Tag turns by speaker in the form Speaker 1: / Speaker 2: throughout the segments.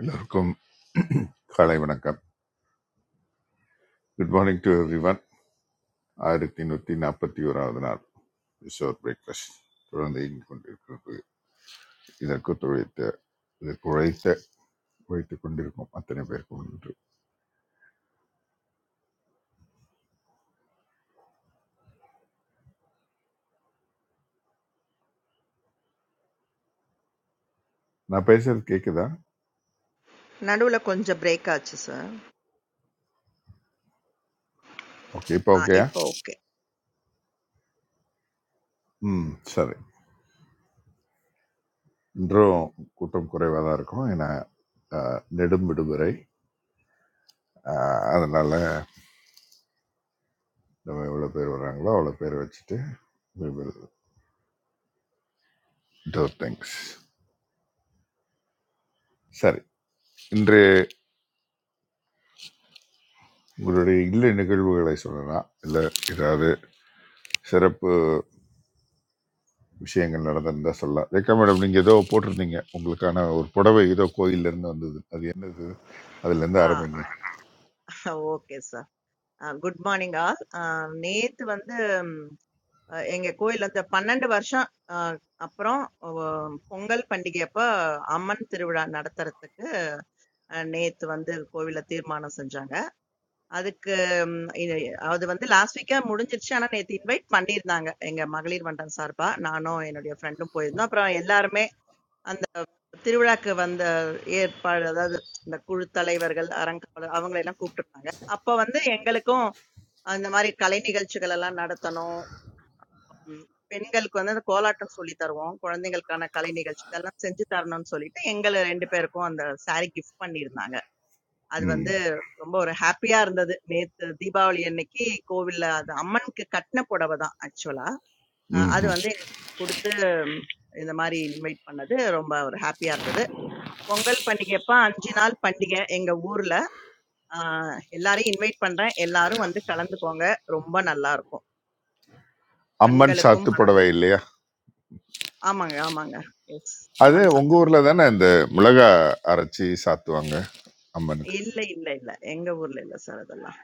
Speaker 1: எல்லோருக்கும் காலை வணக்கம் good morning to everyone ஆயிரத்தி நூற்றி நாற்பத்தி ஓராவது நாள் ரிசோர் பிரேக்ஃபாஸ்ட் தொடர்ந்து இயங்கிக் கொண்டிருக்கிறது இதற்கு துழைத்த இதற்கு உழைத்த உழைத்து கொண்டிருக்கும் அத்தனை பேருக்கும் நன்றி நான் பேசுறது கேட்குதா
Speaker 2: நடுவுல கொஞ்சம் பிரேக் ஆச்சு சார்.
Speaker 1: ஓகே இப்போ
Speaker 2: ஆ
Speaker 1: ஓகேயா
Speaker 2: இப்போ ஓகே.
Speaker 1: ம் சரி இன்றும் கூட்டம் குறைவாக தான் இருக்கும் ஏன்னா அஹ், நெடும் விடுமுறை அஹ், அதனால நம்ம எவ்வளோ பேர் வராங்களோ அவ்வளோ பேர் வச்சுட்டு we will do things சரி இன்று உங்களுடைய இல்ல நிகழ்வுகளை சொல்லலாம் இல்லை ஏதாவது சிறப்பு விஷயங்கள் நடந்திருந்தா சொல்லலாம் ரேக்கா மேடம் நீங்கள் ஏதோ போட்டிருந்தீங்க உங்களுக்கான ஒரு புடவை ஏதோ கோயில்லேருந்து வந்தது அது என்னது அதுலேருந்து
Speaker 2: ஆ
Speaker 1: ஆரம்பிங்க
Speaker 2: ஓகே சார். அ குட் மார்னிங் ஆல். அ நேத்து வந்து ம், அ எங்க கோயில்ல இந்த 12 வருஷம் அ அப்புறம் ஒ- பொங்கல் பண்டிகை அப்ப அம்மன் திருவிழா நடத்துறதுக்கு அ, நேத்து வந்து கோவில்ல தீர்மானம் செஞ்சாங்க. அதுக்கு ம், இது- அது வந்து லாஸ்ட் வீக்கா முடிஞ்சிருச்சு. ஆனா நேத்து இன்வைட் பண்ணியிருந்தாங்க எங்க மகளிர் மன்றம் சார்பா. நானும் என்னுடைய ஃப்ரெண்டும் போயிருந்தோம். அப்புறம் எல்லாருமே அந்த திருவிழாக்கு வந்த ஏற்பாடு அதாவது இந்த குழு தலைவர்கள் அரங்காவலர் அவங்களை எல்லாம் கூப்பிட்டுருந்தாங்க அப்ப வந்து எங்களுக்கும் அந்த மாதிரி கலை நிகழ்ச்சிகள் எல்லாம் நடத்தணும் உம் பெண்களுக்கு வந்து அந்த கோலாட்டம் சொல்லி தருவோம் குழந்தைங்களுக்கான கலை நிகழ்ச்சிகள் எல்லாம் செஞ்சு தரணும்னு சொல்லிட்டு எங்களை ரெண்டு பேருக்கும் அந்த saree கிஃப்ட் பண்ணியிருந்தாங்க அது
Speaker 1: ம்
Speaker 2: வந்து ரொம்ப ஒரு ஹாப்பியா இருந்தது நேத்து தீபாவளி அன்னைக்கு கோவில்ல அது அம்மனுக்கு கட்டின புடவை தான் ஆக்சுவலா அது
Speaker 1: ம்
Speaker 2: வந்து கொடுத்து இந்த மாதிரி இன்வைட் பண்ணது ரொம்ப ஒரு ஹாப்பியா இருந்தது பொங்கல் பண்டிகைப்ப 5 நாள் பண்டிகை எங்க ஊர்ல. ஆ எல்லாரையும் இன்வைட் பண்றேன். எல்லாரும் வந்து கலந்துக்கோங்க. ரொம்ப நல்லா இருக்கும்.
Speaker 1: அம்மன்
Speaker 2: கண்களுக்கும்,
Speaker 1: சாத்து புடவை
Speaker 2: மனதிற்கும்.
Speaker 1: இல்லையா
Speaker 2: ஆமாங்க, ஆமாங்க. எஸ்.
Speaker 1: அது
Speaker 2: அம்மன்
Speaker 1: உங்கள்
Speaker 2: சாத்துக்குடி.
Speaker 1: ஊரில் தானே இந்த மிளகா அரைச்சி சாத்துவாங்க அம்மனுக்கு
Speaker 2: இல்ல, இல்ல, இல்ல. எங்க ஊர்ல இல்ல சார் அதெல்லாம்.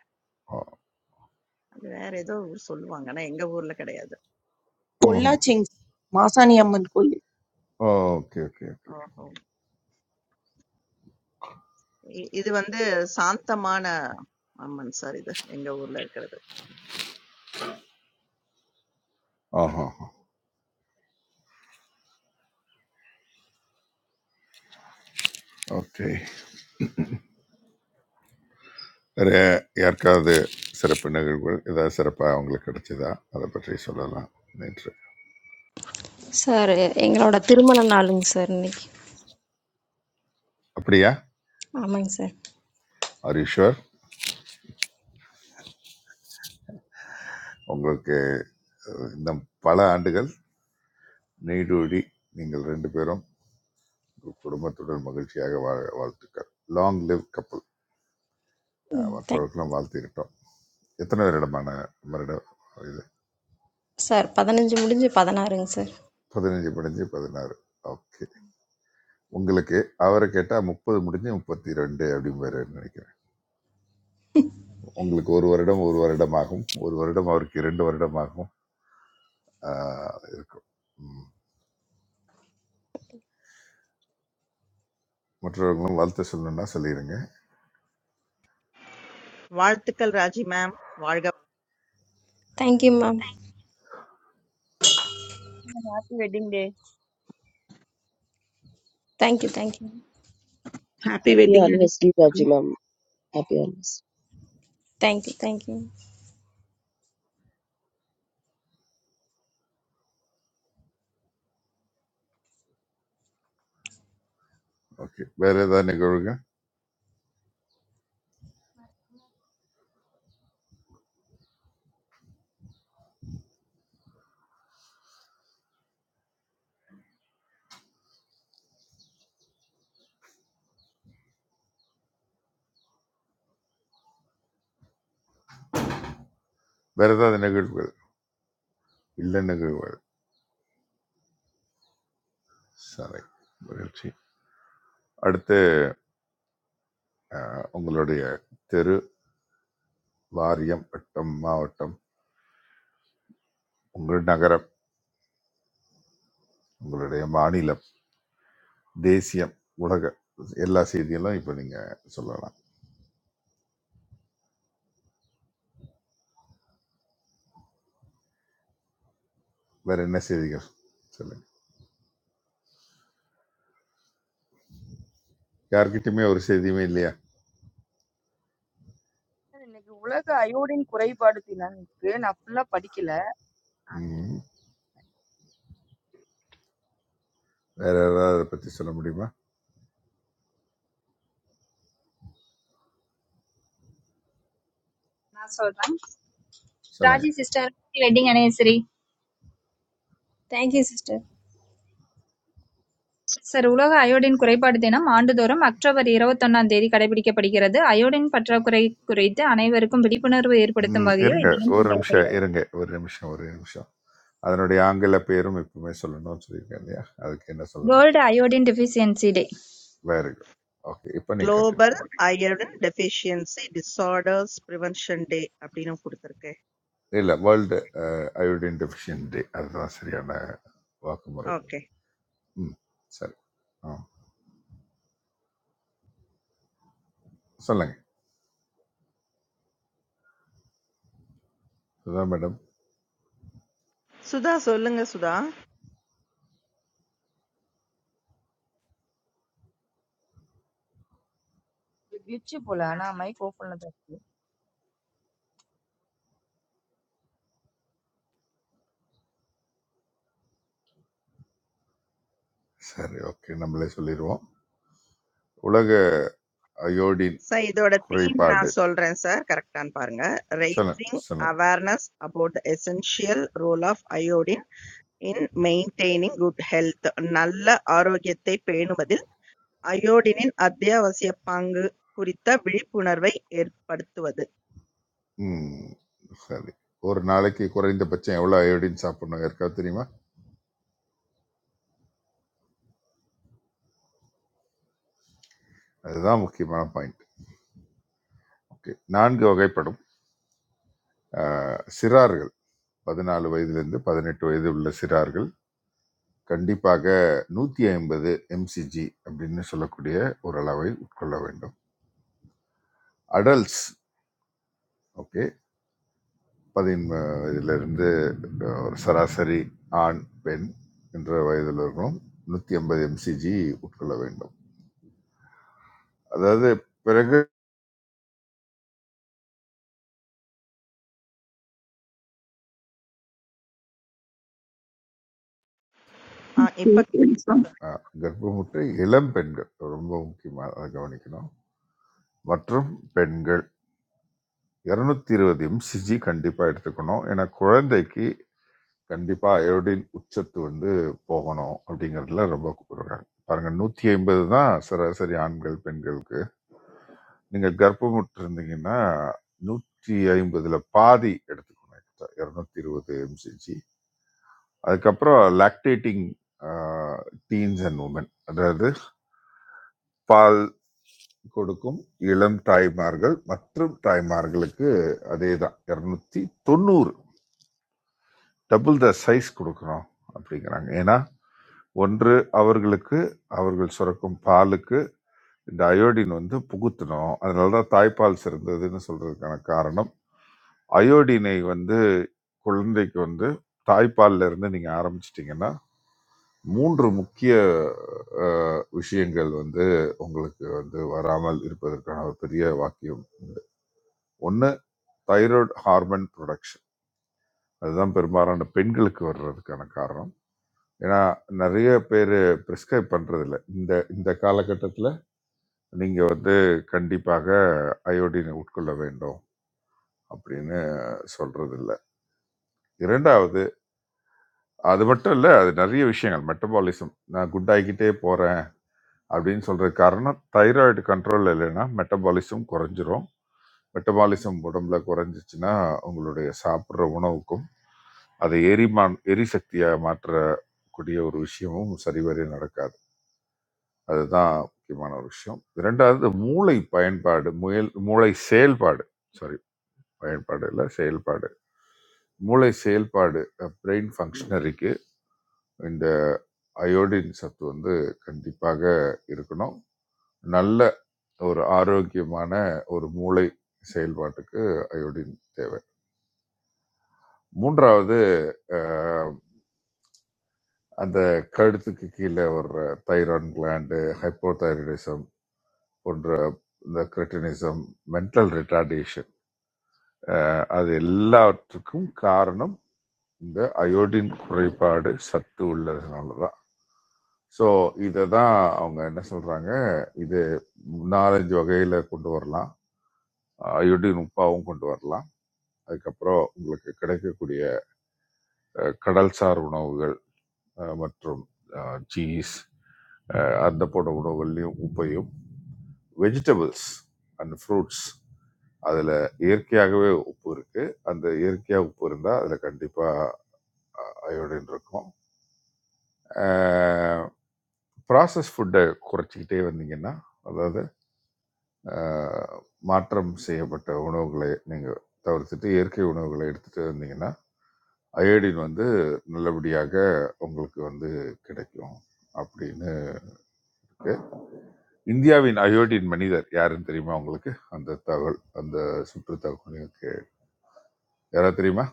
Speaker 2: அது வேற ஏதோ ஊர் சொல்லுவாங்க. ஆனா எங்க ஊர்ல கிடையாது.
Speaker 3: பொள்ளாச்சிங் மாசாணி அம்மன் கோயில்
Speaker 1: ஓகே ஓகே ஓகே
Speaker 2: ஓஹோ! இ இது வந்து சாந்தமான அம்மன் சார் இது. எங்க ஊர்ல இருக்கிறது.
Speaker 1: ஆஹா ஓகே வேறு யாருக்காவது சிறப்பு நிகழ்வுகள் ஏதாவது சிறப்பாக அவங்களுக்கு கிடைச்சதா அதை பற்றி சொல்லலாம் நன்றி
Speaker 4: சார் எங்களோட திருமண நாளுங்க சார் இன்னைக்கு
Speaker 1: அப்படியா
Speaker 4: ஆமாங்க சார்
Speaker 1: ஆர் ஷுவர் உங்களுக்கு அஹ், இன்னும் பல ஆண்டுகள் நீடூடி நீங்கள் ரெண்டு பேரும் உங்கள் குடும்பத்துடன் மகிழ்ச்சியாக வாழ வாழ்த்துக்கள் லாங் லிவ் கப்பல்
Speaker 4: ம் தேங்க்
Speaker 1: மற்றவர்களும் வாழ்த்திக்கிட்டோம் எத்தனை வருடமான வருடம் இது
Speaker 4: சார் பதினஞ்சு முடிஞ்சு பதினாறுங்க சார்
Speaker 1: பதினஞ்சு முடிஞ்சு பதினாறு ஓகே உங்களுக்கு அவரை கேட்டால் முப்பது முடிஞ்சு முப்பத்தி ரெண்டு அப்படிங்கிற நினைக்கிறேன் உங்களுக்கு ஒரு வருடம் ஒரு வருடமாகும் ஒரு வருடம் அவருக்கு இரண்டு வருடமாகும் ஆஹ் இருக்கும் ம். மற்றவர்களும் வாழ்த்து சொல்லணும்னா சொல்லிடுங்க
Speaker 2: வாழ்த்துக்கள் ராஜி மேம். வாழ்க வளமுடன்.
Speaker 4: Thank you ma'am
Speaker 5: happy wedding day
Speaker 4: thank you thank you
Speaker 3: happy
Speaker 6: Happy
Speaker 3: wedding
Speaker 6: Anniversary
Speaker 3: anniversary
Speaker 6: Reginam, happy anniversary.
Speaker 4: Thank you thank you
Speaker 1: okay வேற ஏதாவது நிகழ்வுங்க வேற ஏதாவது நிகழ்வுகள் இல்லை நிகழ்வுகள் சரி மகிழ்ச்சி அடுத்து அஹ், உங்களுடைய தெரு வாரியம் வட்டம் மாவட்டம் உங்கள் நகரம் உங்களுடைய மாநிலம் தேசியம் உலக எல்லா செய்திகளும் இப்போ நீங்கள் சொல்லலாம் வேற என்ன செய்திகள் சொல்லுங்க யார்கிட்டயுமே ஒரு செய்தியுமே இல்லையா
Speaker 5: சார், இன்னைக்கு உலக அயோடின் குறைபாடு தினம்க்கு நான் ஃபுல்லா படிக்கல அது
Speaker 1: ம் வேற யாராவது அதை பற்றி சொல்ல முடியுமா
Speaker 7: Naasordan.
Speaker 1: சொல்லுங்க
Speaker 7: Raji sister wedding annesi.
Speaker 4: Thank you sister
Speaker 7: Saruola ka iodine korei paddei na mandu dooram aktra variravo thannan deri kare badike padigera. Iodine patta korei korey the, ane varikom badi punaru variru pade
Speaker 1: ம்,
Speaker 7: thambagiya
Speaker 1: இருங்க
Speaker 7: idhinam
Speaker 1: ஒரு
Speaker 7: thandar badi.
Speaker 1: நிமிஷம் இருங்க ஒரு நிமிஷம் ஒரு நிமிஷம் அதனுடைய ஆங்கில பேரும் இப்பவுமே சொல்லணும்னு சொல்லியிருக்கேன் இல்லையா அதுக்கு என்ன சொல்லணும்
Speaker 7: World iodine deficiency day.
Speaker 1: Very good okay இப்போ நீங்கள் கண்டினியூ
Speaker 2: குளோபல்
Speaker 1: பண்ணுங்க
Speaker 2: iron deficiency disorders prevention day அப்படின்னு குடுத்திருக்கேன்.
Speaker 1: இல்லை வேர்ல்டு அயோடின் டெஃபிஷியன் டே அதுதான் சரியான வாக்குமுறை
Speaker 2: ஓகே.
Speaker 1: ம் சரி ஆ சொல்லுங்க இதுதான் மேடம்
Speaker 2: சுதா சொல்லுங்க சுதா
Speaker 5: கிளிச்சு போல ஆனா மைக் ஓபன்ல தான் இருக்கு
Speaker 1: சரி ஓகே நம்மளே சொல்லிடுவோம் உலக அயோடின்
Speaker 2: சார் இதோட தீம்
Speaker 1: குறைபாடு
Speaker 2: நான் சொல்றேன் சார் கரெக்டான்னு பாருங்க
Speaker 1: சொல்லுங்க
Speaker 2: ரைசிங்
Speaker 1: சொல்லுங்க
Speaker 2: awareness about the essential role of iodine in maintaining good health நல்ல ஆரோக்கியத்தை பேணுவதில் அயோடினின் அத்தியாவசிய பங்கு குறித்த விழிப்புணர்வை ஏற்படுத்துவது
Speaker 1: ம் சரி ஒரு நாளைக்கு குறைந்தபட்சம் எவ்வளோ அயோடின் சாப்பிடணும் யாருக்காவது தெரியுமா அதுதான் முக்கியமான பாயிண்ட் ஓகே நான்கு வகைப்படும் அஹ், சிறார்கள் பதினாலு வயதிலிருந்து பதினெட்டு வயது உள்ள சிறார்கள் கண்டிப்பாக நூற்றி ஐம்பது எம்சிஜி அப்படின்னு சொல்லக்கூடிய ஒரு அளவை உட்கொள்ள வேண்டும் அடல்ட்ஸ் ஓகே பதின இதிலிருந்து ஒரு சராசரி ஆண் பெண் என்ற வயதில் இருக்கணும் நூற்றி ஐம்பது எம்சிஜி உட்கொள்ள வேண்டும் அதாவது பிறகு
Speaker 2: ஆ, இப்ப
Speaker 1: அஹ், கர்ப்பமுற்ற இளம் பெண்கள் ரொம்ப முக்கியமாக அதை கவனிக்கணும் மற்றும் பெண்கள் இரநூத்தி இருபது எம்சிஜி கண்டிப்பாக எடுத்துக்கணும் ஏன்னா குழந்தைக்கு கண்டிப்பாக அயோடின் உச்சத்து வந்து போகணும் அப்படிங்கிறதுல ரொம்ப கூப்பிடுறாங்க பாருங்க நூற்றி ஐம்பது தான் சராசரி ஆண்கள் பெண்களுக்கு நீங்கள் கர்ப்பமுற்று இருந்தீங்கன்னா நூற்றி ஐம்பதுல பாதி எடுத்துக்கணும் இரநூத்தி இருபது எம்சிஜி அதுக்கப்புறம் லாக்டேட்டிங் டீன்ஸ் அண்ட் உமன் அதாவது பால் கொடுக்கும் இளம் தாய்மார்கள் மற்றும் தாய்மார்களுக்கு அதே தான் இரநூத்தி தொண்ணூறு டபுள் த சைஸ் கொடுக்குறோம் அப்படிங்கிறாங்க ஏன்னா ஒன்று அவர்களுக்கு அவர்கள் சுரக்கும் பாலுக்கு இந்த அயோடின் வந்து புகுத்தணும் அதனால தான் தாய்ப்பால் சிறந்ததுன்னு சொல்றதுக்கான காரணம் அயோடினை வந்து குழந்தைக்கு வந்து தாய்ப்பால்ல இருந்து நீங்க ஆரம்பிச்சிட்டிங்கன்னா 3 முக்கிய அஹ், விஷயங்கள் வந்து உங்களுக்கு வந்து வராமல் இருப்பதற்கான ஒரு பெரிய வாக்கியம் ஒன்று தைராய்டு ஹார்மோன் ப்ரொடக்ஷன் அதுதான் பெரும்பாலான பெண்களுக்கு வர்றதுக்கான காரணம் ஏன்னா நிறைய பேர் ப்ரிஸ்கிரைப் பண்ணுறதில்ல இந்த இந்த காலகட்டத்தில் நீங்கள் வந்து கண்டிப்பாக அயோடினை உட்கொள்ள வேண்டும் அப்படின்னு சொல்றதில்ல இரண்டாவது அது மட்டும் இல்லை அது நிறைய விஷயங்கள் மெட்டபாலிசம் நான் குட் ஆகிக்கிட்டே போகிறேன் அப்படின்னு சொல்கிற காரணம் தைராய்டு கண்ட்ரோல் இல்லைன்னா மெட்டபாலிசம் குறைஞ்சிரும் மெட்டபாலிசம் உடம்புல குறைஞ்சிச்சுன்னா உங்களுடைய சாப்பிட்ற உணவுக்கும் அதை எரிமான் எரிசக்தியாக மாற்றக்கூடிய ஒரு விஷயமும் சரிவர நடக்காது அதுதான் முக்கியமான ஒரு விஷயம் இரண்டாவது மூளை பயன்பாடு முயல் மூளை செயல்பாடு சாரி பயன்பாடு இல்லை செயல்பாடு மூளை செயல்பாடு பிரெயின் ஃபங்க்ஷனரிக்கு இந்த அயோடின் சத்து வந்து கண்டிப்பாக இருக்கணும் நல்ல ஒரு ஆரோக்கியமான ஒரு மூளை செயல்பாட்டுக்கு அயோடின் தேவை மூன்றாவது அஹ், அந்த கழுத்துக்கு கீழே வர்ற தைரான் கிளாண்டு ஹைப்போதைரடிசம் போன்ற இந்த கிரிட்டினிசம் மென்டல் ரிட்டார்டேஷன் அஹ் அது எல்லாவற்றுக்கும் காரணம் இந்த அயோடின் குறைபாடு சத்து உள்ளதுனால தான் ஸோ இதை தான் அவங்க என்ன சொல்றாங்க இது நாலஞ்சு வகையில கொண்டு வரலாம் அயோடின் உப்பாவும் கொண்டு வரலாம் அதுக்கப்புறம் உங்களுக்கு கிடைக்கக்கூடிய அஹ், கடல்சார் உணவுகள் அஹ் மற்றும் சீஸ் அந்த போன்ற உணவுகள்லையும் உப்பையும் வெஜிடபிள்ஸ் அண்ட் ஃப்ரூட்ஸ் அதில் இயற்கையாகவே உப்பு இருக்குது அந்த இயற்கையாக உப்பு இருந்தால் அதில் கண்டிப்பாக அயோடின் இருக்கும் ப்ராசஸ் ஃபுட்டை குறைச்சிக்கிட்டே வந்தீங்கன்னா அதாவது அஹ், மாற்றம் செய்யப்பட்ட உணவுகளை நீங்கள் தவிர்த்துட்டு இயற்கை உணவுகளை எடுத்துகிட்டு வந்தீங்கன்னா அயோடின் வந்து நல்லபடியாக உங்களுக்கு வந்து கிடைக்கும் அப்படின்னு இந்தியாவின் அயோடின் மனிதர் யாருன்னு தெரியுமா உங்களுக்கு அந்த தகவல் அந்த சுற்று தகவலுக்கு யாரா தெரியுமா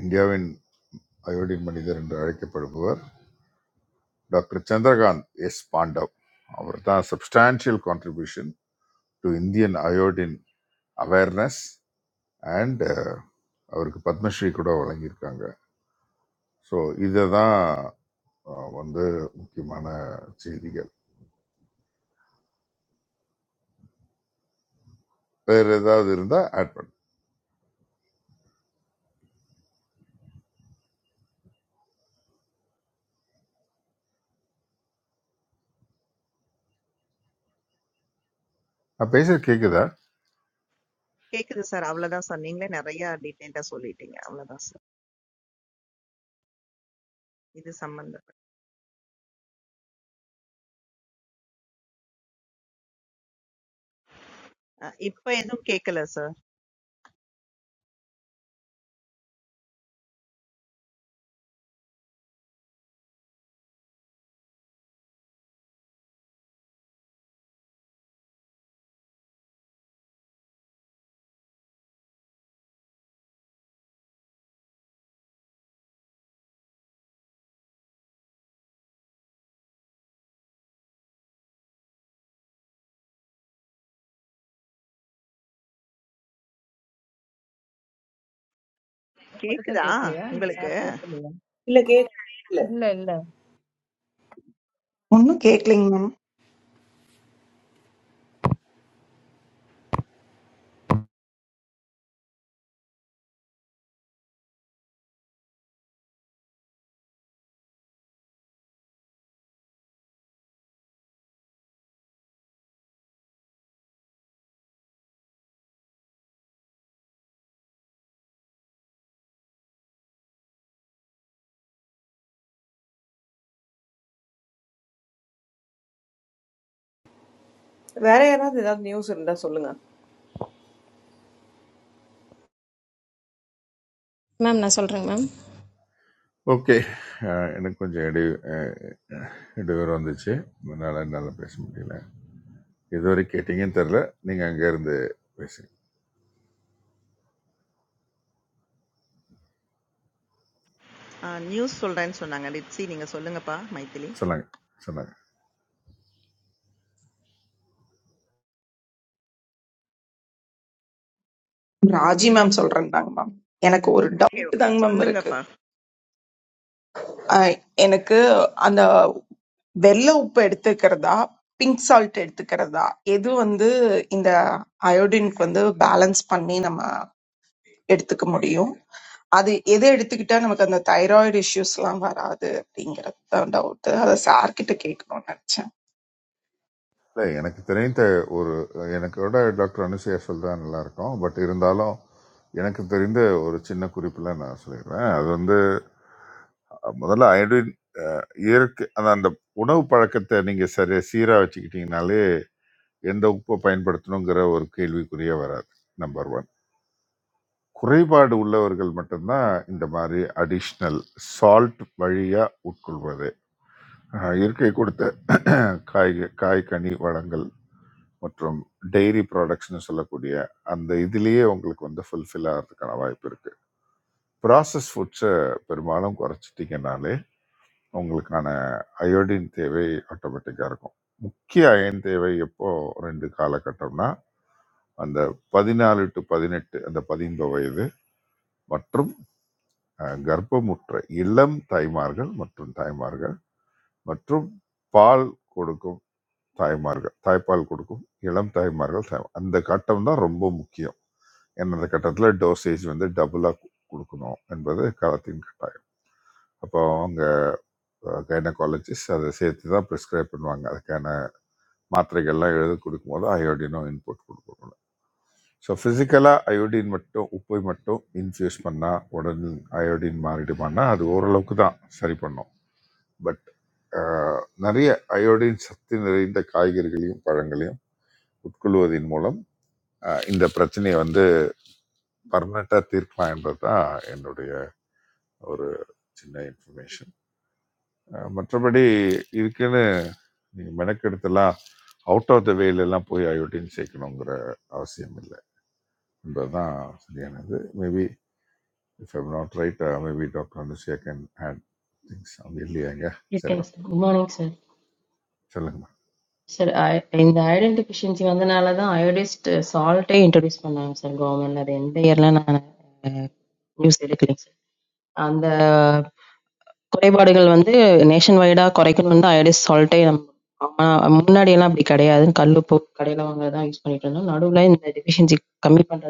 Speaker 1: இந்தியாவின் அயோடின் மனிதர் என்று அழைக்கப்படுபவர் டாக்டர் சந்திரகாந்த் எஸ் பாண்டவ் அவர் தான் substantial contribution to Indian iodine awareness and அவருக்கு பத்மஸ்ரீ கூட வழங்கியிருக்காங்க ஸோ இதை தான் வந்து முக்கியமான செய்திகள் வேறு ஏதாவது இருந்தால் ஆட் பண்ணு நான் பேசுகிற கேட்குதா
Speaker 2: கேக்குது சார் அவ்வளவுதான் சார் நீங்களே நிறைய டீட்டெயிலா சொல்லிட்டீங்க அவ்வளவுதான் சார் இது சம்பந்தப்பட்ட ஆ, இப்ப எதுவும் கேட்கல சார்
Speaker 5: எனக்கு மட்டும் தான்
Speaker 2: கேக்குதா
Speaker 5: கேட்கலையா இல்ல
Speaker 2: உங்களுக்கு
Speaker 5: சார் பேசலையா
Speaker 8: இல்ல கேக்
Speaker 5: இல்ல இல்ல
Speaker 3: ஒன்றும் கேட்கலைங்க மேம்
Speaker 8: வேற யாராவது ஏதாவது நியூஸ் இருந்தா சொல்லுங்க
Speaker 4: மேம் நான் சொல்கிறேங்க மேம்
Speaker 1: ஓகே எனக்கு கொஞ்சம் இடி அஹ், இடையூறு வந்துச்சு அதனால என்னால் பேச முடியல இதுவரை கேட்டீங்கன்னு தெரில நீங்கள் அங்கேருந்து பேசுங்க
Speaker 2: நியூஸ் சொல்றேன்னு சொன்னாங்க லிட்ஸி நீங்க சொல்லுங்கப்பா மைதிலி
Speaker 1: சொன்னாங்க சொன்னாங்க
Speaker 3: ராஜி மேம் சொல்றேன்தாங்க மேம் எனக்கு ஒரு
Speaker 2: ஓகே,
Speaker 3: டவுட்
Speaker 2: ஓகே.
Speaker 3: தாங்க மேம் இருக்கு
Speaker 2: சொல்லுங்கப்பா.
Speaker 3: அஹ் எனக்கு அந்த வெள்ளை உப்பு எடுத்துக்கிறதா பிங்க் சால்ட் எடுத்துக்கிறதா எது வந்து இந்த அயோடினுக்கு வந்து பேலன்ஸ் பண்ணி நம்ம எடுத்துக்க முடியும் அது எது எடுத்துக்கிட்டா நமக்கு அந்த தைராய்டு இஷ்யூஸ்லாம் வராது அப்படிங்கறது தான் டவுட் அதை சார்கிட்ட கேட்கணும்னு நினைச்சேன்
Speaker 1: இல்லை எனக்கு தெரிந்த ஒரு எனக்கோட டாக்டர் அனுசையா சொல்றா நல்லா இருக்கும் பட் இருந்தாலும் எனக்கு தெரிந்த ஒரு சின்ன குறிப்பில் நான் சொல்லிடுறேன் அது வந்து அஹ், முதல்ல அயோடின் அஹ், இயற்கை அந்த அந்த உணவு பழக்கத்தை நீங்கள் சரியாக சீராக வச்சுக்கிட்டீங்கனாலே எந்த உப்பை பயன்படுத்தணுங்கிற ஒரு கேள்விக்குறியே வராது நம்பர் ஒன் குறைபாடு உள்ளவர்கள் மட்டும்தான் இந்த மாதிரி அடிஷ்னல் சால்ட் வழியாக உட்கொள்வது அஹ் இயற்கை கொடுத்த காய் காய் கனி வளங்கள் மற்றும் டெய்ரி ப்ராடக்ட்ஸ்னு சொல்லக்கூடிய அந்த இதுலேயே உங்களுக்கு வந்து ஃபுல்ஃபில் ஆகிறதுக்கான வாய்ப்பு இருக்குது ப்ராசஸ் ஃபுட்ஸை பெரும்பாலும் குறைச்சிட்டிங்கனாலே உங்களுக்கான அயோடின் தேவை ஆட்டோமேட்டிக்காக இருக்கும் முக்கிய அயன் தேவை எப்போ ரெண்டு காலகட்டம்னா அந்த பதினாலு டு பதினெட்டு அந்த பதின்ப வயது மற்றும் அஹ், கர்ப்பமுற்ற இளம் தாய்மார்கள் மற்றும் தாய்மார்கள் மற்றும் பால் கொடுக்கும் தாய்மார்கள் தாய்ப்பால் கொடுக்கும் இளம் தாய்மார்கள் தாய்- அந்த கட்டம் தான் ரொம்ப முக்கியம் ஏன்னா அந்த கட்டத்தில் டோசேஜ் வந்து டபுளாக கொடுக்கணும் என்பது காலத்தின் கட்டாயம் அப்போ அவங்க கைனகாலஜிஸ்ட் அதை சேர்த்து தான் ப்ரிஸ்கிரைப் பண்ணுவாங்க அதுக்கான மாத்திரைகள்லாம் எழுதி கொடுக்கும்போது அயோடினும் இன்புட் கொடுக்கணும் ஸோ ஃபிசிக்கலாக அயோடின் மட்டும் உப்பை மட்டும் இன்ஃப்யூஸ் பண்ணால் உடனே அயோடின் மாறிடுமான்னா அது ஓரளவுக்கு தான் சரி பண்ணும் பட் ஆஹ், நிறைய அயோடின் சக்தி நிறைந்த காய்கறிகளையும் பழங்களையும் உட்கொள்வதன் மூலம் ஆஹ், இந்த பிரச்சனையை வந்து பர்மனெண்ட்டாக தீர்க்கலாம் என்பது தான் என்னுடைய ஒரு சின்ன இன்ஃபர்மேஷன் மற்றபடி இதுக்குன்னு நீங்கள் மெனக்கெடுத்தெல்லாம் அவுட் ஆஃப் த வேலெல்லாம் போய் அயோடின் சேர்க்கணுங்கிற அவசியம் இல்லை என்பதுதான் சரியானது maybe if I'm not right maybe doctor Anusuya can add things அவங்க இல்லையாங்க
Speaker 9: Good
Speaker 1: சரி
Speaker 9: day, Good morning, sir.
Speaker 1: சொல்லுங்க
Speaker 9: Sir, I, in the iron deficiency வந்தனால தான் iodized salt ஏ introduce பண்ணாங்க, sir, government ல. அது எந்த year ல நான், அஹ், news sir coral bodies. That's why we are having a lot of coral reefs in the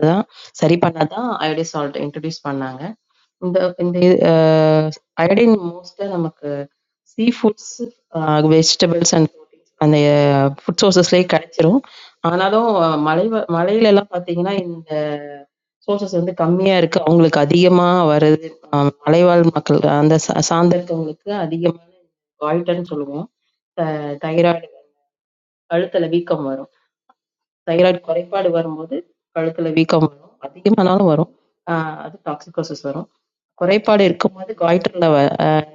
Speaker 9: world. Sources under community are like you know, like the Malayalam people. That is under the community, they are more tolerant, so they are less aggressive. Thyroid, thyroid pad, varmoodes, padalalavika varo, adi ke manalo varo, ah, adi toxicosis varo, thyroid pad irko mada guide thanda vai,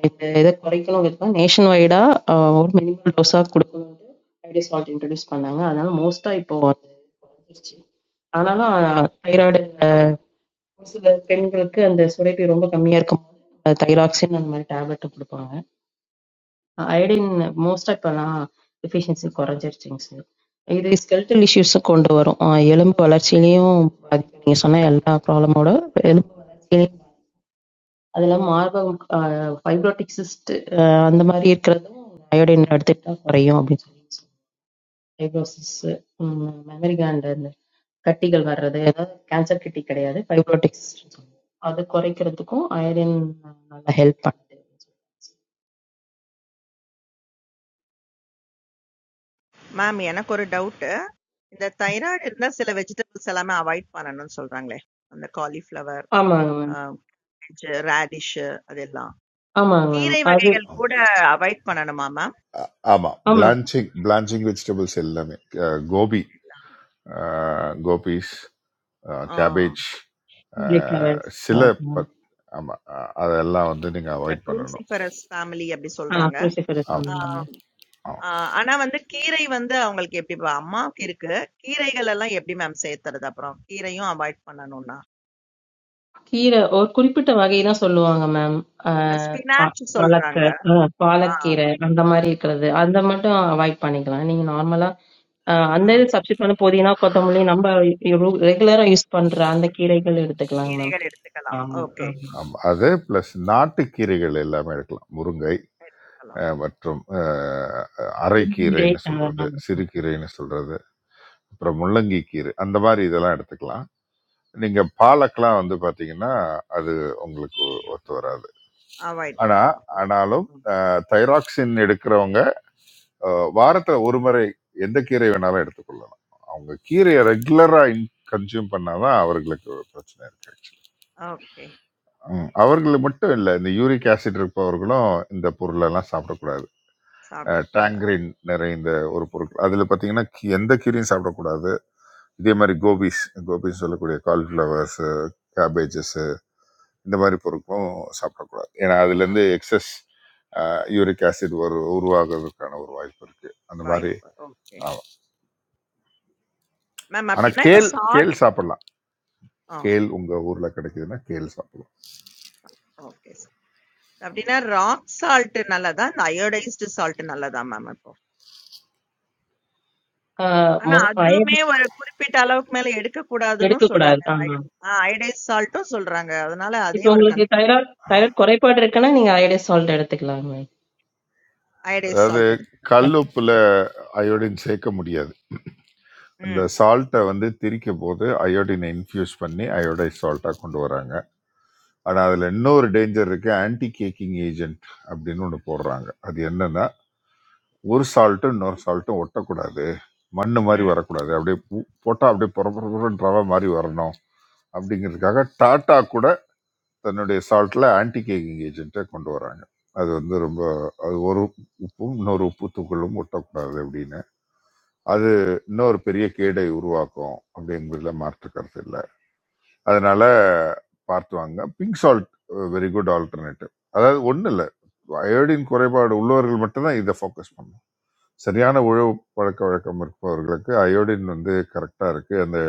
Speaker 9: adi thyroid kalonge thoda nationwide ah, or minimum dosa kudukumadu, it is not introduced pannaanga, ana na mosta ipo varo. Ana na thyroid, ah, mostly minimum kke ande, sodepi rongga kammiyar kamo, thyroidxinan mali tabletu kudukanga. Iodine மோஸ்ட்டாக இப்போலாம் deficiency குறைஞ்சிருச்சுங்க sir இது skeletal இஷ்யூஸும் கொண்டு வரும் ஆஹ் எலும்பு வளர்ச்சியிலையும் பாதிக்கும் நீங்கள் சொன்ன எல்லா ப்ராப்ளமோட எலும்பு வளர்ச்சியிலையும் அது இல்லாமல் மார்பகம் ஃபைப்ரோட்டிக் சிஸ்ட் அந்த மாதிரி இருக்கிறதும் அயோடின் எடுத்துக்கிட்டா குறையும் அப்படின்னு சொல்லி ஃபைப்ரோசிஸ் மெமரி கேண்ட் அந்த கட்டிகள் வர்றது அதாவது கேன்சர்
Speaker 2: மேம் எனக்கு ஒரு டவுட்டு. இந்த தைராய்டு இருந்தா சில வெஜிடபிள்ஸ் எல்லாமே அவாய்ட் பண்ணணும்னு சொல்றாங்களே. அந்த காலிஃப்ளவர்,
Speaker 9: ஆமாங்க
Speaker 2: அ
Speaker 9: மேம்
Speaker 2: கேஜ், ரேடிஷு அதெல்லாம்.
Speaker 9: ஆமாங்க மேம்
Speaker 2: கீரை
Speaker 9: அது
Speaker 2: வகைகள் கூட அவாய்ட் பண்ணணுமா மேம்?
Speaker 1: அ- ஆமா பிளான்ச்சிங் பிளான்ச்சிங் வெஜிடபிள்ஸ் எல்லாமே அஹ், கோபி அஹ், கோபிஸ்
Speaker 2: ஆ
Speaker 1: கேபேஜ்
Speaker 9: Cauliflowers,
Speaker 1: சில
Speaker 9: uh,
Speaker 1: பத்- ஆமா அஹ், அதெல்லாம் வந்து நீங்க
Speaker 2: இந்த
Speaker 1: அவாய்ட் பண்ணணும்
Speaker 2: க்ரூசிஃபரஸ் ஃபேமிலி அப்படி
Speaker 9: ஆஹ்
Speaker 2: சொல்றாங்க.
Speaker 9: cruciferous
Speaker 1: ஆமா
Speaker 2: ஆ
Speaker 9: ஆமாங்க.
Speaker 1: ஆமா
Speaker 2: ஆ ஆனா வந்து கீரை வந்து அவங்களுக்கு எப்படிப்பா? அம்மாவுக்கு இருக்கு. கீரைகள் எல்லாம் எப்படி மேம் சேர்த்துறது அப்புறம்? கீரையும் அவாய்ட் பண்ணணும்னா?
Speaker 9: கீரை ஒரு குறிப்பிட்ட வகை தான் சொல்லுவாங்க மேம்.
Speaker 2: இந்த ஸ்பினாச்
Speaker 9: பாலக்க
Speaker 2: சொல்றாங்க.
Speaker 9: ஆஹ்
Speaker 2: ஆ,
Speaker 9: பாலக்கீரை அந்த மாதிரி
Speaker 2: ஆ.
Speaker 9: இருக்கிறது, அந்த மட்டும் அவாய்ட் பண்ணிக்கலாம். நீங்க நார்மலா
Speaker 2: ஆ.
Speaker 9: அந்த இது சப்ஸ்டியூட் பண்ண புதினா, கொத்தமல்லி நம்ம ரெகுலரா யூஸ் பண்ற அந்த கீரைகள் எடுத்துக்கலாங்க மேம்.
Speaker 2: கீரைகள் எடுத்துக்கலாம்.
Speaker 9: ஆமா
Speaker 2: ஓகே.
Speaker 9: ஆமா
Speaker 1: ஆமா அது பிளஸ் நாட்டுக்கீரைகள் எல்லாமே எடுக்கலாம் முருங்கை
Speaker 2: எடுத்துக்கலாம்.
Speaker 1: அஹ், மற்றும் அஹ்,
Speaker 9: புதினை,
Speaker 1: அரைக்கீரைன்னு சொல்றது
Speaker 9: அதெல்லாம்
Speaker 1: சிறுகீரைன்னு சொல்றது அப்புறம் முள்ளங்கி கீரை அந்த மாதிரி இதெல்லாம் எடுத்துக்கலாம் நீங்க பாலக்கெல்லாம் வந்து பாத்தீங்கன்னா அது உங்களுக்கு ஒத்து வராது
Speaker 2: அவாய்ட்
Speaker 1: ஆனா
Speaker 2: பண்ணலாம். ம்.
Speaker 1: ஆனாலும்
Speaker 2: ம். ம்.
Speaker 1: தைராக்சின் எடுக்கிறவங்க
Speaker 2: ம்.
Speaker 1: வாரத்துல ஒரு முறை எந்த கீரை வேணாலும் எடுத்துக்கொள்ளலாம் அவங்க கீரையை ரெகுலரா கன்சியூம் பண்ணாதான் அவர்களுக்கு ஒரு பிரச்சனை இருக்கு
Speaker 2: ஓகே.
Speaker 1: ம், அவர்கள் மட்டும் இல்லை இந்த யூரிக் ஆசிட் இருப்பவர்களும் இந்த பொருளெல்லாம் சாப்பிடக்கூடாது
Speaker 2: சாப்பிடக்கூடாது.
Speaker 1: டேங்கரின் நிறைந்த ஒரு பொருட்கள் அதில் பார்த்தீங்கன்னா கீ- எந்த கீரையும் சாப்பிடக்கூடாது இதே மாதிரி கோபிஸ் கோபிஸ் சொல்லக்கூடிய காலிஃப்ளவர்ஸ் கேபேஜஸ் இந்த மாதிரி பொருட்களும் சாப்பிடக்கூடாது ஏன்னா
Speaker 2: சாப்
Speaker 1: அதுலேருந்து எக்ஸஸ் யூரிக் ஆசிட் ஒரு உருவாகிறதுக்கான ஒரு வாய்ப்பு இருக்குது அந்த மாதிரி
Speaker 2: வாய்ப்பு. ஓகே.
Speaker 1: ஆகும்
Speaker 2: மேம்
Speaker 1: ஆனால்
Speaker 2: அப்டின்னா இப்ப
Speaker 1: கேல் கேல்
Speaker 2: சால்ட்
Speaker 1: சாப்பிடலாம்
Speaker 2: ஆ
Speaker 1: கேல் உங்கள் ஊரில் கிடைக்குதுன்னா கேல் சாப்பிடலாம்
Speaker 2: ஓகே சார். அப்டின்னா ராக் சால்ட் நல்லதா? இந்த அயோடைஸ்டு சால்ட் நல்லதா மேம் இப்போ?
Speaker 9: ஆஹ்
Speaker 2: ஆனா
Speaker 9: மோ-
Speaker 2: அதுவுமே
Speaker 9: iodine
Speaker 2: ஒரு குறிப்பிட்ட அளவுக்கு மேல எடுக்கக்கூடாதுன்னு
Speaker 9: எடுக்கக்கூடாது.
Speaker 2: சொல்றாங்க.
Speaker 9: ஆமா,
Speaker 2: அயோடைன் ஆ அயோடைஸ்டு சால்ட்டும் சொல்றாங்க. அதனால அதே
Speaker 9: இப்போ
Speaker 2: ஒரு
Speaker 9: உங்களுக்கு
Speaker 2: கன்ஃப்யூஷன்.
Speaker 9: தைராய்ட் தைராய்ட் குறைபாடு இருக்குன்னா நீங்க அயோடைஸ் சால்ட் எடுத்துக்கலாம்
Speaker 2: அயோடைஸ்டு
Speaker 1: அதாவது
Speaker 2: சால்ட் எடுத்துக்கலாம்.
Speaker 1: கல்
Speaker 9: மேம்.
Speaker 1: உப்பில் அயோடின் சேர்க்க முடியாது இந்த
Speaker 2: ம்.
Speaker 1: சால்ட்டை வந்து திரிக்கும் போது அயோடினை இன்ஃப்யூஸ் பண்ணி அயோடைஸ் சால்ட்டாக கொண்டு வராங்க ஆனால் அதில்
Speaker 2: ஓகே.
Speaker 1: இன்னொரு டேஞ்சர் இருக்குது ஆன்டி கேக்கிங் ஏஜென்ட் அப்படின்னு ஒன்று போடுறாங்க அது என்னன்னா ஒரு சால்ட்டும் இன்னொரு சால்ட்டும் ஒட்டக்கூடாது மண்ணு மாதிரி
Speaker 2: ம்.
Speaker 1: வரக்கூடாது அப்படியே போட்டால் அப்படியே புறப்புற ரவை மாதிரி வரணும் அப்படிங்கிறதுக்காக டாட்டா கூட தன்னுடைய சால்ட்டில் ஆன்டி கேக்கிங் ஏஜென்ட்டை கொண்டு வராங்க அது வந்து ரொம்ப அது ஒரு உப்பும் இன்னொரு உப்பு தூக்கலும் ஒட்டக்கூடாது அப்படின்னு அது இன்னொரு பெரிய கேடை உருவாக்கும் அப்படிங்கிறதுல மாற்று கருத்து இல்லை அதனால பார்த்து வாங்க pink salt very good alternative அதாவது ஒன்றும் இல்லை அயோடின் குறைபாடு உள்ளவர்கள் மட்டும்தான் இதை ஃபோக்கஸ் பண்ணணும் சரியான உழவு பழக்க வழக்கம் இருப்பவர்களுக்கு அயோடின் வந்து கரெக்டாக இருக்குது அந்த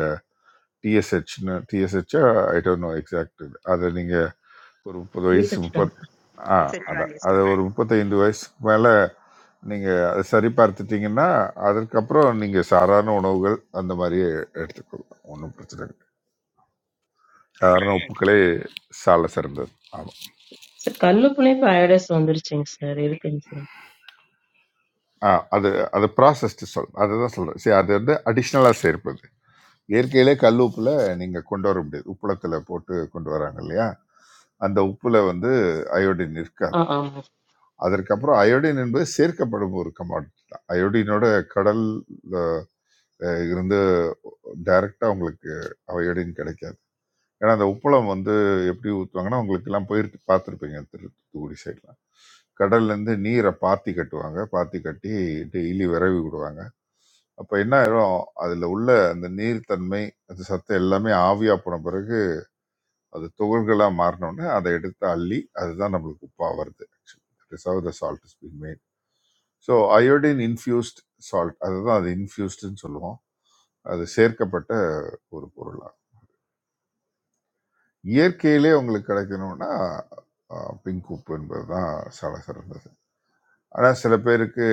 Speaker 1: டிஎஸ்ஹெச்னு டிஎஸ்ஹெச்சா ஐ டோன்ட் நோ எக்ஸாக்ட் இது அதை நீங்கள் ஒரு முப்பது வயசு முப்பத் ஆ
Speaker 2: ரிசர்ச்
Speaker 1: அதான்
Speaker 2: வேல்யூஸ்
Speaker 1: அது
Speaker 2: தான்.
Speaker 1: ஒரு முப்பத்தைந்து வயசுக்கு மேலே நீங்கள் அதை சரி பார்த்துட்டீங்கன்னா அதற்கப்புறம் நீங்கள் சாதாரண உணவுகள் அந்த மாதிரியே எடுத்துக்கொள்ளலாம் ஒன்றும் பிரச்சனை இல்லை
Speaker 2: தேங்க்ஸ்.
Speaker 1: சாதாரண உப்புக்களே சால சிறந்தது ஆமாம்
Speaker 9: Sir, Kalu, Pune, Payara, so many things, sir. Really, can't say.
Speaker 1: ஆ அது அது ப்ராசஸ்டு சொல் அதை தான் சொல்கிறேன் சரி அது வந்து அடிஷ்னலாக சேர்ப்பது இயற்கையிலே கல் உப்புல நீங்க கொண்டு வர முடியாது உப்புளத்துல போட்டு கொண்டு வராங்க இல்லையா அந்த உப்புல வந்து அயோடின் இருக்காது
Speaker 9: Ah, ah, most.
Speaker 1: அதற்கப்புறம் அயோடின் என்பது சேர்க்கப்படும் ஒரு கமாடிட்டி தான் அயோடினோட கடல் அஹ், இருந்து டைரக்டா உங்களுக்கு அயோடின் கிடைக்காது ஏன்னா அந்த உப்புளம் வந்து எப்படி ஊற்றுவாங்கன்னா உங்களுக்கு எல்லாம் போயிட்டு பார்த்துருப்பீங்க திரு தூத்துக்குடி சைட்லாம் கடல்ல இருந்து நீரை பாத்தி கட்டுவாங்க பாத்தி கட்டி டெய்லி விரவி விடுவாங்க அப்ப என்ன ஆயிரும் அதுல உள்ள அந்த நீர்த்தன்மை அந்த சத்து எல்லாமே ஆவியா போன பிறகு அது துகள்களாக மாறினோடனே அதை எடுத்து அள்ளி அதுதான் நம்மளுக்கு உப்பாக வருது actually that is how the salt is being made so iodine infused salt அதுதான் அது இன்ஃபியூஸ்டுன்னு சொல்லுவோம் அது சேர்க்கப்பட்ட ஒரு பொருளாக இயற்கையிலே உங்களுக்கு கிடைக்கணும்னா பிங்க் உப்பு என்பது தான் சில சிறந்தது ஆனால் சில பேருக்கு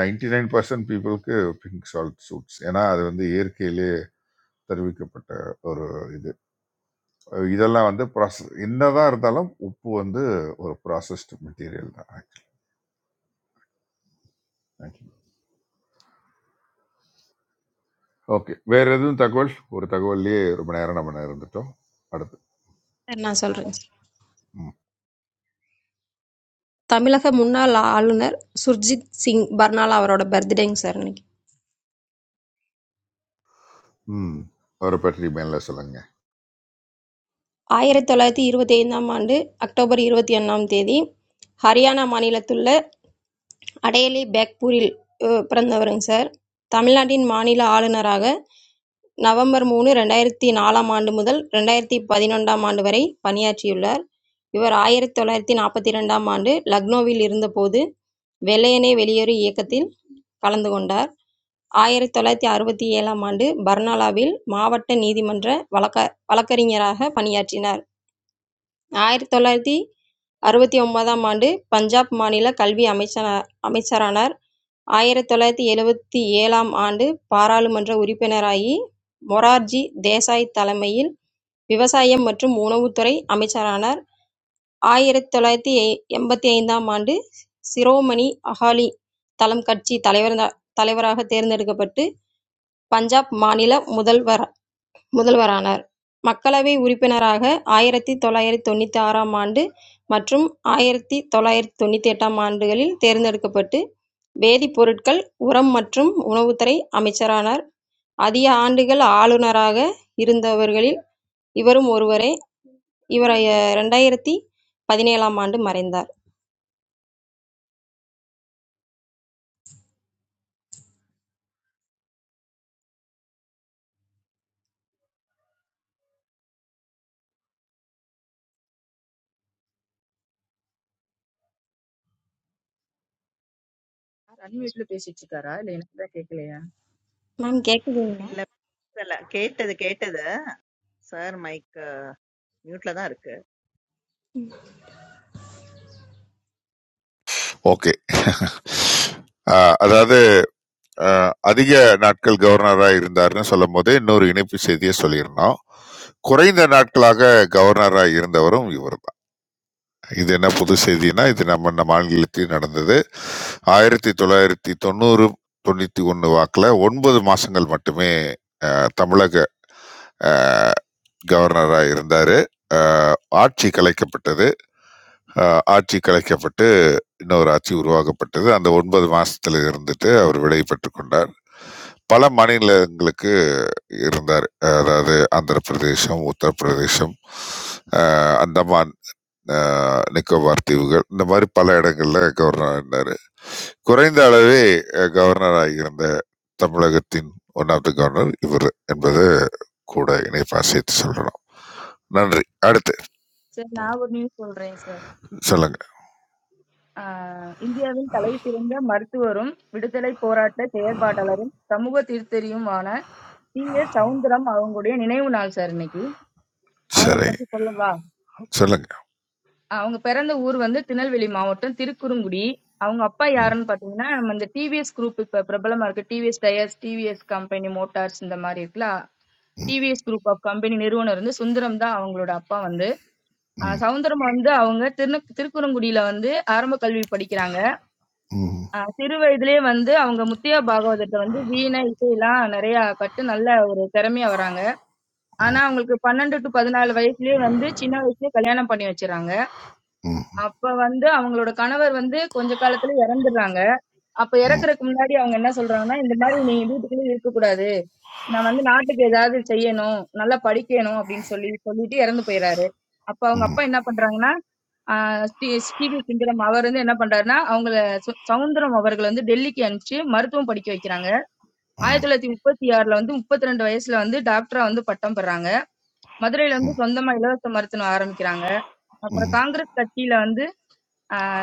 Speaker 1: நைன்டி நைன் பர்சன்ட் பீப்புளுக்கு பிங்க் சால்ட் சூட்ஸ் ஏன்னா அது வந்து இயற்கையிலே தருவிக்கப்பட்ட ஒரு இது இதெல்லாம் வந்து ப்ராசஸ் என்னதான் இருந்தாலும் உப்பு வந்து ஒரு ப்ராசஸ்டு மெட்டீரியல் தான் ஓகே வேற எதுவும் தகவல் ஒரு தகவல்லையே ரொம்ப நேரம் நம்ம இருந்துட்டோம் அடுத்து
Speaker 4: சார் நான்
Speaker 5: நான்
Speaker 4: சொல்கிறேங்க சார்
Speaker 1: ம்
Speaker 4: தமிழக முன்னாள் ஆளுநர் சுர்ஜித் சிங் பர்னாலா அவரோட பர்த்டேங்க சார் இன்னைக்கு
Speaker 1: ம் அவரை பற்றி மேல சொல்லுங்க
Speaker 4: ஆயிரத்தி தொள்ளாயிரத்தி இருபத்தி ஐந்தாம் ஆண்டு அக்டோபர் இருபத்தி ஒன்றாம் தேதி ஹரியானா மாநிலத்துள்ள அடையலி பேக்பூரில் அஹ், பிறந்தவருங்க சார் தமிழ்நாட்டின் மாநில ஆளுநராக நவம்பர் மூணு ரெண்டாயிரத்தி நாலாம் ஆண்டு முதல் ரெண்டாயிரத்தி பதினொன்றாம் ஆண்டு வரை பணியாற்றியுள்ளார் இவர் ஆயிரத்தி தொள்ளாயிரத்தி நாற்பத்தி ரெண்டாம் ஆண்டு லக்னோவில் இருந்தபோது வெள்ளையனே வெளியேறு இயக்கத்தில் கலந்து கொண்டார் ஆயிரத்தி தொள்ளாயிரத்தி அறுபத்தி ஏழாம் ஆண்டு பர்னாலாவில் மாவட்ட நீதிமன்ற வழக்க வழக்கறிஞராக பணியாற்றினார் ஆயிரத்தி தொள்ளாயிரத்தி அறுபத்தி ஒன்பதாம் ஆண்டு பஞ்சாப் மாநில கல்வி அமைச்சனா அமைச்சரானார் ஆயிரத்தி தொள்ளாயிரத்தி எழுபத்தி ஏழாம் ஆண்டு பாராளுமன்ற உறுப்பினராகி மொரார்ஜி தேசாய் தலைமையில் விவசாயம் மற்றும் உணவுத்துறை அமைச்சரானார் ஆயிரத்தி தொள்ளாயிரத்தி எ- எண்பத்தி ஐந்தாம் ஆண்டு சிரோமணி அகாலி தளம் கட்சி தலைவர் தலைவராக தேர்ந்தெடுக்கப்பட்டு பஞ்சாப் மாநில முதல்வர் முதல்வரானார். மக்களவை உறுப்பினராக ஆயிரத்து தொள்ளாயிரத்து தொண்ணூற்றாறாம் ஆண்டு மற்றும் ஆயிரத்து தொள்ளாயிரத்து தொண்ணூற்றெட்டாம் ஆண்டுகளில் தேர்ந்தெடுக்கப்பட்டு வேதிப் பொருட்கள், உரம் மற்றும் உணவுத்துறை அமைச்சரானார். அதிக ஆண்டுகள் ஆளுநராக இருந்தவர்களில் இவரும் ஒருவரே. இவர் இரண்டாயிரத்து பதினேழாம் ஆண்டு மறைந்தார்.
Speaker 5: அன்மியூட்ல பேசிட்டு இருக்காரா இல்ல எனக்கு தான் கேட்கலையா
Speaker 4: மேம் கேட்குதுங்களா?
Speaker 2: இல்ல இல்ல, கேட்டது கேட்டது. சார் மைக் மியூட்ல தான் இருக்கு.
Speaker 1: ஓகே ஆஹ் அதாவது ஆஹ் அதிக நாட்கள் கவர்னரா இருந்தாருன்னு சொல்லும் போது இன்னொரு இணைப்பு செய்தியை சொல்லியிருந்தோம் குறைந்த நாட்களாக கவர்னரா இருந்தவரும் இவர் தான் இது என்ன புது செய்தினா இது நம்ம இந்த மாநிலத்தில் நடந்தது ஆயிரத்தி தொள்ளாயிரத்தி தொண்ணூறு தொண்ணூத்தி ஒன்னு வாக்குல ஒன்பது மாசங்கள் மட்டுமே ஆஹ் தமிழக அ கவர்னரா இருந்தாரு. அ ஆட்சி கலைக்கப்பட்டது. அ ஆட்சி கலைக்கப்பட்டு, இன்னொரு ஆட்சி உருவாக்கப்பட்டது. அந்த 9 மாசத்துல இருந்துட்டு அவர் விடை பெற்றுக் கொண்டார். பல மாநிலங்களுக்கு இருந்தாரு. அதாவது ஆந்திர பிரதேசம், உத்தரப்பிரதேசம், அ அந்தமான் அ நிக்கோபார் தீவுகள், இந்த மாரி பல இடங்கள்ல கவர்னரா இருந்தாரு. குறைந்த அளவே அ கவர்னரா இருந்த தமிழகத்தின் ஒன் ஆஃப் த கவர்னர் இவரு என்பது கூட இணைப்பா சேர்த்து சொல்லணும். நன்றி. அடுத்து
Speaker 5: சார் நான் ஒரு நியூஸ் சொல்றேன் சார்
Speaker 1: சொல்லுங்க.
Speaker 5: ஆஹ் இந்தியாவின் தலை சிறந்த மருத்துவரும் விடுதலை போராட்ட செயற்பாட்டாளரும் சமூக திருத்தறியுமான சி எஸ் சவுந்தரம் அவங்களுடைய நினைவு நாள் சார் இன்னைக்கு அவங்களை
Speaker 1: சரி.
Speaker 5: பத்தி சொல்லவா
Speaker 1: சொல்லுங்க.
Speaker 5: அவங்க பிறந்த ஊர் வந்து திருநெல்வேலி மாவட்டம் திருக்குறுங்குடி அவங்க அப்பா யாருன்னு பாத்தீங்கன்னா நம்ம இந்த டிவிஎஸ் குரூப் இப்ப பிரபலமா இருக்கு TVS tyres TVS company motors இந்த மாதிரி இருக்குல்ல டிவிஎஸ் குரூப் ஆஃப் கம்பெனி நிறுவனர் வந்து சுந்தரம் தான் அவங்களோட அப்பா வந்து ஆஹ்
Speaker 1: ம்.
Speaker 5: சவுந்தரம் வந்து அவங்க திரு திருக்குறங்குடியில வந்து ஆரம்ப கல்வி படிக்கிறாங்க
Speaker 1: ம்.
Speaker 5: ஆஹ் சிறு வயதிலே வந்து அவங்க முத்தியா பாகவதத்தை வந்து வீணை இசையெல்லாம் நிறைய கட்டு நல்ல ஒரு திறமையா வராங்க ஆனா
Speaker 1: ம்.
Speaker 5: அவங்களுக்கு பன்னெண்டு டு பதினாலு வயசுலயே வந்து சின்ன வயசுலயே கல்யாணம் பண்ணி வச்சிடறாங்க
Speaker 1: ம்.
Speaker 5: அப்ப வந்து அவங்களோட கணவர் வந்து கொஞ்ச காலத்துல இறந்துடுறாங்க அப்ப
Speaker 1: ம்.
Speaker 5: இறக்குறதுக்கு முன்னாடி அவங்க என்ன சொல்றாங்கன்னா இந்த மாதிரி நீ வீட்டுக்குள்ளேயே இருக்க கூடாது நான் வந்து நாட்டுக்கு ஏதாவது செய்யணும் நல்லா படிக்கணும் அப்படின்னு சொல்லி சொல்லிட்டு இறந்து போயிடுறாரு அப்ப
Speaker 1: ம்.
Speaker 5: அவங்க
Speaker 1: ம்.
Speaker 5: அப்பா என்ன பண்றாங்கன்னா ஆஹ் ஸ்ரீ- ஸ்ரீவி சுந்தரம் அவர் வந்து என்ன பண்றாருன்னா அவங்கள சு- சவுந்தரம் அவர்களை வந்து டெல்லிக்கு அனுப்பிச்சு மருத்துவம் படிக்க வைக்கிறாங்க ஆயிரத்தி தொள்ளாயிரத்தி முப்பத்தி ஆறுல வந்து முப்பத்தி ரெண்டு வயசுல வந்து டாக்டரா வந்து பட்டம் பெறாங்க மதுரையில வந்து
Speaker 1: ம்.
Speaker 5: சொந்தமா இலவச மருத்துவம் ஆரம்பிக்கிறாங்க அப்புறம்
Speaker 1: ம்.
Speaker 5: காங்கிரஸ் கட்சியில வந்து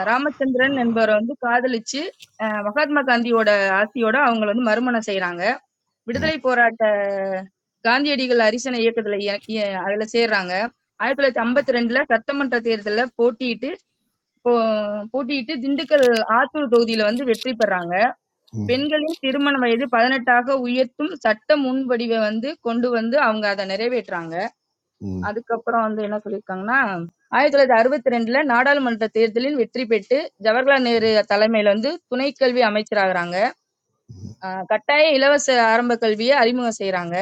Speaker 5: ராமச்சந்திரன் என்பவரை வந்து காதலிச்சு அஹ், மகாத்மா காந்தியோட ஆசியோட அவங்க வந்து மறுமணம் செய்யறாங்க விடுதலை போராட்ட காந்தியடிகள் அரிசன இயக்கத்துல இய- இய- அதுல சேர்றாங்க ஆயிரத்தி தொள்ளாயிரத்தி ஐம்பத்தி ரெண்டுல சட்டமன்ற தேர்தல்ல போட்டியிட்டு போ- போட்டியிட்டு திண்டுக்கல் ஆத்தூர் தொகுதியில வந்து வெற்றி பெறாங்க
Speaker 1: ம்.
Speaker 5: பெண்களின் திருமண வயது பதினெட்டாக உயர்த்தும் சட்ட முன்வடிவை வந்து கொண்டு வந்து அவங்க அதை நிறைவேற்றுறாங்க அதுக்கப்புறம் வந்து என்ன சொல்லியிருக்காங்கன்னா, 1962ல நாடாளுமன்ற தேர்தலில் வெற்றி பெற்று ஜவஹர்லால் நேரு தலைமையில வந்து துணை கல்வி அமைச்சராகுறாங்க. அ கட்டாய இலவச ஆரம்ப கல்விய அறிமுகம் செய்றாங்க.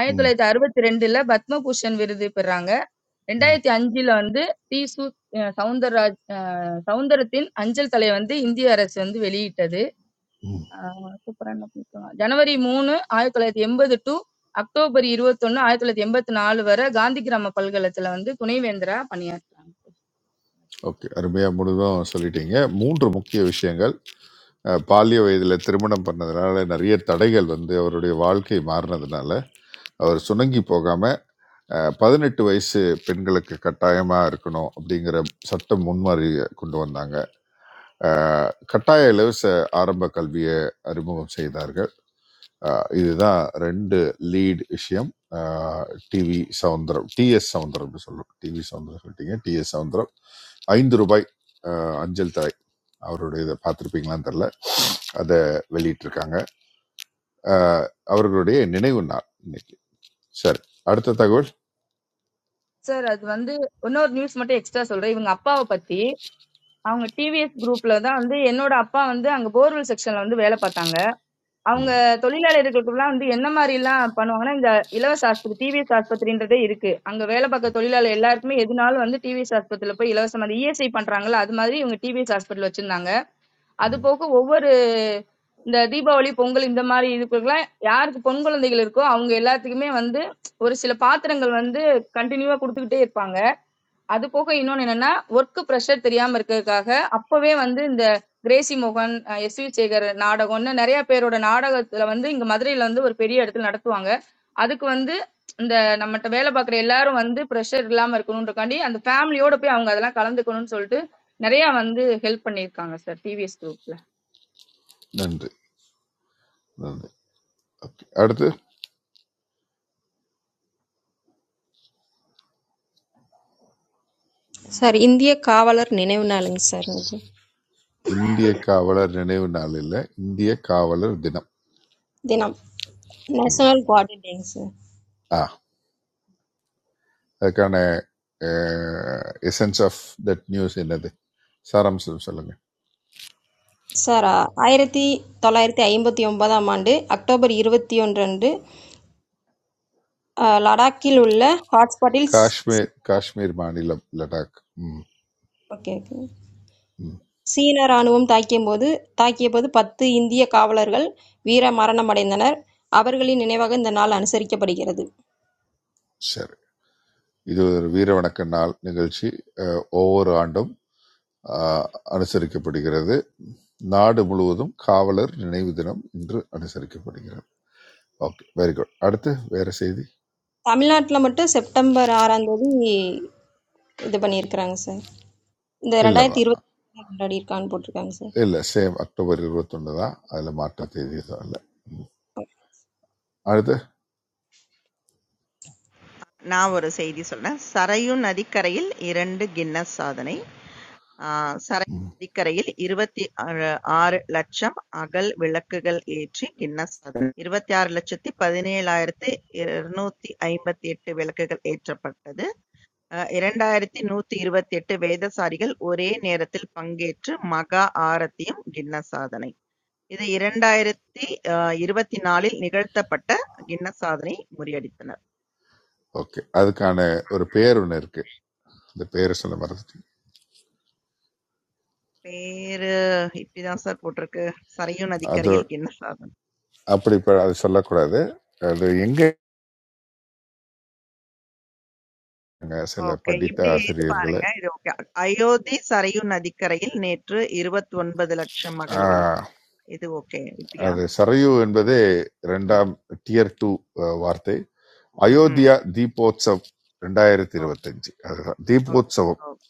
Speaker 5: 1962ல பத்மபூஷன் விருது பெறாங்க. 2005ல வந்து தி. சு. அ சௌந்தரராஜ் அ சௌந்தரத்தின் அஞ்சல் தலை வந்து இந்திய அரசு வந்து வெளியிட்டது. ஆ, சூப்பரா என்ன பண்ணிருக்காங்க. ஜனவரி 3 1980 டு அக்டோபர் 21 1984 வரை காந்தி கிராம பல்கலத்துல வந்து துணைவேந்தரா பணியாற்றுறாங்க.
Speaker 1: ஓகே. அருமையா முழுதும் சொல்லிட்டீங்க. 3 முக்கிய விஷயங்கள். அ பால்ய வயதில திருமணம் பண்ணதுனால, நிறைய தடைகள் வந்து அவருடைய வாழ்க்கை மாறுனதுனால அவர் சுணங்கி போகாம அஹ், பதினெட்டு வயசு பெண்களுக்கு கட்டாயமா இருக்கணும் அப்படிங்கிற சட்டம் முன்மாறி கொண்டு வந்தாங்க அஹ், கட்டாய இலவச ஆரம்ப கல்வியை அறிமுகம் செய்தார்கள் அஹ், இதுதான் ரெண்டு லீட் விஷயம் டிவி சவுந்தரம் டிஎஸ் சவுந்தரம்னு சொல்லுவோம் டிவி சவுந்தரம் சொல்லிட்டீங்க டிஎஸ் சவுந்தரம் ஐந்து ரூபாய் அஹ், அஞ்சல் தலை அவருடைய இதை பார்த்துருப்பீங்களான்னு தெரில அதை வெளியிட்டிருக்காங்க அஹ், அவர்களுடைய நினைவு நாள் இன்னைக்கு சரி அடுத்த தகவல்
Speaker 5: சார் அது வந்து இன்னொரு நியூஸ் மட்டும் எக்ஸ்ட்ரா சொல்றேன். இவங்க அப்பாவை பத்தி அவங்க டிவிஎஸ் குரூப்ல தான் வந்து என்னோட அப்பா வந்து அங்க போர்வெல் செக்ஷன்ல வந்து வேலை பார்த்தாங்க. அவங்க தொழிலாளர்களுக்குலாம் வந்து என்ன மாதிரி எல்லாம் பண்ணுவாங்கன்னா இந்த இலவச ஆஸ்பத்திரி டிவிஎஸ் ஆஸ்பத்திரின்றதே இருக்கு. அங்க வேலை பார்க்க தொழிலாளர் எல்லாருக்குமே எதுனாலும் வந்து டிவிஎஸ் ஆஸ்பத்திரியில போய் இலவசமா இஎஸ்ஐ பண்றாங்கல்ல அது மாதிரி இவங்க டிவிஎஸ் ஹாஸ்பிட்டல் வச்சிருந்தாங்க. அது போக ஒவ்வொரு இந்த தீபாவளி, பொங்கல் இந்த மாரி இதுக்குல்லாம் யாருக்கு பொண் குழந்தைகள் இருக்கோ, அவங்க எல்லாத்துக்குமே வந்து ஒரு சில பாத்திரங்கள் வந்து கன்டினியூவா குடுத்துக்கிட்டே இருப்பாங்க. அது போக இன்னொன்னு என்னன்னா, ஒர்க் பிரஷர் தெரியாம இருக்கிறதுக்காக, அப்பவே வந்து இந்த கிரேஸி மோகன், அ எஸ்.வி. சேகர் நாடகம்ன்னு நெறைய பேரோட நாடகத்துல வந்து இங்க மதுரையில வந்து ஒரு பெரிய இடத்துல நடத்துவாங்க. அதுக்கு வந்து இந்த நம்மட்ட வேலை பார்க்குற எல்லாரும் வந்து பிரஷர் இல்லாம இருக்கணுன்றக்காண்டி, அந்த ஃபேமிலியோட போய் அவங்க அதெல்லாம் கலந்துக்கணும்னு சொல்ட்டு, நெறையா வந்து ஹெல்ப் பண்ணியிருக்காங்க சார் டிவிஎஸ் குரூப்ல.
Speaker 1: நன்றி நன்றி ஓகே அடுத்து
Speaker 4: சார் இந்திய காவலர் நினைவு நாளுங்க சார் இன்னைக்கு.
Speaker 1: இந்திய காவலர் நினைவு நாளில் இந்திய காவலர் தினம்
Speaker 4: தினம்.
Speaker 1: ம்.
Speaker 4: நேஷனல் கார்டு டேங்க சார்.
Speaker 1: ஆ அதுக்கான எசன்ஸ் ஆஃப் தட் நியூஸ் என்னது சாராம்சம் சொல்லுங்க
Speaker 4: சார் ஆயிரத்தி தொள்ளாயிரத்தி ஐம்பத்தி ஒன்பதாம் ஆண்டு அக்டோபர் இருபத்தி ஒன்று அன்று அஹ், லடாக்கில் உள்ள ஹாட்ஸ்பாட்டில் சி-
Speaker 1: காஷ்மீர் காஷ்மீர் மாநிலம் லடாக் ம்
Speaker 4: ஓகே ஓகே
Speaker 1: ம்
Speaker 4: சீன ராணுவம் தாக்கியபோது தாக்கியபோது பத்து இந்திய காவலர்கள் வீர மரணமடைந்தனர் அவர்களின் நினைவாக இந்த நாள் அனுசரிக்கப்படுகிறது
Speaker 1: சரி இது ஒரு வீர வணக்க நாள் நிகழ்ச்சி அஹ், ஒவ்வொரு ஆண்டும் அஹ், அனுசரிக்கப்படுகிறது நாடு முழுவதும் காவலர் நினைவு தினம் இன்று அனுசரிக்கப்படுகிறது ஓகே வெரி குட் அடுத்து வேற செய்தி
Speaker 4: தமிழ்நாட்டில் மட்டும் செப்டம்பர் ஆறாம் தேதி இது பண்ணியிருக்கிறாங்க சார் இந்த
Speaker 1: இல்லவா
Speaker 4: ரெண்டாயிரத்தி இருபத்தி கொண்டாடி இருக்கான்னு போட்டிருக்காங்க சார்
Speaker 1: இல்லை சேம் அக்டோபர் இருபத்தொன்று தான் அதில் மாற்ற தேதி எதுவும் இல்லை அடுத்து
Speaker 2: நான் ஒரு செய்தி சொல்றேன். "சரையு நதிக்கரையில் 2 கின்னஸ் சாதனை" ஆ "சரையு நதிக்கரையில் 26,00,000 அகல் விளக்குகள் ஏற்றி கின்னஸ் சாதனை. 26,17,258 விளக்குகள் ஏற்றப்பட்டது. அ 2,128 வேதசாரிகள் ஒரே நேரத்தில் பங்கேற்று மகா ஆரத்தியும் கின்னஸ் சாதனை. இது 2024ல் நிகழ்த்தப்பட்ட கின்னஸ் சாதனையை முறியடித்தனர்.
Speaker 1: ஓகே அதுக்கான ஒரு பேர் ஒன்று இருக்குது அந்த பேரை சொல்ல மறந்துட்டேன்
Speaker 2: பேரு இப்படிதான் சார் போட்டிருக்கு. "சரையு
Speaker 1: அது
Speaker 2: நதிக்கரையில் கின்னஸ் சாதனம்."
Speaker 1: அப்படி இப்போ அது சொல்லக்கூடாது அது எங்கே சில
Speaker 2: ஓகே.
Speaker 1: படித்த
Speaker 2: இப்படி இது
Speaker 1: ஆசிரியர்களை
Speaker 2: பாருங்க. இது ஓகே. "அயோத்தி சரையு நதிக்கரையில் நேற்று 29,00,000 அகல்விளக்கு."
Speaker 1: ஆஹ்,
Speaker 2: இது ஓகே. இப்படியா?
Speaker 1: அது சரையு என்பதே
Speaker 2: ம்.
Speaker 1: ரெண்டாம் டியர் டூ வார்த்தை
Speaker 2: ம்ஹ்ம்.
Speaker 1: அயோத்தியா தீபோத்சவ் ரெண்டாயிரத்தி
Speaker 2: ஓக்
Speaker 1: இருபத்தஞ்சு அதுதான்
Speaker 2: ஓக்
Speaker 1: தீபோத்சவம்
Speaker 2: ஓக்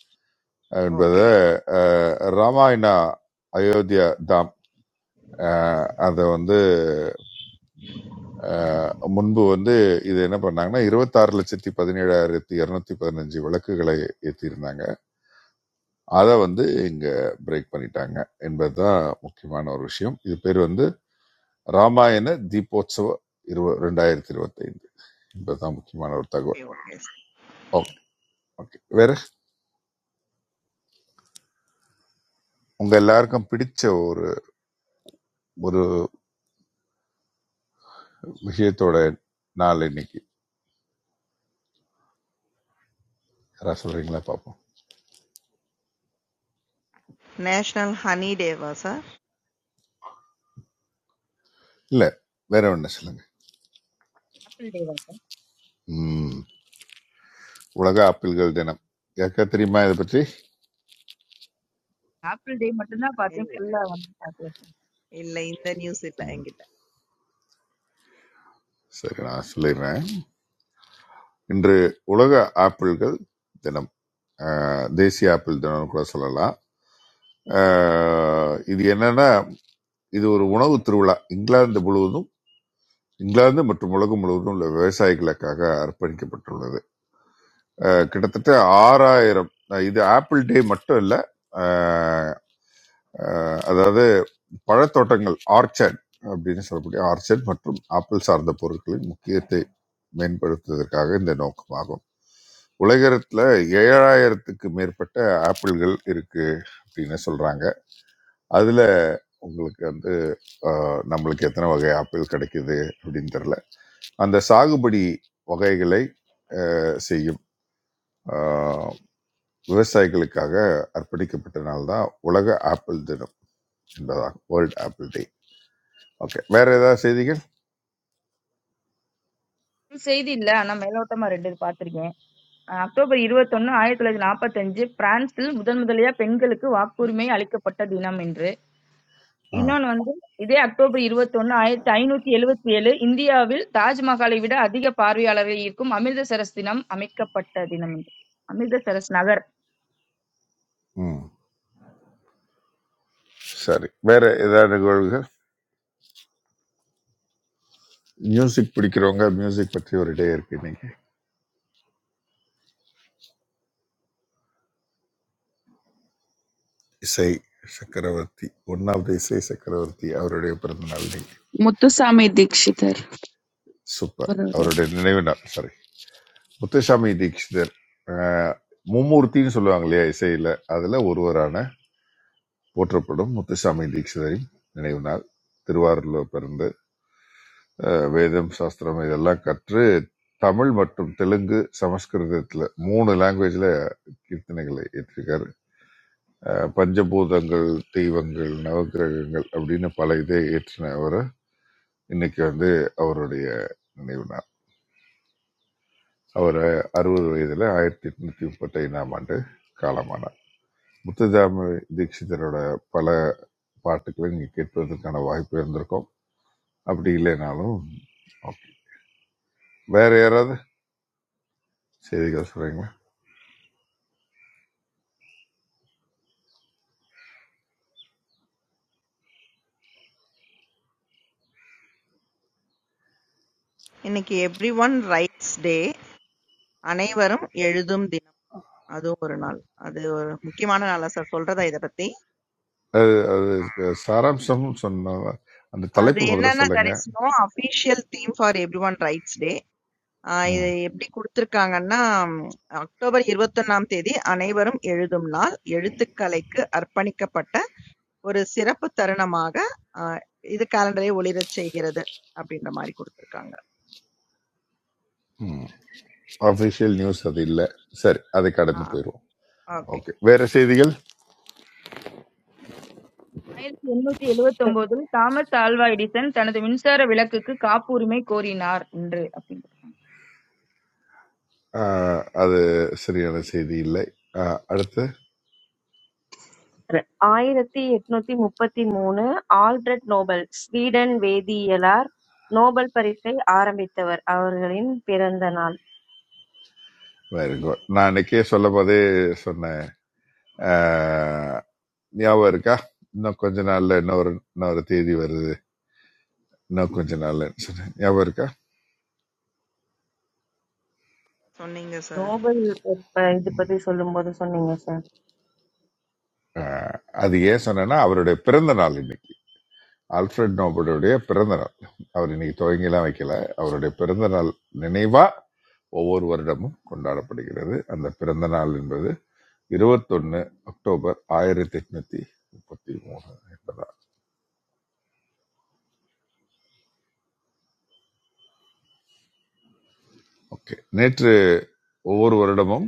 Speaker 2: ஓகே.
Speaker 1: என்பதை ராமாயணா அயோத்தியா தாம் அதை வந்து அஹ் முன்பு வந்து இது என்ன பண்ணாங்கன்னா இருபத்தாறு லட்சத்தி பதினேழாயிரத்தி இருநூத்தி பதினஞ்சு விளக்குகளை ஏற்றியிருந்தாங்க அதை வந்து இங்க பிரேக் பண்ணிட்டாங்க என்பதுதான் முக்கியமான ஒரு விஷயம் இது பேர் வந்து ராமாயண தீபோத்சவ இருவ ரெண்டாயிரத்தி இருபத்தைந்து என்பதுதான் முக்கியமான ஒரு
Speaker 2: ஓகே,
Speaker 1: தகவல்
Speaker 2: ஓகே சார்.
Speaker 1: ஓகே ஓகே வேற உங்க எல்லாருக்கும் பிடிச்ச ஒரு ஒரு விஷயத்தோட நாள் இன்னைக்கு யாராவது சொல்றீங்களா பார்ப்போம்
Speaker 2: நேஷனல் ஹனி டேவா சார்?
Speaker 1: இல்ல வேற ஒண்ணு சொல்லுங்க
Speaker 5: ஆப்பிள் டேவா சார்?
Speaker 1: ம் உலக ஆப்பிள்கள் தினம் யாருக்கா தெரியுமா இதை பற்றி
Speaker 5: ஆப்பிள் டே மட்டும்தான் பார்த்தேன்
Speaker 2: இல்ல.
Speaker 5: ஃபுல்லா வந்து பார்க்கல சார்.
Speaker 2: இல்ல. இந்த நியூஸ் இல்ல என்கிட்ட.
Speaker 1: சரி நான் சொல்லிடுறேன் இன்று உலக ஆப்பிள்கள் தினம் அஹ், தேசிய ஆப்பிள் தினம் கூட சொல்லலாம் அஹ், இது என்னன்னா இது ஒரு உணவு திருவிழா இங்கிலாந்து முழுவதும் இங்கிலாந்து மற்றும் உலகம் முழுவதும் உள்ள விவசாயிகளுக்காக அர்ப்பணிக்கப்பட்டுள்ளது அஹ், கிட்டத்தட்ட ஆறாயிரம் இது ஆப்பிள் டே மட்டும் இல்ல அஹ் அதாவது பழத்தோட்டங்கள் ஆர்ச்சர்ட் அப்படின்னு சொல்லக்கூடிய ஆர்ச்சர்ட் மற்றும் ஆப்பிள் சார்ந்த பொருட்களின் முக்கியத்தை மேம்படுத்துவதற்காக இந்த நோக்கமாகும் உலகத்துல ஏழாயிரத்துக்கு மேற்பட்ட ஆப்பிள்கள் இருக்கு அப்படின்னு சொல்றாங்க அதுல உங்களுக்கு வந்து அஹ், நம்மளுக்கு எத்தனை வகை ஆப்பிள் கிடைக்குது அப்படின்னு தெரியல அந்த சாகுபடி வகைகளை அஹ், செய்யும் அஹ், விவசாயிகளுக்காக அர்ப்பணிக்கப்பட்ட நாள் தான் உலக ஆப்பிள் தினம் என்பதாகும் வேர்ல்ட் ஆப்பிள் டே ஓகே வேற ஏதாவது செய்திகள்
Speaker 5: full செய்தி இல்ல ஆனா மேலோட்டமா ரெண்டு இது பார்த்திருக்கேன் அஹ் அக்டோபர் இருபத்தொன்னு ஆயிரத்தி தொள்ளாயிரத்தி நாற்பத்தஞ்சு பிரான்சில் முதன் முதலியா பெண்களுக்கு வாக்குரிமை அளிக்கப்பட்ட தினம் என்று
Speaker 1: ஆ
Speaker 5: இன்னொன்னு வந்து இதே அக்டோபர் இருபத்தொன்னு ஆயிரத்தி ஐநூத்தி எழுவத்தி ஏழு இந்தியாவில் தாஜ்மஹாலை விட அதிக பார்வையாளர்கள் இருக்கும் அமிர்தசரஸ் தினம் அமைக்கப்பட்ட தினம் என்று அமிர்தசரஸ் நகர்
Speaker 1: ம் சரி வேற ஏதாவது நிகழ்வுகள் மியூசிக் பிடிக்கிறவங்க மியூசிக் பற்றி ஒரு டே இருக்கு இன்னைக்கு இசை சக்கரவர்த்தி ஒன்னாவது இசை சக்கரவர்த்தி அவருடைய பிறந்த நாள் இன்னைக்கு
Speaker 10: முத்துசாமி தீட்சிதர்
Speaker 1: சூப்பர்
Speaker 10: அவரோட
Speaker 1: அவருடைய நினைவு நாள் சாரி முத்துசாமி தீட்சிதர் ஆஹ், மும்மூர்த்தின்னு சொல்லுவாங்க இல்லையா இசையில அதுல ஒருவரான போற்றப்படும் முத்துசாமி தீட்சிதரின் நினைவு நாள் திருவாரூர்ல பிறந்த அஹ் வேதம் சாஸ்திரம் இதெல்லாம் கற்று தமிழ் மற்றும் தெலுங்கு சமஸ்கிருதத்துல மூணு லாங்குவேஜ்ல கீர்த்தனைகளை ஏற்றிருக்காரு அஹ் பஞ்சபூதங்கள் தெய்வங்கள் நவக்கிரகங்கள் அப்படின்னு பல இதை ஏற்றின அவரை இன்னைக்கு வந்து அவருடைய நினைவு நாள் அவர் அறுபது வயதுல ஆயிரத்தி எட்நூத்தி முப்பத்தி ஐந்தாம் ஆண்டு காலமானார் முத்துதாம தீட்சிதரோட பல பாட்டுகளை நீங்க கேட்பதற்கான வாய்ப்பு இருந்திருக்கும் அப்படி இல்லைனாலும் okay. வேற யாராவது செய்திகள் சொல்றீங்களா
Speaker 2: இன்னைக்கு எவ்ரிஒன் ரைட்ஸ் டே. அனைவரும் எழுதும் தினம். அதுவும் ஒரு நாள். அது ஒரு முக்கியமான நாளா சார்? சொல்றதா இத பத்தி?
Speaker 1: அது அதுக்கு சாராம்சம்னு சொன்ன அந்த
Speaker 2: அது
Speaker 1: தலைப்பு முதல்ல
Speaker 2: என்னன்னா,
Speaker 1: சொல்லுங்க
Speaker 2: there is no official theme for everyone rights day. ஆ இது
Speaker 1: ம்
Speaker 2: எப்படி குடுத்திருக்காங்கன்னா, அக்டோபர் 21ஆம் தேதி அனைவரும் எழுதும் நாள். எழுத்துக்கலைக்கு அர்ப்பணிக்கப்பட்ட ஒரு சிறப்பு தருணமாக அ இது காலண்டரை ஒளிரச் செய்கிறது அப்படின்ற மாரி குடுத்திருக்காங்க.
Speaker 1: ம் அஃபிஷியல் நியூஸ் அது இல்லை சரி அதை
Speaker 2: ஆ
Speaker 1: கடந்து போயிடுவோம்
Speaker 2: ஓகே.
Speaker 1: ஓகே வேற செய்திகள்
Speaker 5: ஆயிரத்தி எண்ணூத்தி எழுவத்தி ஒன்பதில் தாமஸ் ஆல்வா எடிசன் தனது மின்சார விளக்குக்கு காப்புரிமை கோரினார் என்று
Speaker 1: ஆஹ், அது சரியான செய்தி இல்லை ஆஹ், அடுத்து
Speaker 11: I. E., it was the third Nobel, Sweden, Vedie, etc. Nobel Prize. I remember that
Speaker 1: வேற எங்கோ- நான் அன்னைக்கே சொல்லும் போதே சொன்னேன் ஆஹ், ஞாபகம் இருக்கா இன்னும் கொஞ்ச நாள்ல இன்னொரு இன்னொரு தேதி வருது இன்னும் கொஞ்ச நாள்ல சொன்னேன் ஞாபகம் இருக்கா
Speaker 2: சொன்னீங்க sir.
Speaker 11: Nobel Prize. I did not say long words.
Speaker 1: ஆஹ், அது ஏன் சொன்னேன்னா அவருடைய பிறந்த நாள் இன்னைக்கு. அல்ஃபிரட் நோபலுடைய பிறந்த நாள் அவர் இன்னைக்கு துவங்கிலாம் வைக்கல அவருடைய பிறந்த நாள் நினைவா ஒவ்வொரு வருடமும் கொண்டாடப்படுகிறது அந்த பிறந்த நாள் என்பது இருபத்தொன்னு அக்டோபர் ஆயிரத்தி எட்நூத்தி முப்பத்தி மூணு என்பதா ஓகே நேற்று ஒவ்வொரு வருடமும்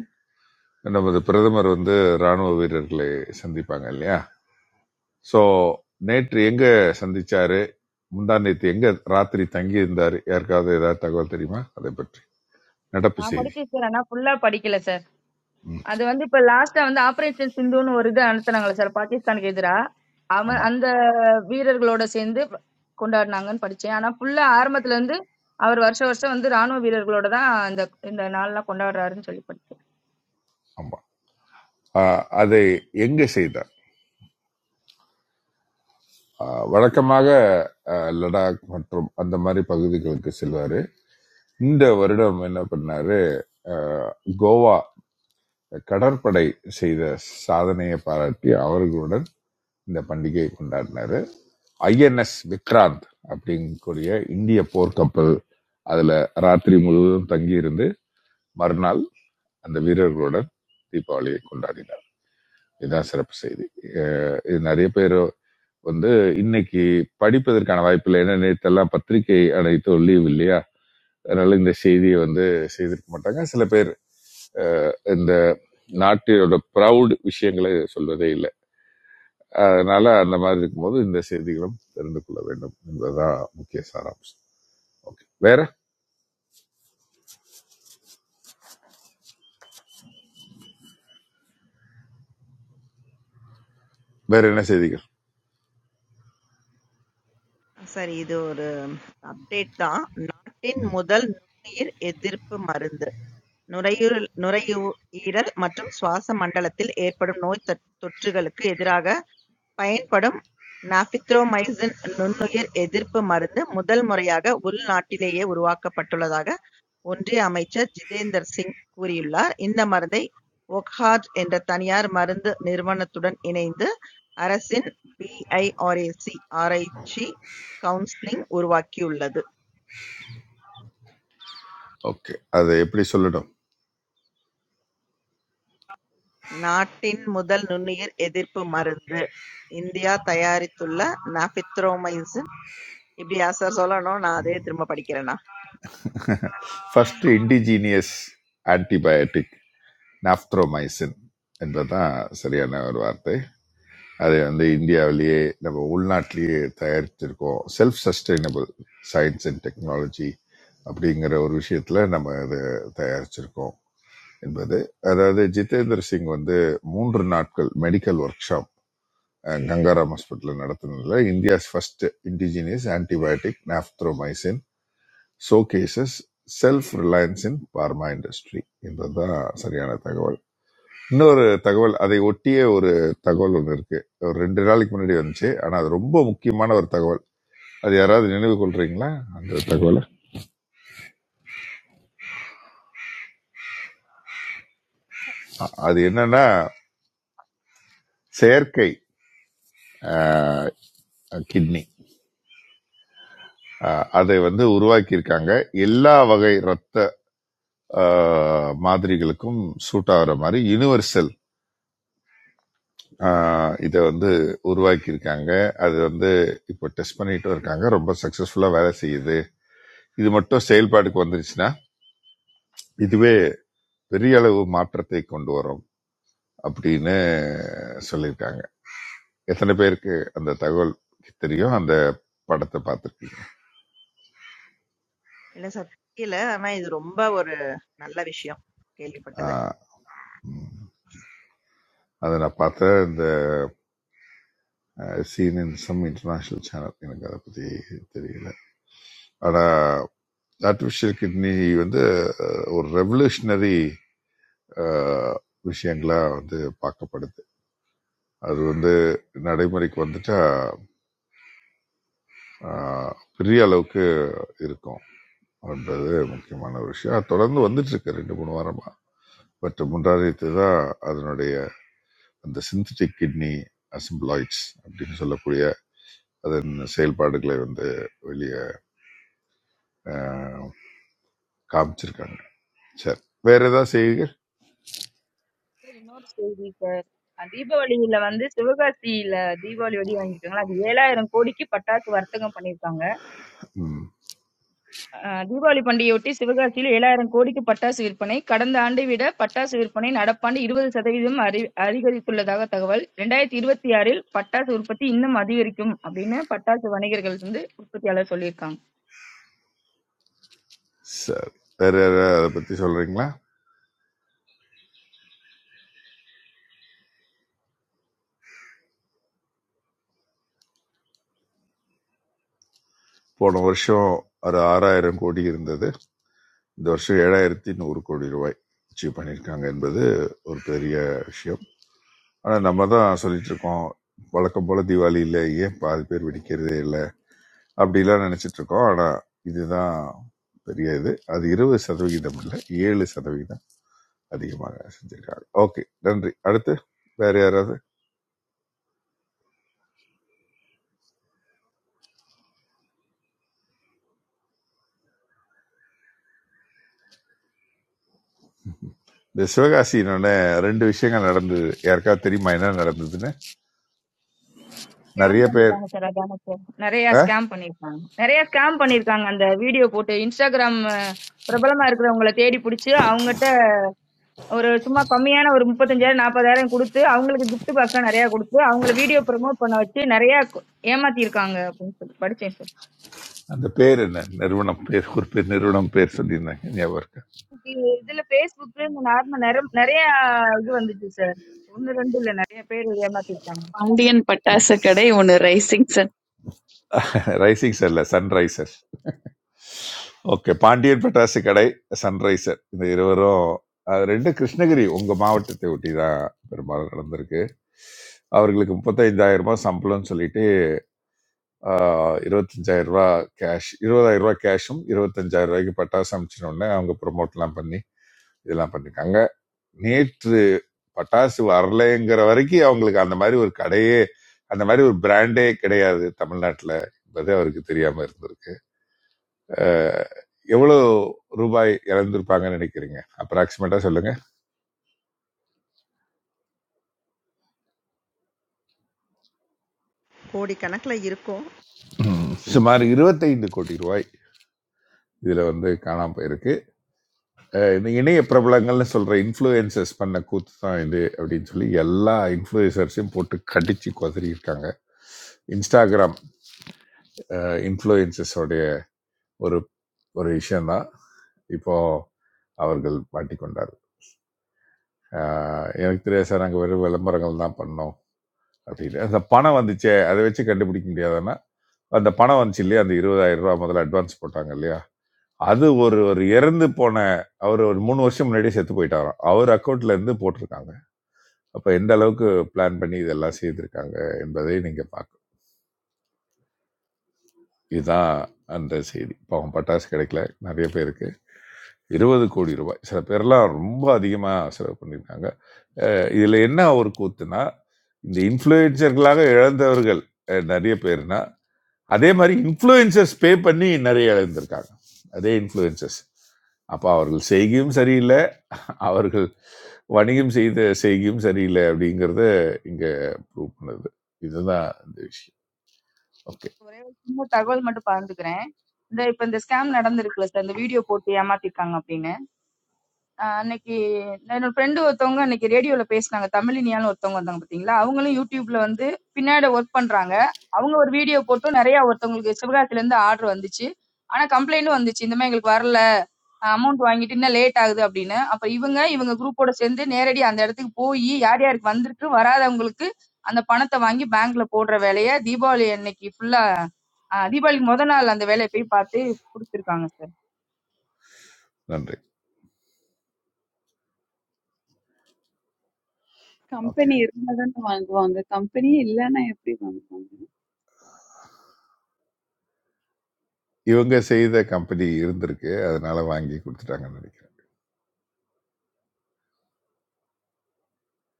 Speaker 1: நமது பிரதமர் வந்து ராணுவ வீரர்களை சந்திப்பாங்க இல்லையா சோ நேற்று எங்க சந்திச்சாரு முந்தா நேற்று எங்க ராத்திரி தங்கி இருந்தாரு யாருக்காவது ஏதாவது தகவல் தெரியுமா அதை பற்றி நடப்பு
Speaker 5: நான்
Speaker 1: செய்தி
Speaker 5: படிச்சேன் சார் ஆனா ஃபுல்லா படிக்கல சார் அது வந்து இப்ப லாஸ்டா வந்து ஆபரேஷன் சிந்துன்னு ஒரு இது நடத்துனாங்களே சார் பாகிஸ்தானுக்கு எதிரா அவன்
Speaker 1: ஆமா
Speaker 5: அந்த வீரர்களோட சேர்ந்து கொண்டாடினாங்கன்னு படிச்சேன் ஆனா ஃபுல்லா ஆரம்பத்துல இருந்து அவர் வருஷம் வருஷம் வந்து ராணுவ வீரர்களோட தான் இந்த இந்த நாள்லாம் கொண்டாடுறாருன்னு சொல்லி படிச்சேன்
Speaker 1: ஆமா ஆஹ் அதை எங்கே செய்தார் ஆஹ் வழக்கமாக ஆஹ் லடாக் மற்றும் அந்த மாதிரி பகுதிகளுக்கு செல்வாரு இந்த வருடம் என்ன பண்ணாரு ஆஹ் கோவா கடற்படை செய்த சாதனையை பாராட்டி அவர்களுடன் இந்த பண்டிகையை கொண்டாடினாரு ஐஎன்எஸ் விக்ராந்த் அப்படிங்கக்கூடிய இந்திய போர்க்கப்பல் அதுல ராத்திரி முழுவதும் தங்கி இருந்து மறுநாள் அந்த வீரர்களுடன் தீபாவளியை கொண்டாடினார் இதுதான் சிறப்பு செய்தி அஹ் இது நிறைய பேர் வந்து இன்னைக்கு படிப்பதற்கான வாய்ப்பு இல்லை ஏன்னா நேற்றெல்லாம் பத்திரிகை அனைத்தும் லீவ் இல்லையா அதனால இந்த செய்தியை வந்து செய்திருக்க மாட்டாங்க சில பேர் இந்த நாட்டினோட ப்ரவுட் விஷயங்களை சொல்வதே இல்லை அதனால அந்த மாதிரி இருக்கும்போது இந்த செய்திகளும் தெரிந்து கொள்ள வேண்டும் என்பதுதான் முக்கிய சாராம்சம் ஓகே வேற வேற என்ன செய்திகள்
Speaker 2: சரி இது ஒரு அப்டேட் தான். நாட்டின் முதல் நுண்ணுயிர் எதிர்ப்பு மருந்து. நுரையீரல் நுரையீரல் மற்றும் சுவாச மண்டலத்தில் ஏற்படும் நோய் தொற்- தொற்றுகளுக்கு எதிராக பயன்படும் நாபித்ரோமைசின் நுண்ணுயிர் எதிர்ப்பு மருந்து முதல் முறையாக உள்நாட்டிலேயே உருவாக்கப்பட்டுள்ளதாக ஒன்றிய அமைச்சர் ஜிதேந்தர் சிங் கூறியுள்ளார். இந்த மருந்தை ஒக்ஹாட் என்ற தனியார் மருந்து நிறுவனத்துடன் இணைந்து அரசின் PIRAC ஆராய்ச்சி கவுன்சில் உருவாக்கியுள்ளது.
Speaker 1: ஓகே அதை எப்படி சொல்லணும்
Speaker 2: நாட்டின் முதல் நுண்ணுயிர் எதிர்ப்பு மருந்து இந்தியா தயாரித்துள்ள நாபித்ரோமைசின் இப்படி ஆ சார் சொல்லணும். நான் அதையே திரும்ப படிக்கிறேனா?
Speaker 1: ஃபர்ஸ்ட் இண்டிஜீனியஸ் ஆன்டிபயோட்டிக் நாப்த்ரோமைசின் என்பதுதான் சரியான ஒரு வார்த்தை அதை வந்து இந்தியாவிலேயே நம்ம உள்நாட்டிலேயே தயாரிச்சிருக்கோம் self sustainable science and technology அப்படிங்கிற ஒரு விஷயத்துல நம்ம இதை தயாரிச்சிருக்கோம் என்பது அதாவது ஜிதேந்திர சிங் வந்து மூன்று நாட்கள் medical workshop Gangaram hospital நடத்தினதுல India's first indigenous antibiotic nafithromycin showcases self reliance in pharma industry என்றதான் சரியான தகவல் இன்னொரு தகவல் அதை ஒட்டிய ஒரு தகவல் ஒன்று இருக்கு ஒரு ரெண்டு நாளைக்கு முன்னாடி வந்துச்சு ஆனால் அது ரொம்ப முக்கியமான ஒரு தகவல் அது யாராவது நினைவு கொள்றீங்களா அந்த தகவலை அ- அது என்னன்னா செயற்கை கிட்னி அதை வந்து உருவாக்கி இருக்காங்க எல்லா வகை ரத்த ஆஹ், மாதிரிகளுக்கும் சூட் ஆகிற மாதிரி யுனிவர்சல் ஆஹ் இதை வந்து உருவாக்கியிருக்காங்க அது வந்து இப்போ டெஸ்ட் பண்ணிட்டு இருக்காங்க ரொம்ப சக்சஸ்ஃபுல்லா வேலை செய்யுது இது மட்டும் செயல்பாடுக்கு வந்துருச்சுன்னா இதுவே பெரிய அளவு மாற்றத்தை கொண்டு வரும் அப்படின்னு சொல்லியிருக்காங்க எத்தனை பேருக்கு அந்த தகவல் தெரியும் அந்த படத்தை பார்த்துருக்கீங்க
Speaker 2: இல்ல சார். தெரியல. ஆனா இது ரொம்ப ஒரு நல்ல விஷயம் கேள்விப்பட்டது.
Speaker 1: அதை நான் பார்த்த இந்த scene in some international channel எனக்கு அதை பத்தி தெரியல ஆனா ஆர்டிஃபிஷியல் கிட்னி வந்து அஹ், ஒரு ரெவல்யூஷனரி அஹ், விஷயங்களா வந்து பார்க்கப்படுது அது வந்து நடைமுறைக்கு வந்துட்டா அஹ், பெரிய அளவுக்கு இருக்கும் அப்படின்றது முக்கியமான ஒரு விஷயம் அது தொடர்ந்து வந்துட்டு இருக்கு ரெண்டு மூணு வாரமா பட் முன்னாடித்து தான் அதனுடைய அந்த சிந்தட்டிக் கிட்னி அசம்பிளாய்ட்ஸ் அப்படின்னு சொல்லக்கூடிய அதன் செயல்பாடுகளை வந்து வெளியே காமிச்சிருக்காங்க சரி வேற ஏதாவது செய்யுங்க
Speaker 5: சார் இன்னொரு செய்தி சார் அஹ் தீபாவளியில வந்து சிவகாசியில தீபாவளி வெடி வாங்கியிருக்காங்களா அது ஏழாயிரம் கோடிக்கு பட்டாசு வர்த்தகம் பண்ணியிருக்காங்க
Speaker 1: ம்
Speaker 5: அஹ் தீபாவளி பண்டிகையொட்டி சிவகாசியில் ஏழாயிரம் கோடிக்கு பட்டாசு விற்பனை கடந்த ஆண்டை விட பட்டாசு விற்பனை நடப்பாண்டு இருபது சதவீதம் அறி- அதிகரித்துள்ளதாக தகவல் ரெண்டாயிரத்தி இருபத்தி ஆறில் பட்டாசு உற்பத்தி இன்னும் அதிகரிக்கும் அப்படின்னு பட்டாசு வணிகர்கள் வந்து உற்பத்தியாளர் சொல்லியிருக்காங்க
Speaker 1: சரி வேற ஏதாவது அதை பத்தி சொல்றீங்களா போன வருஷம் ஒரு ஆறாயிரம் கோடி இருந்தது இந்த வருஷம் ஏழாயிரத்தி நூறு கோடி ரூபாய் அச்சீவ் பண்ணியிருக்காங்க என்பது ஒரு பெரிய விஷயம் ஆனால் நம்ம தான் சொல்லிட்டு இருக்கோம் வழக்கம் போல தீபாவளியில் ஏன் பாதி பேர் வெடிக்கிறதே இல்லை அப்படிலாம் நினைச்சிட்டு இருக்கோம் ஆனால் இதுதான் பெரிய இது அது இருபது சதவிகிதம் இல்லை ஏழு சதவிகிதம் அதிகமாக செஞ்சிருக்காங்க ஓகே நன்றி அடுத்து வேற யாராவது இந்த சிவகாசினோட ரெண்டு விஷயங்கள் நடந்தது யாருக்காவது தெரியுமா என்ன நடந்ததுன்னு
Speaker 5: ஸ்கேம்
Speaker 1: நிறைய பேர்
Speaker 5: பண்ணிட்டாங்க சார் அதான சார் நிறைய
Speaker 1: ஆ?
Speaker 5: ஸ்கேம் பண்ணியிருக்காங்க நிறைய ஸ்கேம் பண்ணியிருக்காங்க அந்த வீடியோ போட்டு இன்ஸ்டாகிராம் அஹ், பிரபலமா இருக்கிறவங்கள தேடி பிடிச்சி அவங்ககிட்ட ஒரு சும்மா கம்மியான ஒரு 35000 40000 கொடுத்து அவங்களுக்கு gift பாக்ஸ்லாம் நிறைய கொடுத்து அவங்கள வீடியோ ப்ரோமோட் பண்ண வச்சு நிறைய ஏமாத்தி இருக்காங்க அப்படின்னு சொல்லி படிச்சேன் சார்
Speaker 1: அந்த பேர் என்ன நிறுவனம் பேர் ஒரு பேர் நிறுவனம் பேர் சொல்லியிருந்தாங்க ஞாபகம் இருக்கா
Speaker 5: இதுல பேஸ்புக் இந்த நார்மல் நிறைய இது வந்துச்சு சார் ஒன்னு ரெண்டு இல்ல நிறைய பேர் ஏமாத்தி இருக்காங்க
Speaker 10: பாண்டியன் பட்டாசு கடை ஒன்னு ரைசிங் சன்
Speaker 1: ரைசிங் சார் இல்லை சன்ரைசர் ஓகே பாண்டியன் பட்டாசு கடை சன்ரைசர் இந்த இருவரும் அது ரெண்டு கிருஷ்ணகிரி உங்கள் மாவட்டத்தை ஒட்டி தான் பெரும்பாலும் நடந்திருக்கு அவர்களுக்கு முப்பத்தைந்தாயிரம் ரூபாய் சம்பளம்னு சொல்லிட்டு ஆஹ், 25000 ரூபாய் கேஷ் இருபதாயிரம் ரூபாய் கேஷும் இருபத்தஞ்சாயிரம் ரூபாய்க்கு பட்டாசு அனுப்பிச்சின உடனே அவங்க ப்ரொமோட்லாம் பண்ணி இதெல்லாம் பண்ணிருக்காங்க நேற்று பட்டாசு வரலைங்கிற வரைக்கும் அவங்களுக்கு அந்த மாதிரி ஒரு கடையே அந்த மாதிரி ஒரு பிராண்டே கிடையாது தமிழ்நாட்டில் என்பது அவருக்கு தெரியாம இருந்திருக்கு அஹ், எவ்வளவு ரூபாய் இழந்திருப்பாங்கன்னு நினைக்கிறீங்க அப்ராக்சிமேட்டா சொல்லுங்க
Speaker 2: கோடிக்கணக்குல இருக்கும்.
Speaker 1: ம். சுமார் 25 கோடி ரூபாய் இதுல வந்து காணாம போயிருக்கு அஹ், இந்த இணைய பிரபலங்கள்னு சொல்ற இன்ஃப்ளூயன்சஸ் பண்ண கூத்து தான் இது அப்படின்னு சொல்லி எல்லா இன்ஃப்ளூயன்சர்ஸையும் போட்டு கடிச்சு கொதறி இருக்காங்க இன்ஸ்டாகிராம் இன்ஃப்ளூயன்சஸோடைய ஒரு ஒரு விஷயம்தான் இப்போ அவர்கள் மாட்டிக்கொண்டார் ஆஹ் எனக்கு தெரியாது சார் நாங்கள் வெறும் விளம்பரங்கள் தான் பண்ணோம் அப்படின்னு அந்த பணம் வந்துச்சே அதை வச்சு கண்டுபிடிக்க முடியாதுன்னா அந்த பணம் வந்துச்சு இல்லையா அந்த இருபதாயிரம் ரூபாய் முதல்ல அட்வான்ஸ் போட்டாங்க இல்லையா அது ஒரு ஒரு இறந்து போன அவர் ஒரு மூணு வருஷம் முன்னாடியே செத்து போயிட்டாராம் அவர் அக்கௌண்ட்ல இருந்து போட்டிருக்காங்க அப்ப எந்த அளவுக்கு பிளான் பண்ணி இதெல்லாம் செய்திருக்காங்க என்பதை நீங்க பார்க்கணும் இதுதான் அந்த செய்தி பாவம் பட்டாசு கிடைக்கல நிறைய பேருக்கு இருபது கோடி ரூபாய் சில பேர்லாம் ரொம்ப அதிகமாக செலவு பண்ணியிருக்காங்க அஹ் இதுல என்ன ஒரு கூத்துனா இந்த இன்ஃப்ளூயன்சர்களாக இழந்தவர்கள் அஹ் நிறைய பேர்னா அதே மாதிரி இன்ஃப்ளூயன்சஸ் பே பண்ணி நிறைய இழந்திருக்காங்க அதே இன்ஃப்ளூயன்சஸ் அப்போ அவர்கள் செய்கையும் சரியில்லை அவர்கள் வணிகம் செய்த செய்கையும் சரியில்லை அப்படிங்கிறத இங்கே ப்ரூவ் பண்ணுது இதுதான் இந்த விஷயம் ஓகே
Speaker 5: ஒரே ஒரு சின்ன தகவல் மட்டும் பகிர்ந்துக்கிறேன் இந்த இப்ப இந்த ஸ்கேம் நடந்திருக்குல்ல சார் இந்த வீடியோ போட்டு ஏமாத்திருக்காங்க அப்படின்னு ஆஹ் அன்னைக்கு என்னோட ஃப்ரெண்டு ஒருத்தவங்க அன்னைக்கு ரேடியோல பேசினாங்க தமிழினியான்னு ஒருத்தவங்க வந்தாங்க பாத்தீங்களா அவங்களும் யூடியூப்ல வந்து பின்னாடி ஒர்க் பண்றாங்க அவங்க ஒரு வீடியோ போட்டும் நிறைய ஒருத்தவங்களுக்கு சிவகாசில இருந்து ஆர்டர் வந்துச்சு ஆனா கம்ப்ளைண்டும் வந்துச்சு இந்த மாதிரி எங்களுக்கு வரல அமௌண்ட் வாங்கிட்டு இன்னும் லேட் ஆகுது அப்படின்னு அப்ப இவங்க இவங்க குரூப்போட சேர்ந்து நேரடி அந்த இடத்துக்கு போய் யார் யாருக்கு வந்திருக்கு வராதவங்களுக்கு அந்த பணத்தை வாங்கி பேங்க்ல போடுற வேலையை தீபாவளி அன்னைக்கு ஃபுல்லா தீபாவளிக்கு முத நாள் அந்த வேலையை போய் பார்த்து கொடுத்துருக்காங்க சார்.
Speaker 1: நன்றி ஓகே
Speaker 10: கம்பெனி இருந்தா தானே வாங்குவாங்க கம்பெனி இல்லைன்னா எப்படி வாங்குவாங்க
Speaker 1: இவங்க செய்த கம்பெனி இருந்திருக்கு அதனால வாங்கி கொடுத்துட்டாங்கன்னு நினைக்கிறேன்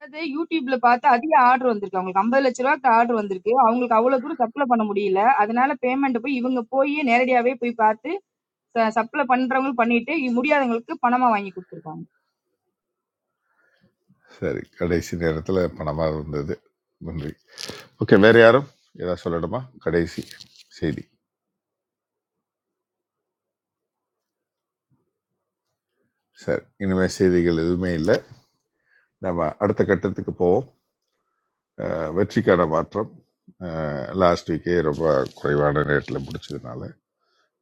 Speaker 5: அது யூடியூப்ல பார்த்து அதிக ஆர்டர் வந்திருக்கு அவங்களுக்கு ஐம்பது லட்ச ரூபாய்க்கு ஆர்டர் வந்திருக்கு அவங்களுக்கு அவ்வளவு தூரம் சப்ளை பண்ண முடியல அதனால பேமெண்ட் போய் இவங்க போய் நேரடியாவே போய் பார்த்து சப்ளை பண்றவங்களுக்கு பண்ணிட்டு முடியாதவங்களுக்கு பணமா வாங்கி கொடுத்துருக்காங்க
Speaker 1: சரி. கடைசி நேரத்துல பணமா இருந்தது. நன்றி. ஓகே. வேற யாரும் ஏதாவது சொல்லணுமா? கடைசி செய்தி. சரி. இனிமே செய்திகள் எதுவுமே இல்ல. நம்ம அடுத்த கட்டத்துக்கு போவோம். அஹ், வெற்றிக்கான மாற்றம் லாஸ்ட் வீக்கே ரொம்ப குறைவான ரேட்ல முடிச்சதுனால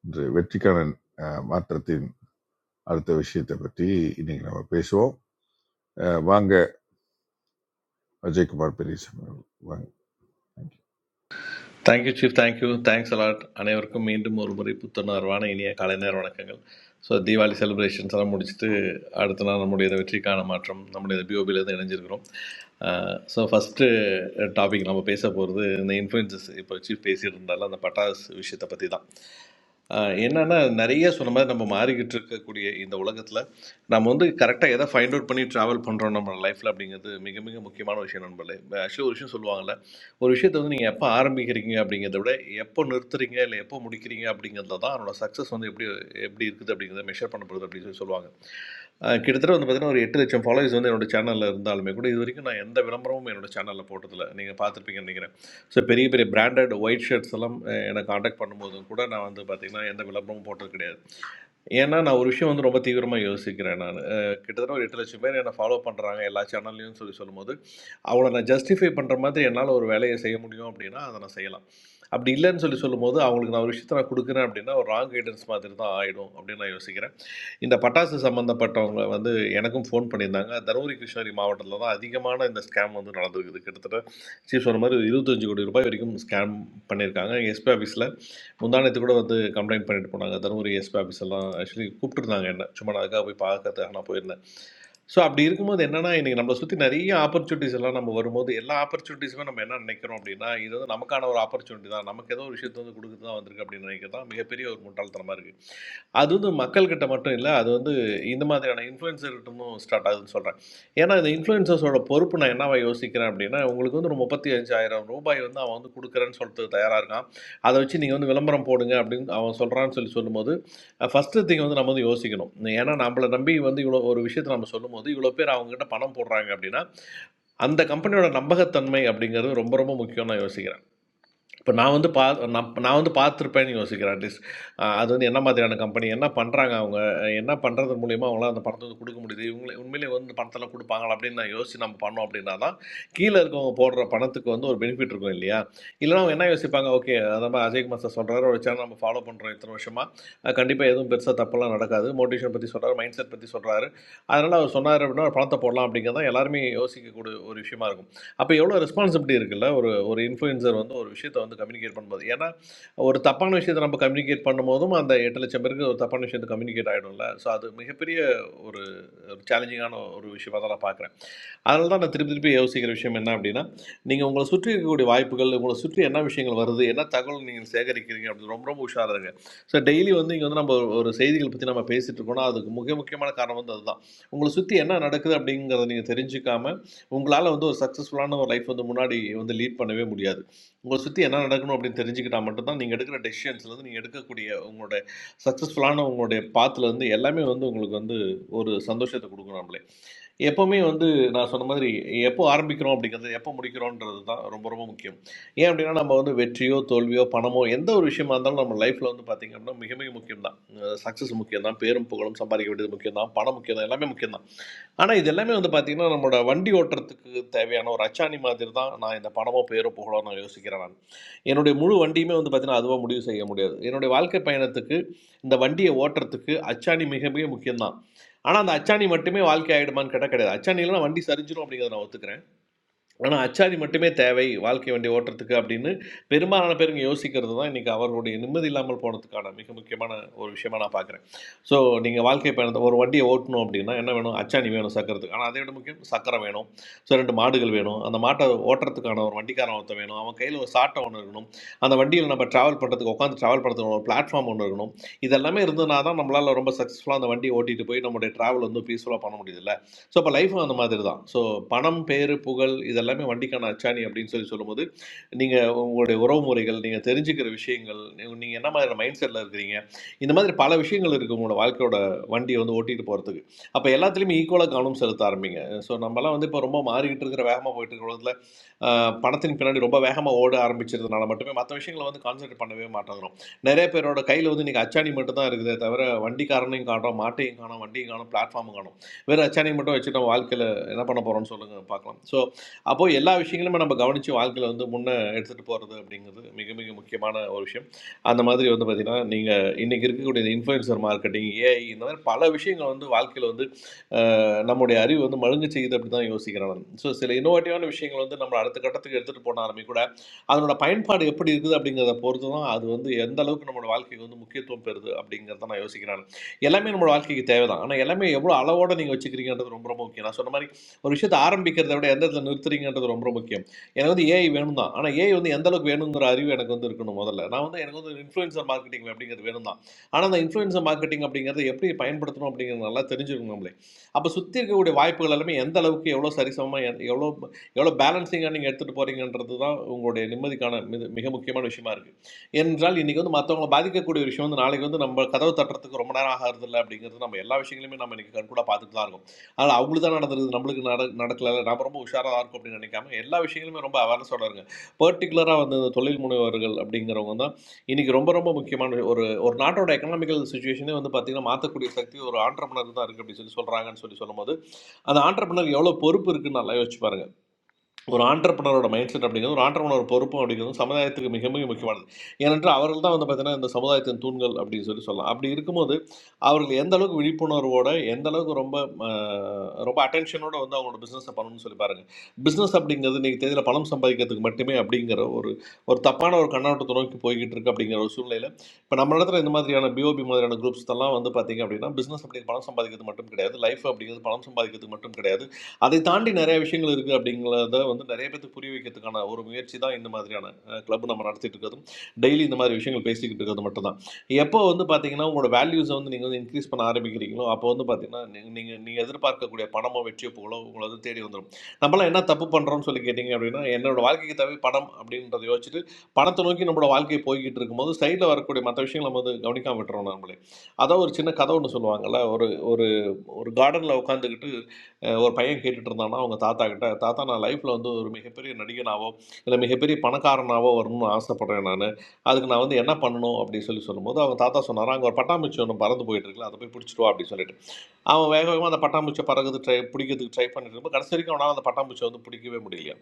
Speaker 1: இன்று வெற்றிக்கான அஹ், மாற்றத்தின் அடுத்த விஷயத்தை பற்றி இன்னைக்கு நம்ம பேசுவோம். அஹ், வாங்க அஜய்குமார் பெரியசாமி அவர்கள். வாங்க. Thank you.
Speaker 12: Thank you chief thank you thanks a lot அனைவருக்கும் மீண்டும் ஒரு முறை புத்துணர்வான இனிய காலை நேர வணக்கங்கள் ஸோ தீபாவளி செலிப்ரேஷன்ஸ் எல்லாம் முடிச்சுட்டு அடுத்த நாள் நம்முடைய இந்த வெற்றிக்கான மாற்றம் நம்முடைய பிஓபியிலேருந்து இணைஞ்சிருக்கிறோம் ஸோ ஃபஸ்ட்டு டாபிக் நம்ம பேச போகிறது இந்த இன்ஃப்ளூயன்சஸ் இப்போ சீஃப் பேசிட்டு இருந்தாலும் அந்த பட்டாஸ் விஷயத்தை பற்றி தான் ஆஹ் என்னன்னா நிறைய சொன்ன மாதிரி நம்ம மாறிக்கிட்டு இருக்கக்கூடிய இந்த உலகத்தில் நம்ம வந்து கரெக்டாக எதை ஃபைண்ட் அவுட் பண்ணி ட்ராவல் பண்ணுறோம் நம்ம லைஃப்பில் அப்படிங்கிறது மிக மிக முக்கியமான விஷயம் நண்பர்களே ஆக்சுவலி ஒரு விஷயம் சொல்லுவாங்கல்ல ஒரு விஷயத்தை வந்து நீங்கள் எப்போ ஆரம்பிக்கிறீங்க அப்படிங்கிறத விட எப்போ நிறுத்துறீங்க இல்லை எப்போ முடிக்கிறீங்க அப்படிங்கிறதுல தான் அதனோட சக்ஸஸ் வந்து எப்படி எப்படி இருக்குது அப்படிங்கிறத மெஷர் பண்ணப்படுது அப்படின்னு சொல்லி சொல்லுவாங்க ஆஹ் கிட்டத்தட்ட வந்து பார்த்தீங்கன்னா ஒரு எட்டு லட்சம் ஃபாலோவர்ஸ் வந்து என்னோட சேனலில் இருந்தாலுமே கூட இது வரைக்கும் நான் எந்த விளம்பரமும் என்னோட சேனலில் போட்டதில்லை நீங்கள் பார்த்துருப்பீங்க ஸோ பெரிய பெரிய பிராண்டட் ஒயிட் ஷர்ட்ஸ் எல்லாம் அஹ், என்னை காண்டாக்ட் பண்ணும்போதும் கூட நான் வந்து பார்த்திங்கன்னா எந்த விளம்பரமும் போட்டது கிடையாது ஏன்னா, நான் ஒரு விஷயம் வந்து ரொம்ப தீவிரமா யோசிக்கிறேன் நானு. அ கிட்டத்தட்ட ஒரு 8,00,000 பேர் என்ன ஃபாலோ பண்றாங்க எல்லா சேனல்லயும் சொல்லி சொல்லும்போது, அவங்கள நான் ஜஸ்டிஃபை பண்ற மாதிரி என்னால ஒரு வேலைய செய்ய முடியும் அப்படின்னா, அத நான் செய்யலாம். அப்படி இல்லன்னு சொல்லி சொல்லும்போது, அவங்களுக்கு நான் ஒரு விஷயத்த நான் குடுக்குறேன் அப்படின்னா, ஒரு ராங் கைடன்ஸ் மாதிரி தான் ஆயிடும் அப்படின்னு நான் யோசிக்கிறேன். இந்த பட்டாசு சம்மந்தப்பட்டவங்க வந்து எனக்கும் ஃபோன் பண்ணியிருந்தாங்க. தருமபுரி, கிருஷ்ணகிரி மாவட்டத்தில தான் அதிகமான இந்த ஸ்கேம் வந்து நடந்திருக்குது. கிட்டத்தட்ட சீஃப் சொன்ன மாரி ரூ. 25,00,00,000 வரைக்கும் ஸ்கேம் பண்ணியிருக்காங்க. எஸ்பி ஆஃபீஸ்ல முந்தானத்து கூட வந்து கம்ப்ளைண்ட் பண்ணிட்டு போனாங்க தருமபுரி எஸ்பி ஆஃபீஸ் எல்லாம் ஆக்சுவலி கூப்பிட்டுருந்தாங்க என்ன சும்மா நான் அதுக்காக போய் பார்க்கறதுக்காக நான் போயிருந்தேன் ஸோ அப்படி இருக்கும்போது என்னன்னா இன்னைக்கு நம்மளை சுற்றி நிறைய ஆப்பர்ச்சுனிட்டிஸ் எல்லாம் நம்ம வரும்போது எல்லா ஆப்பர்ச்சுனிட்டிஸுமே நம்ம என்ன நினைக்கிறோம் அப்படின்னா இது வந்து நமக்கான ஒரு ஆப்பர்ச்சுனிட்டி தான் நமக்கு ஏதோ ஒரு விஷயத்தை வந்து கொடுக்க தான் வந்திருக்கு அப்படின்னு நினைக்கிறது தான் மிகப்பெரிய ஒரு முட்டாள்தனமாக இருக்குது அது வந்து மக்கள்கிட்ட மட்டும் இல்லை அது வந்து இந்த மாதிரியான இன்ஃப்ளூயன்சர்கிட்டமும் ஸ்டார்ட் ஆகுதுன்னு சொல்கிறேன் ஏன்னா இந்த இன்ஃப்ளூயன்சர்ஸோட பொறுப்பு நான் என்னவா யோசிக்கிறேன் அப்படின்னா உங்களுக்கு வந்து ஒரு முப்பத்தி அஞ்சாயிரம் ரூபாய் வந்து அவன் வந்து கொடுக்குறேன்னு சொல்லிட்டு தயாராக இருக்கான் அதை வச்சு நீங்கள் வந்து விளம்பரம் போடுங்க அப்படின்னு அவன் சொல்கிறான்னு சொல்லி சொல்லும்போது ஃபஸ்ட்டு திங் வந்து நம்ம வந்து யோசிக்கணும் ஏன்னா நம்மளை நம்பி வந்து இவ்வளோ ஒரு விஷயத்தை நம்ம சொல்லும்போது இவ்வளோ பேர் அவங்ககிட்ட பணம் போடுறாங்க அப்படின்னா அந்த கம்பெனியோட நம்பகத்தன்மை அப்படிங்கிறது ரொம்ப ரொம்ப முக்கியம் நான் யோசிக்கிறேன் இப்போ நான் வந்து பா நான் நான் வந்து பார்த்துருப்பேன்னு யோசிக்கிறேன் அட்லீஸ்ட் அது வந்து என்ன மாதிரியான கம்பெனி என்ன பண்ணுறாங்க அவங்க என்ன பண்ணுறது மூலியமாக அவங்களால அந்த பணத்தை வந்து கொடுக்க முடியுது இவங்களே உண்மையிலே வந்து இந்த பணத்தெல்லாம் கொடுப்பாங்களா அப்படின்னு நான் யோசிச்சு நம்ம பண்ணோம் அப்படின்னா தான் கீழே இருக்கவங்க போடுற பணத்துக்கு வந்து ஒரு பெனிஃபிட் இருக்கும் இல்லையா இல்லைன்னா அவங்க என்ன யோசிப்பாங்க ஓகே அதை மாதிரி அஜய் குமார் சார் சொல்கிறாரு ஒரு சேனல் நம்ம ஃபாலோ பண்ணுறோம் இத்தனை வருஷமாக கண்டிப்பாக எதுவும் பெருசாக தப்பெல்லாம் நடக்காது மோட்டிவேஷன் பற்றி சொல்கிறாரு மைண்ட் செட் பற்றி சொல்கிறாரு அதனால் அவர் சொன்னார் அப்படின்னா பணத்தை போடலாம் அப்படிங்கிறதான் எல்லாருமே யோசிக்கக்கூடிய ஒரு விஷயமா இருக்கும் அப்போ எவ்வளோ ரெஸ்பான்சிபிலிட்டி இருக்குல்ல ஒரு ஒரு இன்ஃப்ளூயன்சர் வந்து ஒரு விஷயத்தை வந்து கம்யூனிகேட் பண்ணும்போது ஏன்னா ஒரு தப்பான விஷயத்தை நம்ம கம்யூனிகேட் பண்ணும்போதும் அந்த எட்டு லட்சம் பேருக்கு ஒரு தப்பான விஷயத்தை கம்யூனிகேட் ஆகிடும்ல ஸோ அது மிகப்பெரிய ஒரு சேலஞ்சிங்கான ஒரு விஷயமா தான் நான் பார்க்குறேன் அதனால தான் நான் திருப்பி திருப்பி யோசிக்கிற விஷயம் என்ன அப்படின்னா நீங்கள் உங்களை சுற்றி இருக்கக்கூடிய வாய்ப்புகள் உங்களை சுற்றி என்ன விஷயங்கள் வருது என்ன தகவல் நீங்கள் சேகரிக்கிறீங்க அப்படின்னு ரொம்ப ரொம்ப உஷாராக இருங்க ஸோ டெய்லி வந்து இங்கே வந்து நம்ம ஒரு ஒரு செய்திகள் பற்றி நம்ம பேசிகிட்டு இருக்கோம்னா அதுக்கு மிக முக்கியமான காரணம் வந்து அதுதான் உங்களை சுற்றி என்ன நடக்குது அப்படிங்கிறத நீங்கள் தெரிஞ்சுக்காம உங்களால் வந்து ஒரு சக்ஸஸ்ஃபுல்லான ஒரு லைஃப் வந்து முன்னாடி வந்து லீட் பண்ணவே முடியாது உங்களை சுற்றி என்ன நடக்கணும் அப்படின்னு தெரிஞ்சுக்கிட்டா மட்டும்தான் நீங்கள் எடுக்கிற டெசிஷன்ஸ்லேருந்து நீங்கள் எடுக்கக்கூடிய உங்களோட சக்ஸஸ்ஃபுல்லான உங்களுடைய பாத்துல இருந்து எல்லாமே வந்து உங்களுக்கு வந்து ஒரு சந்தோஷத்தை கொடுக்கும் நம்மளே எப்போவுமே வந்து நான் சொன்ன மாதிரி எப்போ ஆரம்பிக்கிறோம் அப்படிங்கிறது எப்போ முடிக்கிறோன்றது தான் ரொம்ப ரொம்ப முக்கியம் ஏன் அப்படின்னா நம்ம வந்து வெற்றியோ தோல்வியோ பணமோ எந்த ஒரு விஷயமா இருந்தாலும் நம்ம லைஃப்பில் வந்து பார்த்திங்க அப்படின்னா மிக மிக முக்கியம் தான் சக்ஸஸ் முக்கியம் தான் பேரும் புகழும் சம்பாதிக்க வேண்டியது முக்கியம் தான் பணம் முக்கியம் தான் எல்லாமே முக்கியம் தான் ஆனால் இது எல்லாமே வந்து பார்த்திங்கன்னா நம்மளோட வண்டி ஓட்டுறதுக்கு தேவையான ஒரு அச்சாணி மாதிரி தான் நான் இந்த பணமோ பேரோ புகழோ நான் யோசிக்கிறேன் நான் என்னுடைய முழு வண்டியுமே வந்து பார்த்திங்கன்னா அதுவாக முடிவு செய்ய முடியாது என்னுடைய வாழ்க்கை பயணத்துக்கு இந்த வண்டியை ஓட்டுறதுக்கு அச்சாணி மிக மிக முக்கியம் தான் ஆனால் அந்த அச்சாணி மட்டுமே வாழ்க்கை ஆகிடுமான்னு கேட்டால் கிடையாது அச்சாணியில் நான் வண்டி சரிஞ்சிடும் அப்படிங்கிறத நான் ஒத்துக்கிறேன் ஆனால் அச்சாரி மட்டுமே தேவை வாழ்க்கை வண்டி ஓட்டுறதுக்கு அப்படின்னு பெரும்பாலான பேர் இங்கே யோசிக்கிறது தான் இன்றைக்கி அவர்களுடைய நிம்மதி இல்லாமல் போனதுக்கான மிக முக்கியமான ஒரு விஷயமா நான் பார்க்குறேன் ஸோ நீங்கள் வாழ்க்கை பயணத்தை ஒரு வண்டியை ஓட்டணும் அப்படின்னா என்ன வேணும் அச்சாணி வேணும் சக்கரத்துக்கு ஆனால் அதை விட முக்கியம் சக்கரை வேணும் ஸோ ரெண்டு மாடுகள் வேணும் அந்த மாட்டை ஓட்டுறதுக்கான ஒரு வண்டிக்காரன் ஒருத்தன் வேணும் அவன் கையில் ஒரு சாட்டை ஒன்று இருக்கணும் அந்த வண்டியில் நம்ம ட்ராவல் பண்ணுறதுக்கு உட்காந்து ட்ராவல் பண்ணுறதுக்கு ஒரு பிளாட்ஃபார்ம் ஒன்று இருக்கணும் இதெல்லாமே இருந்ததுனா தான் நம்மளால் ரொம்ப சக்ஸஸ்ஃபுல்லாக அந்த வண்டியை ஓட்டிகிட்டு போய் நம்மளுடைய ட்ராவல் வந்து பீஸ்ஃபுல்லாக பண்ண முடியுதுல்ல ஸோ இப்போ லைஃபும் அந்த மாதிரி தான் ஸோ பணம், பேரு, புகழ் இதெல்லாமே வண்டிக்கான அச்சாணி அப்படின்னு சொல்லி சொல்லும்போது, நீங்க உங்களுடைய உறவுமுறைகள், நீங்க தெரிஞ்சுக்கிற விஷயங்கள், நீங்க என்ன மாதிரியான மைண்ட் செட்ல இருக்கிறீங்க, இந்த மாதிரி பல விஷயங்கள் இருக்கு உங்களோட வாழ்க்கையோட வண்டிய வந்து ஓட்டிட்டு போறதுக்கு. அப்ப எல்லாத்துலயுமே ஈக்குவலா கவனம் செலுத்த ஆரம்பிங்க. ஸோ, நம்மலாம் வந்து இப்ப ரொம்ப மாறிக்கிட்டு இருக்கிற வேகமா போயிட்டு இருக்கிற பணத்தின் பின்னாடி ரொம்ப வேகமாக ஓட ஆரம்பிச்சதுனால மட்டுமே மற்ற விஷயங்களை வந்து கான்சென்ட்ரேட் பண்ணவே மாட்டேங்கிறோம் நிறைய பேரோட கையில் வந்து இன்றைக்கி அச்சாணி மட்டும் தான் இருக்குதே தவிர வண்டிக்காரனையும் காணோம் மாட்டையும் காணோம் வண்டியும் காணோம் பிளாட்ஃபார்மும் காணோம் வேறு அச்சாணி மட்டும் வச்சுட்டோம் வாழ்க்கையில் என்ன பண்ண போகிறோம்னு சொல்லுங்க பார்க்கலாம் ஸோ அப்போது எல்லா விஷயங்களுமே நம்ம கவனித்து வாழ்க்கையில் வந்து முன்னே எடுத்துகிட்டு போகிறது அப்படிங்கிறது மிக மிக முக்கியமான ஒரு விஷயம் அந்த மாதிரி வந்து பார்த்திங்கன்னா நீங்கள் இன்றைக்கி இருக்கக்கூடிய இந்த இன்ஃப்ளூயன்சர் மார்க்கெட்டிங் ஏஐ இந்த மாதிரி பல விஷயங்கள் வந்து வாழ்க்கையில் வந்து நம்முடைய அறிவு வந்து மழுங்க செய்யுது அப்படி தான் யோசிக்கிறேன் ஸோ சில இன்னோவேட்டிவான விஷயங்கள் வந்து நம்ம அடுத்த கட்டத்துக்கு எடுத்துகிட்டு போனாலுமே கூட அதனோட பயன்பாடு எப்படி இருக்குது அப்படிங்கிறத பொறுத்து தான் அது வந்து எந்த அளவுக்கு நம்மளோட வாழ்க்கைக்கு வந்து முக்கியத்துவம் பெறுது அப்படிங்கிறத நான் யோசிக்கிறேன் எல்லாமே நம்மளோட வாழ்க்கைக்கு தேவை தான் ஆனால் எல்லாமே எவ்வளோ அளவோட நீங்கள் வச்சுக்கிறீங்கன்றது ரொம்ப ரொம்ப முக்கியம் நான் சொன்ன மாதிரி ஒரு விஷயத்தை ஆரம்பிக்கிறத விட எந்த இடத்துல நிறுத்துறீங்கன்றது ரொம்ப ரொம்ப முக்கியம் எனக்கு வந்து ஏஐ வேணும் தான் ஆனால் ஏஐ வந்து எந்த அளவுக்கு வேணுங்கிற அறிவு எனக்கு வந்து இருக்கணும் முதல்ல நான் வந்து எனக்கு வந்து இன்ஃப்ளூயன்சர் மார்க்கெட்டிங் அப்படிங்கிறது வேணும் தான் ஆனால் அந்த இன்ஃப்ளூயன்சர் மார்க்கெட்டிங் அப்படிங்கிறத எப்படி பயன்படுத்தணும் அப்படிங்கிறது நல்லா தெரிஞ்சிருக்கணும் அப்போ சுற்றி இருக்கக்கூடிய வாய்ப்புகள் எல்லாமே எந்த அளவுக்கு எவ்வளோ சரிசமமாக எவ்வளோ எவ்வளோ பேலன்சிங்காக நீங்கள் எடுத்துகிட்டு போகிறீங்கன்றது தான் உங்களுடைய நிம்மதிக்கான மிக மிக முக்கியமான விஷயமா இருக்குது ஏனென்றால் இன்றைக்கி வந்து மற்றவங்களை பாதிக்கக்கூடிய விஷயம் வந்து நாளைக்கு வந்து நம்ம கதவு தட்டுறதுக்கு ரொம்ப நேரம் ஆகிறது இல்லை அப்படிங்கிறது நம்ம எல்லா விஷயங்களையுமே நம்ம இன்றைக்கி கண்கூடாக பார்த்துட்டு தான் இருக்கோம் அதனால் அவங்களுக்கு தான் நடந்திருக்குது நம்மளுக்கு நட நடக்கல நம்ம ரொம்ப உஷாராக இருக்கும் அப்படின்னு நினைக்காம எல்லா விஷயங்களுமே ரொம்ப அவேர்னஸோட இருங்க பர்டிகுலராக வந்து இந்த தொழில் முனைவர்கள் அப்படிங்கிறவங்க தான் இன்றைக்கி ரொம்ப ரொம்ப முக்கியமான ஒரு ஒரு நாட்டோட எக்கனாமிக்கல் சுச்சுவேஷனே வந்து பார்த்தீங்கன்னா மாற்றக்கூடிய சக்தி ஒரு ஆண்டர்பனர் தான் இருக்குது அப்படின்னு சொல்லி சொல்கிறாங்கன்னு சொல்லி சொல்லும்போது அந்த ஆண்டர்பனர் எவ்வளோ பொறுப்பு இருக்குன்னு நல்லா யோசிச்சு பாருங்க ஒரு ஆண்டர்பனரோட மைண்ட் செட் அப்படிங்கிறது ஒரு ஆண்டர்பனர் பொறுப்பும் அப்படிங்கிறது சமுதாயத்துக்கு மிக மிக முக்கியமானது ஏனென்றால் அவர்கள் தான் வந்து பார்த்தீங்கன்னா இந்த சமுதாயத்தின் தூண்கள் அப்படின்னு சொல்லி சொல்லலாம் அப்படி இருக்கும்போது அவர்கள் எந்த அளவுக்கு விழிப்புணர்வோட எந்த அளவுக்கு ரொம்ப ஆஹ், ரொம்ப அட்டென்ஷனோட வந்து அவங்களோட பிஸ்னஸை பண்ணணும்னு சொல்லி பாருங்க பிஸ்னஸ் அப்படிங்கிறது நீங்கள் தேதியில் பணம் சம்பாதிக்கிறதுக்கு மட்டுமே அப்படிங்கிற ஒரு ஒரு தப்பான ஒரு கண்ணோட்டத்தை நோக்கி போய்கிட்டு இருக்கு அப்படிங்கிற ஒரு சூழ்நிலையில் இப்போ நம்ம இடத்துல இந்த மாதிரியான பிஓபி மாதிரியான குரூப்ஸ் எல்லாம் வந்து பார்த்தீங்க அப்படின்னா பிஸ்னஸ் அப்படிங்கிற பணம் சம்பாதிக்கிறது மட்டும் கிடையாது லைஃப் அப்படிங்கிறது பணம் சம்பாதிக்கிறது மட்டும் கிடையாது அதை தாண்டி நிறைய விஷயங்கள் இருக்குது அப்படிங்கிறத வந்து நிறைய பேத்துக்கு புரிய வைக்கிறதுக்கான ஒரு முயற்சி தான் இந்த மாதிரியான கிளப் நம்ம நடத்திட்டு இருக்கிறதும் டெய்லி இந்த மாதிரி விஷயங்கள் பேசிக்கிட்டு இருக்கிறது மட்டும்தான் எப்போ வந்து பார்த்தீங்கன்னா உங்களோட வேல்யூஸை வந்து நீங்கள் வந்து இன்க்ரீஸ் பண்ண ஆரம்பிக்கிறீங்களோ அப்போ வந்து பார்த்தீங்கன்னா நீங்கள் நீங்கள் எதிர்பார்க்கக்கூடிய பணமோ வெற்றியோ புகழோ உங்களை வந்து தேடி வந்துடும் நம்மளாம் என்ன தப்பு பண்ணுறோம்னு சொல்லி கேட்டிங்க அப்படின்னா என்னோட வாழ்க்கைக்கு தேவை பணம் அப்படின்றத யோசிச்சுட்டு பணத்தை நோக்கி நம்மளோட வாழ்க்கை போய்கிட்டு இருக்கும்போது சைடில் வரக்கூடிய மற்ற விஷயங்கள் நம்ம வந்து கவனிக்காம விட்டுறோம் நம்மளே அதான் ஒரு சின்ன கதை ஒன்று சொல்லுவாங்கல்ல ஒரு ஒரு கார்டனில் உட்காந்துக்கிட்டு ஒரு பையன் கேட்டுட்டு இருந்தானா அவங்க தாத்தா கிட்ட தாத்தா நான் லைஃப்பில் வந்து ஒரு மிகப்பெரிய நடிகனாவோ இல்லை மிகப்பெரிய பணக்காரனாவோ வரணும்னு ஆசைப்பட்றேன் நான் அதுக்கு நான் வந்து என்ன பண்ணணும் அப்படின்னு சொல்லி சொல்லும்போது அவங்க தாத்தா சொன்னார் அங்கே ஒரு பட்டாம்பூச்சி ஒன்று பறந்து போயிட்டு இருக்குல்ல அதை போய் பிடிச்சிட்டு வா அப்படின்னு சொல்லிட்டு அவன் வேக வேகமாக அந்த பட்டாம்பூச்சியை பறகுது ட்ரை பிடிக்கிறதுக்கு ட்ரை பண்ணிட்டு இருக்கும்போது கடைசி வரைக்கும் அவனால் அந்த பட்டாம்பூச்சியை வந்து பிடிக்கவே முடியல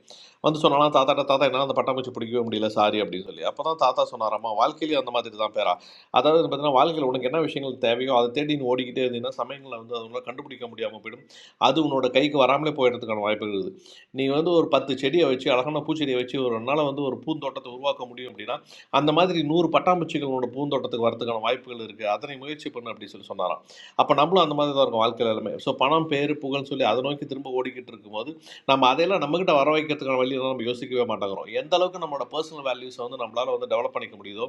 Speaker 12: வந்து சொன்னாலாம் தாத்தாட்ட தாத்தா என்னால் அந்த பட்டாம்பூச்சி பிடிக்கவே முடியல சாரி அப்படின்னு சொல்லி அப்போ தான் தாத்தா சொன்னாராம்மா வாழ்க்கையிலேயே அந்த மாதிரி தான் பேரா அதாவது பார்த்தீங்கன்னா வாழ்க்கையில் உனக்கு என்ன விஷயங்கள் தேவையோ அதை தேடி நீ ஓடிக்கிட்டே இருந்தீங்கன்னா சமயங்களை வந்து அதுங்களை கண்டுபிடிக்க முடியாமல் போயிடும் அது உன்னோட கைக்கு வராமலே போயிடுறதுக்கான வாய்ப்புகள் இருக்குது நீ வந்து ஒரு பத்து செடியை வச்சு அழகான பூச்செடியை வச்சு ஒரு நாள் வந்து ஒரு பூந்தோட்டத்தை உருவாக்க முடியும் அப்படின்னா அந்த மாதிரி நூறு பட்டாம்பூச்சிகளோட பூந்தோட்டத்துக்கு வரதுக்கான வாய்ப்புகள் இருக்குது அதனை முயற்சி பண்ணு அப்படின்னு சொல்லி சொன்னாராம் அப்போ நம்மளும் அந்த மாதிரி தான் இருக்கும் வாழ்க்கையில் எல்லாமே ஸோ பணம் பேர் புகழ்னு சொல்லி அதை நோக்கி திரும்ப ஓடிக்கிட்டு இருக்கும்போது நம்ம அதையெல்லாம் நம்மகிட்ட வர வைக்கிறதுக்கான வழியெல்லாம் நம்ம யோசிக்கவே மாட்டேங்கிறோம் எந்த அளவுக்கு நம்மளோட பர்சனல் வேல்யூஸை வந்து நம்மளால வந்து டெவலப் பண்ணிக்க முடியுதோ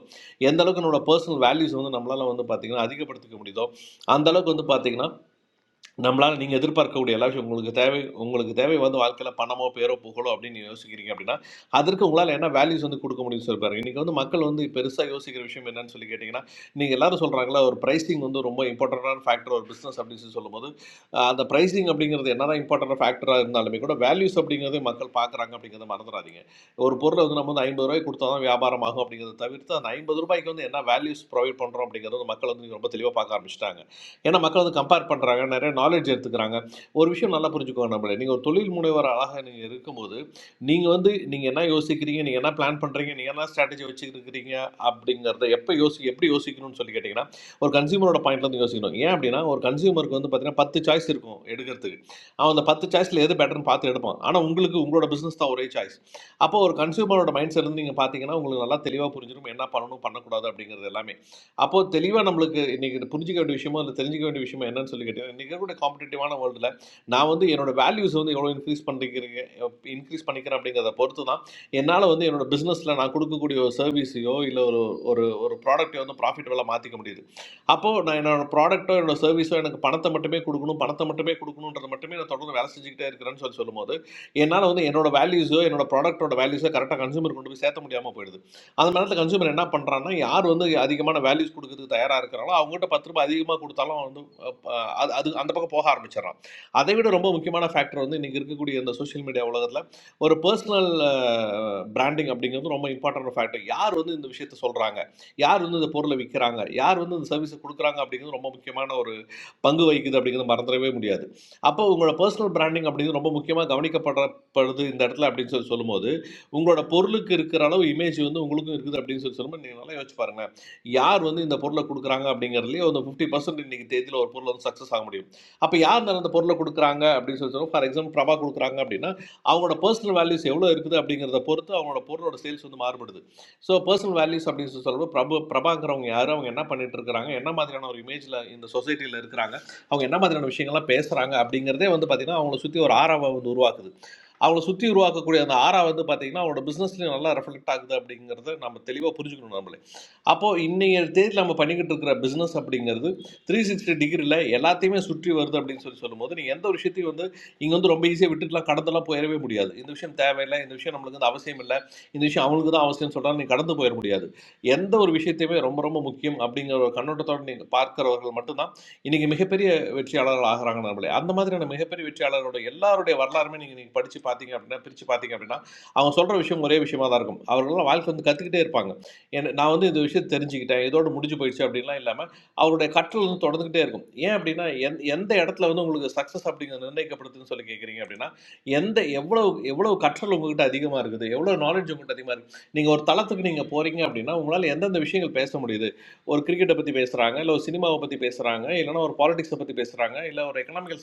Speaker 12: எந்த அளவுக்கு நம்மளோட பர்சனல் வேல்யூஸ் வந்து நம்மளால வந்து பார்த்தீங்கன்னா அதிகப்படுத்திக்க முடியுதோ அந்த அளவுக்கு வந்து பார்த்தீங்கன்னா நம்மளால் நீங்கள் எதிர்பார்க்கக்கூடிய எல்லா விஷயம் உங்களுக்கு தேவை உங்களுக்கு தேவை வந்து வாழ்க்கையில் பணமோ பேரோ புகழோ அப்படின்னு நீங்க யோசிக்கிறீங்க அப்படின்னா அதற்கு உங்களால் என்ன வேல்யூஸ் வந்து கொடுக்க முடியும் சொல்லிப்பாரு இன்றைக்கி வந்து மக்கள் வந்து பெருசாக யோசிக்கிற விஷயம் என்னன்னு சொல்லி கேட்டிங்கன்னா நீங்கள் எல்லாரும் சொல்கிறாங்களா ஒரு pricing வந்து ரொம்ப இம்பார்ட்டண்ட்டான ஃபேக்டர் ஒரு பிஸ்னஸ் அப்படின்னு சொல்லி சொல்லும்போது அஹ், அந்த pricing அப்படிங்கிறது என்னதான் இம்பார்ட்டன்ட் ஃபேக்டராக இருந்தாலுமே கூட வேல்யூஸ் அப்படிங்கிறது மக்கள் பார்க்குறாங்க அப்படிங்கிறத மறந்துடாதீங்க ஒரு பொருளை வந்து நம்ம வந்து ஐம்பது ரூபாய் கொடுத்தா தான் வியாபாரம் ஆகும் அப்படிங்கிறத தவிர்த்து அந்த ஐம்பது ரூபாய்க்கு வந்து என்ன வேல்யூஸ் ப்ரொவைட் பண்ணுறோம் அப்படிங்கிறது வந்து மக்கள் வந்து இன்னைக்கு ரொம்ப தெளிவாக பார்க்க ஆரம்பிச்சிட்டாங்க ஏன்னா மக்கள் வந்து கம்பேர் பண்ணுறாங்க நிறைய நாலேஜ் எடுத்துக்கிறாங்க ஒரு விஷயம் நல்லா புரிஞ்சுக்கோங்க நம்மளே நீங்கள் ஒரு தொழில் முனைவர் அழகாக நீங்கள் இருக்கும்போது நீங்கள் வந்து நீங்கள் என்ன யோசிக்கிறீங்க நீங்கள் என்ன பிளான் பண்ணுறீங்க நீங்கள் என்ன ஸ்ட்ராட்டஜி வச்சுருக்கிறீங்க அப்படிங்கிறத எப்போ யோசி எப்படி யோசிக்கணும்னு சொல்லி கேட்டிங்கன்னா ஒரு கன்சியூமரோட பாயிண்ட்லேருந்து யோசிக்கணும் ஏன் அப்படின்னா ஒரு கன்சியூமருக்கு வந்து பார்த்தீங்கன்னா பத்து சாய்ஸ் இருக்கும் எடுக்கிறதுக்கு அவன் அந்த பத்து சாய்ஸில் எது பெட்டர்னு பார்த்து எடுப்பான் ஆனால் உங்களுக்கு உங்களோட பிஸ்னஸ் தான் ஒரே சாய்ஸ் அப்போ ஒரு கன்சியூமரோட மைண்ட் செட் இருந்து நீங்கள் பார்த்தீங்கன்னா உங்களுக்கு நல்லா தெளிவாக புரிஞ்சிடும் என்ன பண்ணணும் பண்ணக்கூடாது அப்படிங்கிறது எல்லாமே அப்போ தெளிவா நம்மளுக்கு இன்னைக்கு புரிஞ்சுக்க வேண்டிய விஷயமோ, இல்ல தெரிஞ்சுக்க வேண்டிய விஷயமோ என்னன்னு சொல்லி கேட்டீங்கன்னா, இன்னைக்கு இருக்கக்கூடிய காம்படிட்டிவான வேர்ல்டுல, நான் வந்து என்னோட வேல்யூஸ் வந்து எவ்வளோ இன்க்ரீஸ் பண்ணிக்கிறீங்க எப் இன்க்ரீஸ் பண்ணிக்கிறேன் அப்படிங்கிறத பொறுத்து தான், என்னால வந்து என்னோட பிசினஸ்ல நான் குடுக்கக்கூடிய ஒரு சர்வீஸையோ, இல்ல ஒரு ஒரு ஒரு ப்ராடக்ட்டையோ வந்து ப்ராஃபிட்டபுளா மாத்திக்க முடியுது. அப்போ நான் என்னோட ப்ராடக்ட்டோ, என்னோட சர்வீஸோ எனக்கு பணத்த மட்டுமே குடுக்கணும், பணத்த மட்டுமே குடுக்கணும்ன்றத மட்டுமே நான் தொடர்ந்து வேலை செஞ்சுக்கிட்டே இருக்கிறேன்னு சொல்லி சொல்லும்போது, என்னால வந்து என்னோட வேல்யூஸோ, என்னோட ப்ராடக்ட்டோட வேல்யூஸோ கரெக்ட்டா கன்ஸ்யூமர் கொண்டு போய் சேர்த்த முடியாம போயிடுது. அந்த நேரத்தில் கன்சூமர் என்ன பண்ணுறான்னா யார் வந்து அதிகமான வேல்யூஸ் கொடுக்கறதுக்கு தயாராக இருக்கிறாங்களோ அவங்ககிட்ட பத்து ரூபாய் அதிகமாக கொடுத்தாலும் வந்து அஹ், ப- அது அது அந்த பக்கம் போக ஆரம்பிச்சிடறான் அதை விட ரொம்ப முக்கியமான ஃபேக்டர் வந்து இன்றைக்கி இருக்கக்கூடிய இந்த சோஷியல் மீடியா உலகத்தில் ஒரு பர்சனல் பிராண்டிங் அப்படிங்கிறது ரொம்ப இம்பார்ட்டன்ட் ஃபேக்டர் யார் வந்து இந்த விஷயத்த சொல்கிறாங்க யார் வந்து இந்த பொருளை விற்கிறாங்க யார் வந்து இந்த சர்வீஸை கொடுக்குறாங்க அப்படிங்கிறது ரொம்ப முக்கியமான பங்கு வகிக்குது அப்படிங்கிறது மறந்துடவே முடியாது அப்போ உங்களோட பர்சனல் பிராண்டிங் அப்படிங்கிறது ரொம்ப முக்கியமாக கவனிக்கப்படுறது இந்த இடத்துல அப்படின்னு சொல்லி சொல்லும்போது உங்களோட பொருளுக்கு இருக்கிற அளவு இமேஜ் வந்து உங்களுக்கும் இருக்குது அப்படின்னு சொல்லி சொல்லும்போது நீங்கள் நல்லா யோசிச்சு பாருங்களேன் யார் வந்து இந்த பொருளை கொடுக்குறாங்க அப்படிங்கிறதுலேயே ஒரு ஃபிஃப்டி பர்சன்ட் இன்னைக்கு தேதியில் ஒரு பொருள் வந்து சக்ஸஸ் ஆக முடியும் அப்போ யார் அந்த பொருளை கொடுக்குறாங்க அப்படின்னு சொல்லி சொல்லுவோம் ஃபார் எக்ஸாம்பிள் பிரபா கொடுக்குறாங்க அப்படின்னா அவங்களோட பர்சனல் வேல்யூஸ் எவ்வளோ இருக்குது அப்படிங்கிறத பொறுத்து அவங்களோட பொருளோட சேல்ஸ் வந்து மாறுபடுது ஸோ பர்சனல் வேல்யூஸ் அப்படின்னு சொல்லி சொல்லும்போது பிரபு பிரபாங்கிறவங்க யார் அவங்க என்ன பண்ணிட்டு இருக்கிறாங்க என்ன மாதிரியான ஒரு இமேஜில் இந்த சொசைட்டியில் இருக்கிறாங்க அவங்க என்ன மாதிரியான விஷயங்கள்லாம் பேசுகிறாங்க அப்படிங்கிறதே வந்து பார்த்திங்கன்னா அவங்கள சுற்றி ஒரு ஆறாவை வந்து உருவாக்குது அவங்கள சுற்றி உருவாக்கக்கூடிய அந்த ஆறா வந்து பார்த்திங்கன்னா அவங்களோட பிஸ்னஸ்லையும் நல்லா ரெஃப்ளெக்ட் ஆகுது அப்படிங்கிறத நம்ம தெளிவாக புரிஞ்சுக்கணும் நம்மளே அப்போது இன்றைய தேதியில் நம்ம பண்ணிக்கிட்டு இருக்கிற பிஸ்னஸ் அப்படிங்கிறது த்ரீ சிக்ஸ்டி டிகிரியில் எல்லாத்தையுமே சுற்றி வருது அப்படின்னு சொல்லி சொல்லும்போது நீங்கள் எந்த ஒரு விஷயத்தையும் வந்து இங்கே வந்து ரொம்ப ஈஸியாக விட்டுட்டுலாம் கடந்தெல்லாம் போயிடவே முடியாது இந்த விஷயம் தேவையில்லை இந்த விஷயம் நம்மளுக்கு வந்து அவசியம் இல்லை இந்த விஷயம் அவங்களுக்கு தான் அவசியம்னு சொல்கிறாங்க நீங்கள் கடந்து போயிட முடியாது எந்த ஒரு விஷயத்தையுமே ரொம்ப ரொம்ப முக்கியம் அப்படிங்கிற ஒரு கண்ணோட்டத்தோடு நீங்கள் பார்க்கிறவர்கள் மட்டும்தான் இன்றைக்கி மிகப்பெரிய வெற்றியாளர்கள் ஆகிறாங்க நம்மளே அந்த மாதிரியான மிகப்பெரிய வெற்றியாளர்களோட எல்லாருடைய வரலாறுமே நீங்கள் நீங்கள் படித்து பார்த்தீங்க அப்படின்னா பிரித்து பார்த்தீங்க அப்படின்னா அவங்க சொல்கிற விஷயம் ஒரே விஷயமா தான் இருக்கும் அவர்களெல்லாம் வாழ்க்கை வந்து கற்றுக்கிட்டே இருப்பாங்க என்ன நான் வந்து இந்த விஷயத்தை தெரிஞ்சுக்கிட்டேன் இதோடு முடிஞ்சு போயிடுச்சு அப்படின்லாம் இல்லாமல் அவருடைய கற்றல் வந்து தொடர்ந்துகிட்டே இருக்கும் ஏன் அப்படின்னா எந் எந்த இடத்துல வந்து உங்களுக்கு சக்ஸஸ் அப்படிங்கிறது நிர்ணயிக்கப்படுதுன்னு சொல்லி கேட்குறீங்க அப்படின்னா எந்த எவ்வளவு எவ்வளவு கற்றல் உங்ககிட்ட அதிகமாக இருக்குது எவ்வளோ நாலேஜ் உங்ககிட்ட அதிகமாக இருக்குது நீங்கள் ஒரு தளத்துக்கு நீங்கள் போகிறீங்க அப்படின்னா உங்களால் எந்தெந்த விஷயங்கள் பேச முடியுது ஒரு கிரிக்கெட்டை பற்றி பேசுகிறாங்க இல்லை ஒரு சினிமாவை பற்றி பேசுகிறாங்க இல்லைன்னா ஒரு பாலிடிக்ஸை பற்றி பேசுகிறாங்க இல்லை ஒரு எக்கனாமிக்கல்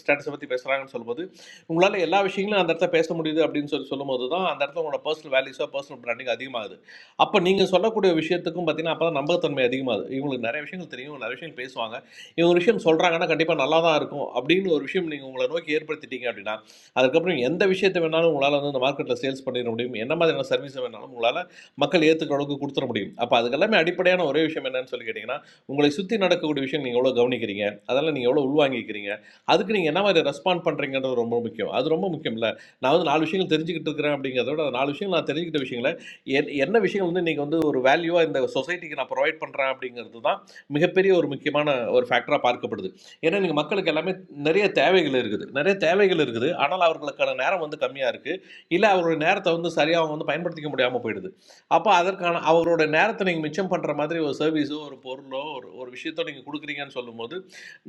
Speaker 12: ஸ்டேட்டஸை பற்றி பேசுகிறாங்கன்னு சொல்லும்போது உங்களால் எல்லா விஷயங்களும் அந்த இடத்துல பேச முடியுது அப்படின்னு சொல்லி சொல்லும்போது தான் அந்த இடத்துல உங்களோட பர்சனல் வேல்யூஸோ பர்சனல் பிராண்டிங் அதிகமாகுது அப்போ நீங்கள் சொல்லக்கூடிய விஷயத்துக்கும் பார்த்தீங்கன்னா அப்போ தான் நம்பகத்தன்மை அதிகமாகுது இவங்களுக்கு நிறைய விஷயங்கள் தெரியும் இவங்க நிறைய விஷயங்கள் பேசுவாங்க இவங்க ஒரு விஷயம் சொல்கிறாங்கன்னா கண்டிப்பாக நல்லா தான் இருக்கும் அப்படின்னு ஒரு விஷயம் நீங்கள் உங்களை நோக்கி ஏற்படுத்திட்டீங்க அப்படின்னா அதுக்கப்புறம் எந்த விஷயத்தை வேணாலும் உங்களால் வந்து இந்த மார்க்கெட்டில் சேல்ஸ் பண்ணிட முடியும் என்ன மாதிரியான சர்வீஸை வேணாலும் உங்களால் மக்கள் ஏற்றுக்கிற அளவுக்கு கொடுத்துட முடியும் அப்போ அதுக்கெல்லாமே அடிப்படையான ஒரே விஷயம் என்னன்னு சொல்லி கேட்டிங்கன்னா உங்களை சுற்றி நடக்கக்கூடிய விஷயம் நீங்கள் எவ்வளோ கவனிக்கிறீங்க அதெல்லாம் நீங்கள் எவ்வளோ உள்வாங்கிக்கிறீங்க அதுக்கு நீங்கள் என்ன மாதிரி ரெஸ்பாண்ட் பண்ணுறீங்கன்றது ரொம்ப முக்கியம் அது ரொம்ப முக்கியம் இல்லை நான் வந்து நாலு விஷயங்கள் தெரிஞ்சுக்கிட்டு இருக்கிறேன் அப்படிங்கிறத விட அந்த நாலு விஷயங்கள் நான் தெரிஞ்சுக்கிட்ட விஷயங்களை என்- என்ன விஷயங்கள் வந்து நீங்கள் வந்து ஒரு வேல்யூவாக இந்த சொசைட்டிக்கு நான் ப்ரொவைட் பண்ணுறேன் அப்படிங்கிறது தான் மிகப்பெரிய ஒரு முக்கியமான ஒரு ஃபேக்டராக பார்க்கப்படுது ஏன்னா நீங்கள் மக்களுக்கு எல்லாமே நிறைய தேவைகள் இருக்குது நிறைய தேவைகள் இருக்குது ஆனால் அவர்களுக்கான நேரம் வந்து கம்மியாக இருக்குது இல்லை அவருடைய நேரத்தை வந்து சரியாக அவங்க வந்து பயன்படுத்திக்க முடியாமல் போயிடுது அப்போ அதற்கான அவரோட நேரத்தை நீங்கள் மிச்சம் பண்ணுற மாதிரி ஒரு சர்வீஸோ ஒரு பொருளோ ஒரு ஒரு விஷயத்தோ நீங்கள் கொடுக்குறீங்கன்னு சொல்லும்போது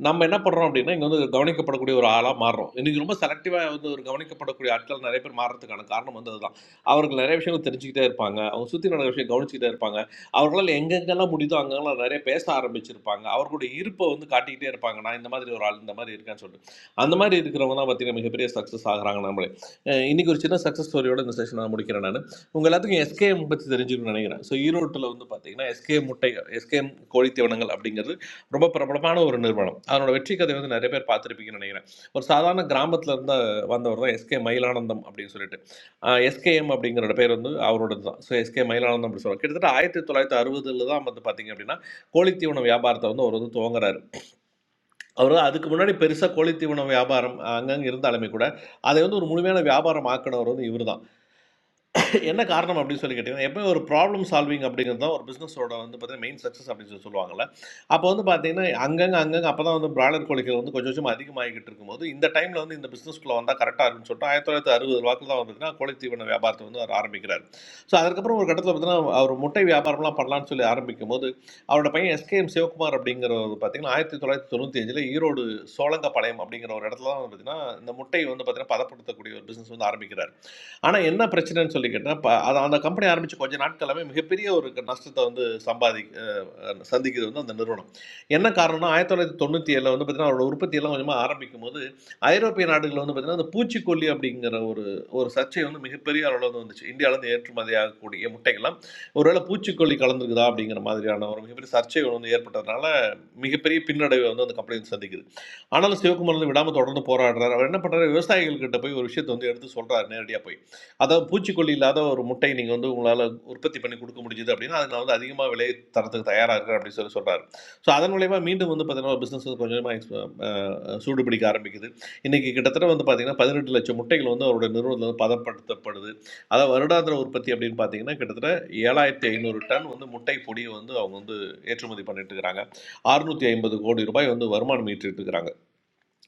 Speaker 12: நம்ம என்ன பண்ணுறோம் அப்படின்னா இங்கே வந்து ஒரு கவனிக்கப்படக்கூடிய ஒரு ஆளாக மாறுறோம் இன்றைக்கி ரொம்ப செலக்டிவாக வந்து ஒரு கவனிக்கப்படக்கூடிய ஆட்கள் நிறைய பேர் மாறுறதுக்கான காரணம் வந்து அதுதான் அவர்கள் நிறைய விஷயங்கள் தெரிஞ்சுக்கிட்டே இருப்பாங்க அவங்க சுற்றி நடக்கிற விஷயம் கவனிச்சுக்கிட்டே இருப்பாங்க அவர்களால் எங்கெங்கெல்லாம் முடியுதோ அங்கெல்லாம் நிறைய பேச ஆரம்பிச்சிருப்பாங்க அவர்களுடைய இருப்பை வந்து காட்டிக்கிட்டே இருப்பாங்க நான் இந்த மாதிரி ஒரு ஆள் இந்த மாதிரி இருக்கேன்னு சொல்லிட்டு அந்த மாதிரி இருக்கிறவங்க தான் பார்த்தீங்கன்னா மிகப்பெரிய சக்ஸஸ் ஆகுறாங்க நம்மளே அஹ் இன்னைக்கு ஒரு சின்ன சக்ஸஸ் ஸ்டோரியோட இந்த செஷன் நான் முடிக்கிறேன் நான் உங்க எல்லாத்துக்கும் எஸ்கேஎம் பற்றி தெரிஞ்சிருக்கும்னு நினைக்கிறேன் ஸோ ஈரோட்டில் வந்து பார்த்தீங்கன்னா எஸ்கே முட்டை எஸ்கேஎம் கோழித்தீவனங்கள் அப்படிங்கிறது ரொம்ப பிரபலமான ஒரு நிறுவனம் அதனோட வெற்றி கதை வந்து நிறைய பேர் பார்த்துருப்பீங்கன்னு நினைக்கிறேன் ஒரு சாதாரண கிராமத்துல இருந்து வந்தவர் தான் எஸ்கே மயிலானந்தம் அப்படின்னு சொல்லிட்டு எஸ்கேஎம் அப்படிங்கிற பேர் வந்து அவரோடது தான் ஸோ எஸ்கே மயிலானந்தம் அப்படின்னு சொல்லுவாங்க கிட்டத்தட்ட ஆயிரத்தி தொள்ளாயிரத்தி அறுபதுல தான் வந்து பார்த்தீங்க அப்படின்னா கோழித்தீவன வியாபாரத்தை வந்து அவர் வந்து துவங்குறாரு அவர் அதுக்கு முன்னாடி பெருசாக கோழித்தீவன வியாபாரம் அங்கங்கே இருந்தாலுமே கூட அதை வந்து ஒரு முழுமையான வியாபாரம் ஆக்கினவர் வந்து இவர் என்ன காரணம் அப்படின்னு சொல்லி கேட்டிங்கன்னா எப்பவுமே ஒரு ப்ராப்ளம் சால்விங் அப்படிங்கிறது தான் ஒரு பிஸ்னஸோட வந்து பார்த்தீங்கன்னா மெயின் சக்ஸஸ் அப்படின்னு சொல்லி சொல்லுவாங்கல்ல அப்போ வந்து பார்த்தீங்கன்னா அங்கங்கே அங்கங்கே அப்போ தான் வந்து பிராய்லர் கோழிகள் வந்து கொஞ்சம் கொஞ்சம் அதிகமாகிக்கிட்டு இருக்கும்போது இந்த டைமில் வந்து இந்த பிஸ்னஸ்க்குள்ளே வந்தால் கரெக்டாக இருக்குன்னு சொல்லிட்டு ஆயிரத்தி தொள்ளாயிரத்தி அறுபது வாக்கில் தான் வந்துட்டுனா கோழி தீவன வியாபாரத்தை வந்து அவர் ஆரம்பிக்கிறார் ஸோ அதுக்கப்புறம் ஒரு கட்டத்தில் பார்த்தீங்கன்னா அவர் முட்டை வியாபாரம்லாம் பண்ணலாம்னு சொல்லி ஆரம்பிக்கும் போது அவரோட பையன் எஸ்கேஎம் சிவகுமார் அப்படிங்கிறவர் பார்த்தீங்கன்னா ஆயிரத்தி தொள்ளாயிரத்தி தொண்ணூற்றி அஞ்சில் ஈரோடு சோழங்கப்பாளையம் அப்படிங்கிற ஒரு இடத்துல தான் வந்து பார்த்தீங்கன்னா இந்த முட்டை வந்து பார்த்தீங்கன்னா பதப்படுத்தக்கூடிய ஒரு பிஸ்னஸ் வந்து ஆரம்பிக்கிறார் ஆனா என்ன பிரச்சனைன்னு சொல்லி கேட்டா, ப அது அந்த கம்பெனி ஆரம்பிச்சு கொஞ்ச நாட்களாவே மிகப்பெரிய ஒரு நஷ்டத்த வந்து சம்பாதி சந்திக்கிறது வந்து அந்த நிறுவனம் என்ன காரணம்னா ஆயிரத்தி தொள்ளாயிரத்தி தொண்ணூற்றி ஏழில் வந்து பார்த்திங்கன்னா அவரோட உற்பத்தியெல்லாம் கொஞ்சமாக ஆரம்பிக்கும் போது ஐரோப்பிய நாடுகளில் வந்து பார்த்திங்கன்னா அந்த பூச்சிக்கொல்லி அப்படிங்கிற ஒரு ஒரு சர்ச்சை வந்து மிகப்பெரிய அளவில் வந்து வந்துச்சு இந்தியாவிலேருந்து ஏற்றுமதி ஆகக்கூடிய முட்டைகள்லாம் ஒருவேளை பூச்சிக்கொல்லி கலந்துருக்குதா அப்படிங்கிற மாதிரியான ஒரு மிகப்பெரிய சர்ச்சைகள் வந்து ஏற்பட்டதுனால மிகப்பெரிய பின்னடைவை வந்து அந்த கம்பெனி வந்து சந்திக்குது ஆனாலும் சிவகுமார் வந்து விடாமல் தொடர்ந்து போராடுறாரு அவர் என்ன பண்ணுறாரு விவசாயிகள்கிட்ட போய் ஒரு விஷயத்தை வந்து எடுத்து சொல்கிறார் நேரடியாக போய் அதாவது பூச்சிக்கொல்லி இல்லாத ஒரு முட்டை நீங்கள் வந்து உங்களால் உற்பத்தி பண்ணி கொடுக்க முடிஞ்சுது அப்படின்னா அது நான் வந்து அதிகமாக விலை தரத்துக்கு தயாராக இருக்கிறேன் அப்படின்னு சொல்லி சொல்கிறாரு ஸோ அதன் மூலயமா மீண்டும் வந்து பார்த்தீங்கன்னா பிஸ்னஸ் வந்து கொஞ்சமாக சூடு பிடிக்க ஆரம்பிக்குது இன்றைக்கி கிட்டத்தட்ட வந்து பார்த்தீங்கன்னா பதினெட்டு லட்சம் முட்டைகள் வந்து அவருடைய நிறுவனத்தில் வந்து பதப்படுத்தப்படுது அதாவது வருடாந்திர உற்பத்தி அப்படின்னு பார்த்தீங்கன்னா கிட்டத்தட்ட ஏழாயிரத்தி ஐநூறு டன் வந்து முட்டை பொடியை வந்து அவங்க வந்து ஏற்றுமதி பண்ணிட்டு இருக்கிறாங்க 650 ஐம்பது கோடி ரூபாய் வந்து வருமானம் ஈட்டிட்டு இருக்கிறாங்க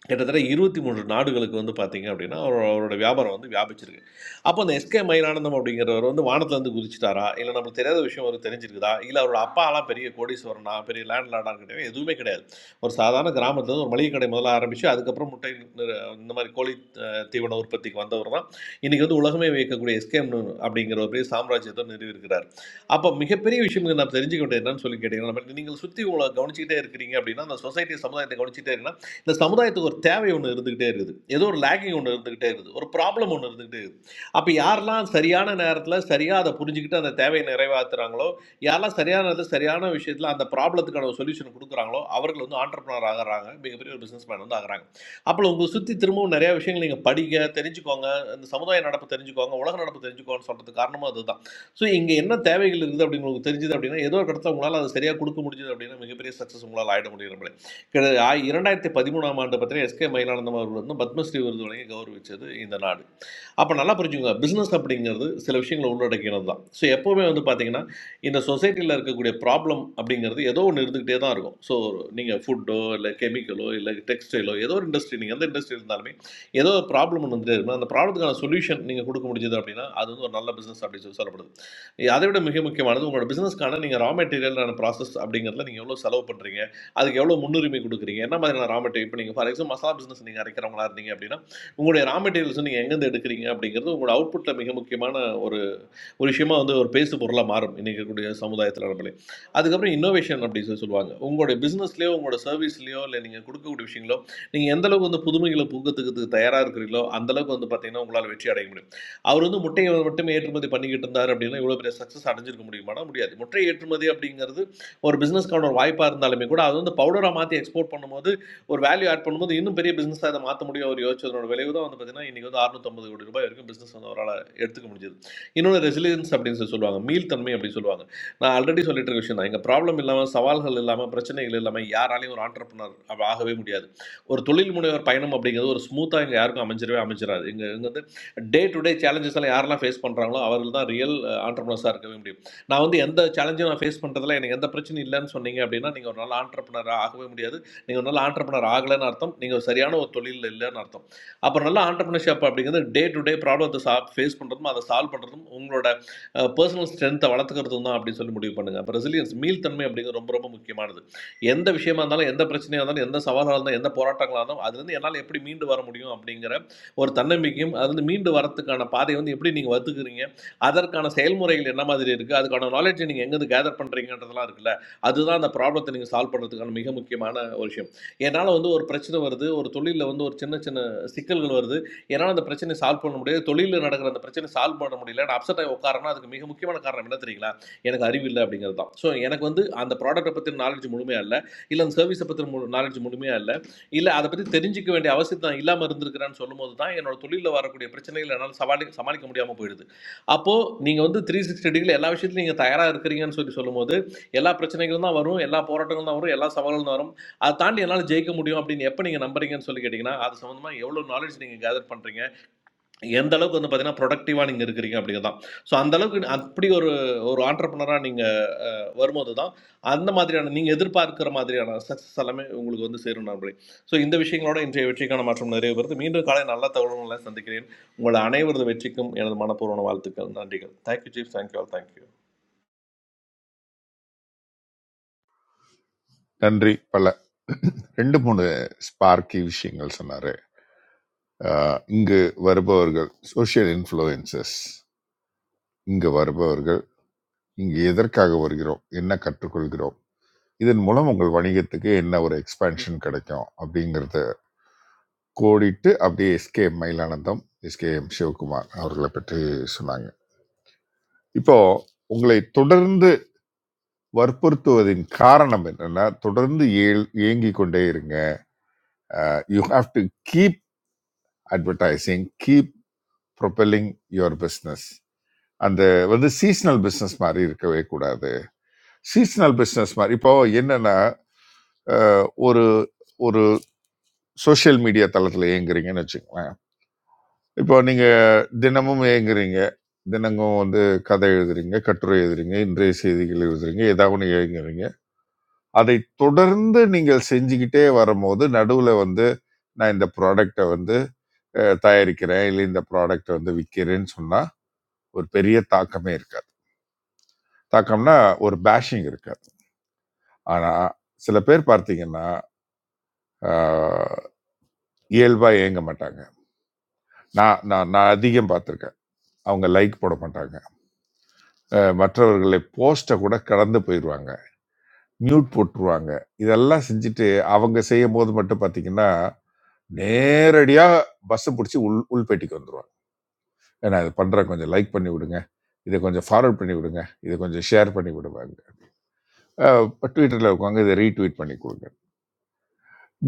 Speaker 12: கிட்டத்தட்ட இருபத்தி மூன்று நாடுகளுக்கு வந்து பார்த்தீங்க அப்படின்னா அவரோட அவரோட வியாபாரம் வந்து வியாபிச்சிருக்கு அப்போ அந்த எஸ்கே மயிலானந்தம் அப்படிங்கிறவர் வந்து வானத்துலேருந்து குதிச்சிட்டாரா இல்லை நம்மளுக்கு தெரியாத விஷயம் அவருக்கு தெரிஞ்சிருக்குதா இல்லை அவரோட அப்பாலாம் பெரிய கோடீஸ்வரனா பெரிய லேண்ட் லாடான்னு கிடையாது எதுவுமே கிடையாது ஒரு சாதாரண கிராமத்துலேருந்து ஒரு மளிகை கடை முதல்ல ஆரம்பித்து அதுக்கப்புறம் முட்டை நிறு- இந்த மாதிரி கோழி அஹ், தீவன உற்பத்திக்கு வந்தவர் தான் இன்றைக்கி வந்து உலகமே வியக்கக்கூடிய எஸ்கேம் அப்படிங்கிற ஒரு பெரிய சாம்ராஜ்யத்தை நிறுவியிருக்கிறார் அப்போ மிகப்பெரிய விஷயம் நாம் தெரிஞ்சுக்க வேண்டியது என்னன்னு சொல்லி கேட்டிங்கன்னா நம்ம நீங்கள் சுற்றி உங்களை கவனிச்சிக்கிட்டே இருக்கிறீங்க அப்படின்னா அந்த சொசைட்டி சமுதாயத்தை கவனிச்சிட்டே இந்த சமுதாயத்துக்கு ஒரு தேவை ஒன்று இருந்துக்கிட்டே இருக்குது ஏதோ ஒரு லேக்கிங் ஒன்று இருந்துக்கிட்டே இருக்குது ஒரு ப்ராப்ளம் ஒன்று இருந்துக்கிட்டே இருக்குது அப்போ யாரெல்லாம் சரியான நேரத்தில் சரியாக அதை புரிஞ்சுக்கிட்டு அந்த தேவையை நிறைவேற்றுறாங்களோ யாரெல்லாம் சரியான நேரத்தில் சரியான விஷயத்தில் அந்த ப்ராப்ளத்துக்கான சொல்யூஷன் கொடுக்குறாங்களோ அவர்கள் வந்து ஆண்டர்பனர் ஆகுறாங்க மிகப்பெரிய ஒரு பிஸ்னஸ் மேன் வந்து ஆகுறாங்க அப்போ உங்களை சுற்றி திரும்பவும் நிறைய விஷயங்கள் நீங்கள் படிக்க தெரிஞ்சுக்கோங்க இந்த சமுதாய நடப்பு தெரிஞ்சுக்கோங்க உலக நடப்பு தெரிஞ்சுக்கோன்னு சொல்கிறது காரணமும் அதுதான் ஸோ இங்கே என்ன தேவைகள் இருக்குது அப்படின்னு உங்களுக்கு தெரிஞ்சுது அப்படின்னா ஏதோ ஒரு இடத்துல உங்களால் அதை சரியாக கொடுக்க முடிஞ்சது அப்படின்னா மிகப்பெரிய சக்ஸஸ் உங்களால் ஆகிட முடியும் கிட்ட ஆய்- இரண்டாயிரத்தி பதிமூணாம் ஆண்டு பார்த்தீங்கன்னா எஸ்கே மயிலானந்தம் அவர்கள் வந்து பத்மஸ்ரீ விருது வழங்கி கௌரவிச்சது இந்த நாடு அப்போ நல்லா புரிஞ்சுங்க பிஸ்னஸ் அப்படிங்கிறது சில விஷயங்களை உள்ளடக்கினது தான் ஸோ எப்போவுமே வந்து பார்த்தீங்கன்னா இந்த சொசைட்டியில் இருக்கக்கூடிய ப்ராப்ளம் அப்படிங்கிறது ஏதோ ஒன்று இருந்துக்கிட்டே தான் இருக்கும் ஸோ நீங்கள் ஃபுட்டோ இல்லை கெமிக்கலோ இல்லை டெக்ஸ்டைலோ ஏதோ ஒரு இண்டஸ்ட்ரி நீங்கள் எந்த இண்டஸ்ட்ரி இருந்தாலுமே ஏதோ ஒரு ப்ராப்ளம் ஒன்று வந்துட்டே இருக்கும் அந்த ப்ராப்ளத்துக்கான சொல்யூஷன் நீங்கள் கொடுக்க முடிஞ்சது அப்படின்னா அது வந்து ஒரு நல்ல பிஸ்னஸ் அப்படின்னு சொல்லி சொல்லப்படுது அதை விட மிக முக்கியமானது உங்களோட பிஸ்னஸ்க்கான நீங்கள் ரா மெட்டீரியலான ப்ராசஸ் அப்படிங்கிறதுல நீங்கள் எவ்வளோ செலவு பண்ணுறீங்க அதுக்கு எவ்வளோ முன்னுரிமை கொடுக்குறீங்க என்ன மாதிரியான ரா மெட்டீரியல் இப்போ நீங்கள் ஃபார் எக்ஸாம்பிள் மசாலா பிஸ்னஸ் நீங்கள் அரைக்கிறவங்களா இருந்தீங்க அப்படின்னா உங்களுடைய ரா மெட்டீரியல்ஸ் நீங்கள் எங்கேருந்து எடுக்கிறீங்க அப்படிங்கிறது உங்களோட அவுட்புட்டில் மிக முக்கியமான ஒரு ஒரு விஷயமா வந்து ஒரு பேசு பொருளாக மாறும் இன்னைக்கு இருக்கக்கூடிய சமுதாயத்தில் நம்மளே அதுக்கப்புறம் இன்னோவேஷன் அப்படி சொல்லி சொல்லுவாங்க உங்களுடைய பிஸ்னஸ்லேயோ உங்களோட சர்வீஸ்லேயோ இல்லை நீங்கள் கொடுக்கக்கூடிய விஷயங்களோ நீங்கள் எந்த அளவுக்கு வந்து புதுமைகளை புகுத்துக்கிறதுக்கு தயாராக இருக்கிறீங்களோ அந்த அளவுக்கு வந்து பார்த்தீங்கன்னா உங்களால் வெற்றி அடைய முடியும் அவர் வந்து முட்டையை மட்டுமே ஏற்றுமதி பண்ணிக்கிட்டு இருந்தார் அப்படின்னா இவ்வளோ பெரிய சக்ஸஸ் அடைஞ்சிருக்க முடியுமானா முடியாது முட்டை ஏற்றுமதி அப்படிங்கிறது ஒரு பிஸ்னஸ்க்கான ஒரு வாய்ப்பாக இருந்தாலுமே கூட அது வந்து பவுடராக மாற்றி எக்ஸ்போர்ட் பண்ணும்போது ஒரு வேல்யூ ஆட் பண்ணும்போது இன்னும் பெரிய பிஸ்னஸாக அதை மாற்ற முடியும் அவர் யோசிச்சதனோட விளைவு தான் வந்து பார்த்தீங்கன்னா இன்றைக்கி வந்து 650 கோடி ரூபாய் வரைக்கும் பிஸ்னஸ் வந்து அவரால் எடுத்துக்க முடிஞ்சது இன்னொன்று ரெசிலியன்ஸ் அப்படின்னு சொல்லி சொல்லுவாங்க மீள்தன்மை அப்படின்னு சொல்லுவாங்க நான் ஆல்ரெடி சொல்லிட்டு இருக்க விஷயம் தான் எங்கள் ப்ராப்ளம் இல்லாமல் சவால்கள் இல்லாமல் பிரச்சனைகள் இல்லாமல் யாராலையும் ஒரு ஆண்டர்பனர் ஆகவே முடியாது ஒரு தொழில் முனைவர் பயணம் அப்படிங்கிறது ஒரு ஸ்மூத்தாக இங்கே யாருக்கும் அமைஞ்சிடவே அமைஞ்சிடாது இங்கே இங்கே வந்து டே டு டே சேலஞ்சஸ் எல்லாம் யாரெல்லாம் ஃபேஸ் பண்ணுறாங்களோ அவர்கள் தான் ரியல் ஆண்டர்பனர்ஸாக இருக்கவே முடியும் நான் வந்து எந்த சேலஞ்சும் நான் ஃபேஸ் பண்ணுறதுல எனக்கு எந்த பிரச்சனையும் இல்லைன்னு சொன்னீங்க அப்படின்னா நீங்கள் ஒரு நாள் ஆண்டர்பனராக ஆகவே முடியாது நீங்கள் ஒரு நாள் ஆண்டர்பனர் ஆகலைன்னு அர்த்தம் நீங்கள் சரியான ஒரு தொழிலில் இல்லைன்னு அர்த்தம் அப்புறம் நல்லா ஆண்டர்பிரினர்ஷிப் அப்படிங்கிறது டே டு டே ப்ராப்ளத்தை சா ஃபேஸ் பண்ணுறதும் அதை சால்வ் பண்ணுறதும் உங்களோட பர்சனல் ஸ்ட்ரென்த்தை வளர்த்துக்கிறதும் தான் அப்படின்னு சொல்லி முடிவு பண்ணுங்கள் அப்போ ரெசிலியன்ஸ் மீள்தன்மை அப்படிங்கிறது ரொம்ப ரொம்ப முக்கியமானது எந்த விஷயமா இருந்தாலும் எந்த பிரச்சனையாக இருந்தாலும் எந்த சவாலாக இருந்தாலும் எந்த போராட்டங்களாக இருந்தாலும் அதுலேருந்து என்னால் எப்படி மீண்டு வர முடியும் அப்படிங்கிற ஒரு தன்னம்பிக்கையும் அதுலேருந்து மீண்டு வரத்துக்கான பாதையை வந்து எப்படி நீங்கள் வத்துக்கிறீங்க அதற்கான செயல்முறைகள் என்ன மாதிரி இருக்குது அதுக்கான நாலேஜை நீங்கள் எங்கேருந்து கேதர் பண்ணுறீங்கன்றதெல்லாம் இருக்குல்ல அதுதான் அந்த ப்ராப்ளத்தை நீங்கள் சால்வ் பண்ணுறதுக்கான மிக முக்கியமான ஒரு விஷயம் என்னால் வந்து ஒரு பிரச்சனை வருது ஒரு தொழிலில் வந்து ஒரு சின்ன சின்ன சிக்கல்கள் வருது என்னால் அந்த பிரச்சனை சால்வ் பண்ண முடியாது தொழிலில் நடக்கிற அந்த பிரச்சனை சால்வ் பண்ண முடியல நான் அப்செட் ஆகி உட்காரனா அதுக்கு மிக முக்கியமான காரணம் என்ன தெரியுங்களா எனக்கு அறிவு இல்லை அப்படிங்கிறது தான் ஸோ எனக்கு வந்து அந்த ப்ராடக்ட்டை பற்றி நாலேஜ் முழுமையாக இல்லை இல்லை அந்த சர்வீஸை பற்றி நாலேஜ் முழுமையாக இல்லை இல்லை அதை பற்றி தெரிஞ்சிக்க வேண்டிய அவசியம் தான் இல்லாமல் இருந்திருக்கிறேன்னு சொல்லும்போது தான் என்னோட தொழிலில் வரக்கூடிய பிரச்சனைகள் என்னால் சமாளி சமாளிக்க முடியாமல் போயிடுது அப்போது நீங்கள் வந்து த்ரீ சிக்ஸ்டி டிகிரி எல்லா விஷயத்துலையும் நீங்கள் தயாராக இருக்கிறீங்கன்னு சொல்லி சொல்லும்போது எல்லா பிரச்சனைகளும் தான் வரும் எல்லா போராட்டங்களும் தான் வரும் எல்லா சவால்களும் தான் வரும் அதை தாண்டி என்னால் ஜெயிக்க முடியும் அப்படின்னு எப்போ நீங்கள் நம்புறீங்கன்னு சொல்லி கேட்டிங்கன்னா அது சம்மந்தமாக எவ்வளோ நாலேஜ் நீங்கள் கேதர் பண்ணுறீங்க எந்த அளவுக்கு வந்து பார்த்தீங்கன்னா ப்ரொடக்டிவாக நீங்கள் இருக்கிறீங்க அப்படிங்கிறது தான் ஸோ அந்தளவுக்கு அப்படி ஒரு ஒரு ஆண்டர்பனராக நீங்கள் வரும்போது தான் அந்த மாதிரியான நீங்கள் எதிர்பார்க்கிற மாதிரியான சக்ஸஸ் எல்லாமே உங்களுக்கு வந்து சேரும் நண்பர்களே ஸோ இந்த விஷயங்களோட இன்றைய வெற்றிக்கான மாற்றம் நிறைய பேருக்கு மீண்டும் காலை நல்ல தகவல்களை சந்திக்கிறேன் உங்கள் அனைவரது வெற்றிக்கும் எனது மனப்பூர்வமான வாழ்த்துக்கள் நன்றிகள் thank you chief thank you all thank you
Speaker 1: நன்றி பல ரெண்டு மூணு ஸ்பார்க்கி விஷயங்கள் சொன்னாரு ஆஹ் இங்கு வருபவர்கள் சோஷியல் இன்ஃப்ளூயன்சஸ் இங்கு வருபவர்கள் இங்கு எதற்காக வருகிறோம் என்ன கற்றுக்கொள்கிறோம் இதன் மூலம் உங்கள் வணிகத்துக்கு என்ன ஒரு எக்ஸ்பேன்ஷன் கிடைக்கும் அப்படிங்கிறத கோடிட்டு அப்படியே எஸ்கே மயிலானந்தம் எஸ்கேஎம் சிவகுமார் அவர்களை பற்றி சொன்னாங்க இப்போ உங்களை தொடர்ந்து வற்புறுத்துவதின் காரணம் என்னன்னா தொடர்ந்து ஏல் இயங்கிக் கொண்டே இருங்க you have to keep advertising keep propelling your business அந்த வந்து சீஸ்னல் பிஸ்னஸ் மாதிரி இருக்கவே கூடாது சீஸ்னல் பிஸ்னஸ் மாதிரி இப்போ என்னன்னா அஹ், ஒரு ஒரு சோஷியல் மீடியா தளத்தில் இயங்குறீங்கன்னு வச்சுக்கோங்களேன் இப்போ நீங்கள் தினமும் இயங்குறீங்க தினமும் வந்து கதை எழுதுறீங்க கட்டுரை எழுதுறீங்க இன்றைய செய்திகள் எழுதுறீங்க ஏதாவது ஒன்று இயங்குறீங்க. அதை தொடர்ந்து நீங்கள் செஞ்சுக்கிட்டே வரும்போது நடுவுல வந்து நான் இந்த ப்ராடக்ட்ட வந்து அ தயாரிக்கிறேன். இல்ல இந்த ப்ராடக்ட்ட வந்து விக்கிறேன்னு சொன்னா, ஒரு பெரிய தாக்கமே இருக்காது. தாக்கம்னா ஒரு பேஷிங் இருக்காது. ஆனா, சில பேர் பார்த்தீங்கன்னா, ஆ இயல்பா ஏங்க மாட்டாங்க. நான் நான் நான் அதிகம் பார்த்துருக்கேன். அவங்க லைக் போட மாட்டாங்க. அ மற்றவர்களை போஸ்ட்ட கூட கடந்து போயிருவாங்க. மியூட் போட்டுருவாங்க. இதெல்லாம் செஞ்சுட்டு அவங்க செய்யும்போது மட்டும் பார்த்தீங்கன்னா நேரடியா பஸ் பிடிச்சி உள் உள்பேட்டிக்கு வந்துருவாங்க ஏன்னா இது பண்றேன் கொஞ்சம் லைக் பண்ணி விடுங்க இதை கொஞ்சம் ஃபார்வர்ட் பண்ணி விடுங்க இதை கொஞ்சம் ஷேர் பண்ணி விடுவாங்க ட்விட்டரில் இருக்கவங்க இதை ரீட்வீட் பண்ணி கொடுங்க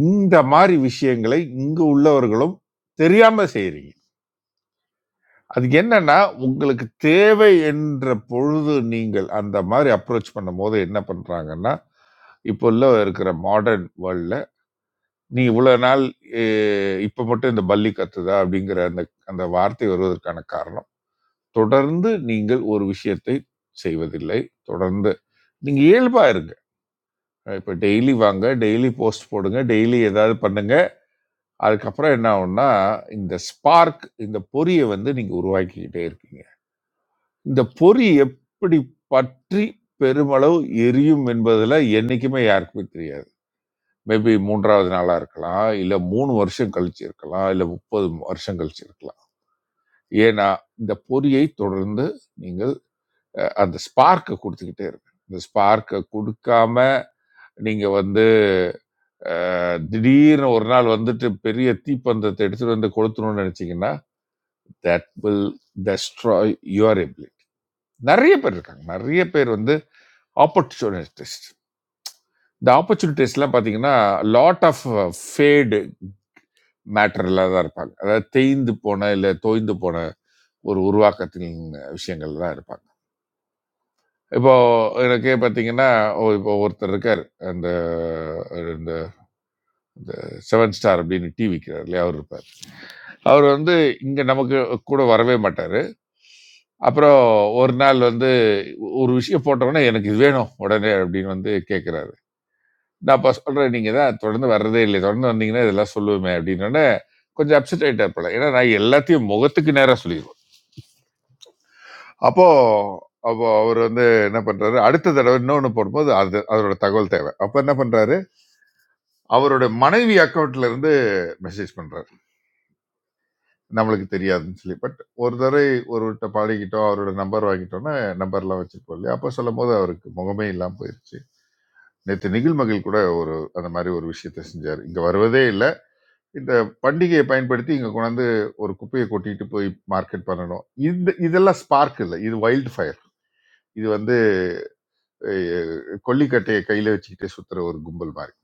Speaker 1: இந்த மாதிரி விஷயங்களை இங்கு உள்ளவர்களும் தெரியாம செய்றீங்க அதுக்கு என்னன்னா உங்களுக்கு தேவை என்ற பொழுது நீங்கள் அந்த மாதிரி அப்ரோச் பண்ணும்போது என்ன பண்றாங்கன்னா இப்போ உள்ள இருக்கிற மாடர்ன் வேர்ல்டில் நீ இவ்வளோ நாள் இப்போ மட்டும் இந்த பல்லி கத்துதா அப்படிங்கிற அந்த அந்த வார்த்தை வருவதற்கான காரணம் தொடர்ந்து நீங்கள் ஒரு விஷயத்தை செய்வதில்லை. தொடர்ந்து நீங்க இயல்பா இருங்க. இப்ப டெய்லி வாங்க, டெய்லி போஸ்ட் போடுங்க, டெய்லி ஏதாவது பண்ணுங்க. அதுக்கப்புறம் என்ன ஆகும்னா, இந்த ஸ்பார்க் இந்த பொறிய வந்து நீங்க உருவாக்கிக்கிட்டே இருக்கீங்க. இந்த பொறி எப்படி பற்றி பெருமளவு எரியும் என்பதுல என்னைக்குமே யாருக்குமே தெரியாது. மேபி 3வது நாளா இருக்கலாம், இல்ல 3 வருஷம் கழிச்சு இருக்கலாம், இல்ல 30 வருஷம் கழிச்சு இருக்கலாம். ஏன்னா, இந்த பொறியை தொடர்ந்து நீங்க அஹ் அந்த ஸ்பார்க்கை கொடுத்துக்கிட்டே இருக்கு இந்த ஸ்பார்க்கை கொடுக்காம நீங்க வந்து அஹ், திடீர்னு ஒரு நாள் வந்துட்டு பெரிய தீப்பந்தத்தை எடுத்துட்டு வந்து கொளுத்தணும்னு நினைச்சீங்கன்னா that will destroy your ability நிறைய பேர் இருக்காங்க நிறைய பேர் வந்து ஆப்பர்ச்சுனிட்டிஸ்ட் இந்த ஆப்பர்ச்சுனிட்டிஸ்லாம் பார்த்தீங்கன்னா லாட் ஆஃப் ஃபேடு மேட்டரில் தான் இருப்பாங்க அதாவது தேய்ந்து போன இல்லை தோய்ந்து போன ஒரு உருவாக்கத்தின் விஷயங்கள் தான் இருப்பாங்க இப்போ எனக்கே பார்த்தீங்கன்னா, ஒ இப்போ ஒருத்தர் இருக்காரு. அந்த இந்த இந்த செவன் ஸ்டார் அப்படின்னு டீ விக்கிறாரு இல்லையா, அவரு இருப்பாரு. அவரு வந்து இங்க நமக்கு கூட வரவே மாட்டாரு. அப்புறம் ஒரு நாள் வந்து ஒரு விஷயம் போட்டவுடனே, "எனக்கு இது வேணும் உடனே" அப்படின்னு வந்து கேட்கிறாரு. நான் அப்ப சொல்றேன், "நீங்க தான் தொடர்ந்து வர்றதே இல்லையே, தொடர்ந்து வந்தீங்கன்னா இதெல்லாம் சொல்லுவேமே" அப்படின்னோனே, கொஞ்சம் அப்செட் ஆயிட்டார் போல. ஏன்னா நான் எல்லாத்தையும் முகத்துக்கு நேரா சொல்லிருவேன். அப்போ அப்போ அவரு வந்து என்ன பண்றாரு, அடுத்த தடவ இன்னொன்னு போடும்போது அது அதோட தகவல் தேவை. அப்ப என்ன பண்றாரு அவரோட மனைவி அக்கௌண்ட்ல இருந்து மெசேஜ் பண்றாரு நம்மளுக்கு தெரியாதுன்னு சொல்லி பட் ஒரு தடவை ஒருவர்கிட்ட பழகிட்டோம் அவரோட நம்பர் வாங்கிட்டோம்னா நம்பர்லாம் வச்சிருப்போம் இல்லையா அப்போ சொல்லும் போது அவருக்கு முகமே இல்லாம போயிருச்சு நேற்று நிகில் மகிழ் கூட ஒரு அந்த மாதிரி ஒரு விஷயத்த செஞ்சார் இங்க வருவதே இல்லை இந்த பண்டிகையை பயன்படுத்தி இங்க கொண்டாந்து ஒரு குப்பையை கொட்டிட்டு போய் மார்க்கெட் பண்ணணும் இந்த இதெல்லாம் ஸ்பார்க் இல்லை இது வைல்ட் ஃபயர் இது வந்து அஹ், கொல்லிக்கட்டையை கையில வச்சுக்கிட்டே சுத்துற ஒரு கும்பல் மாதிரி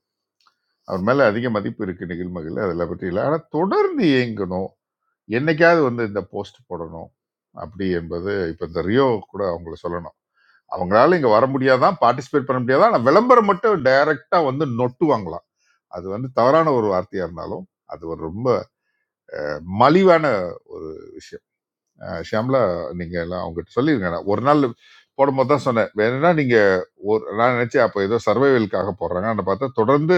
Speaker 1: அவர் மேல அதிக மதிப்பு இருக்கு நிகில் மகிழ் அதெல்லாம் பற்றி இல்லை ஆனா தொடர்ந்து இயங்கணும் என்னைக்காவது வந்து இந்த போஸ்ட் போடணும் அப்படி என்பது இப்போ இந்த ரியோ கூட அவங்கள சொல்லணும் அவங்களால இங்கே வர முடியாதான் பார்ட்டிசிபேட் பண்ண முடியாதான் ஆனால் விளம்பரம் மட்டும் டைரக்டா வந்து நொட்டுவாங்களாம் அது வந்து தவறான ஒரு வார்த்தையா இருந்தாலும் அது ஒரு ரொம்ப மலிவான ஒரு விஷயம் அஹ் ஷியாம்லா நீங்க எல்லாம் அவங்ககிட்ட சொல்லிருங்க நான் ஒரு நாள் போடும்போது தான் சொன்னேன் வேணும்னா நீங்க ஒரு நான் நினைச்சேன் அப்போ ஏதோ சர்வைவலுக்காக போடுறாங்க ஆனால் பார்த்தா தொடர்ந்து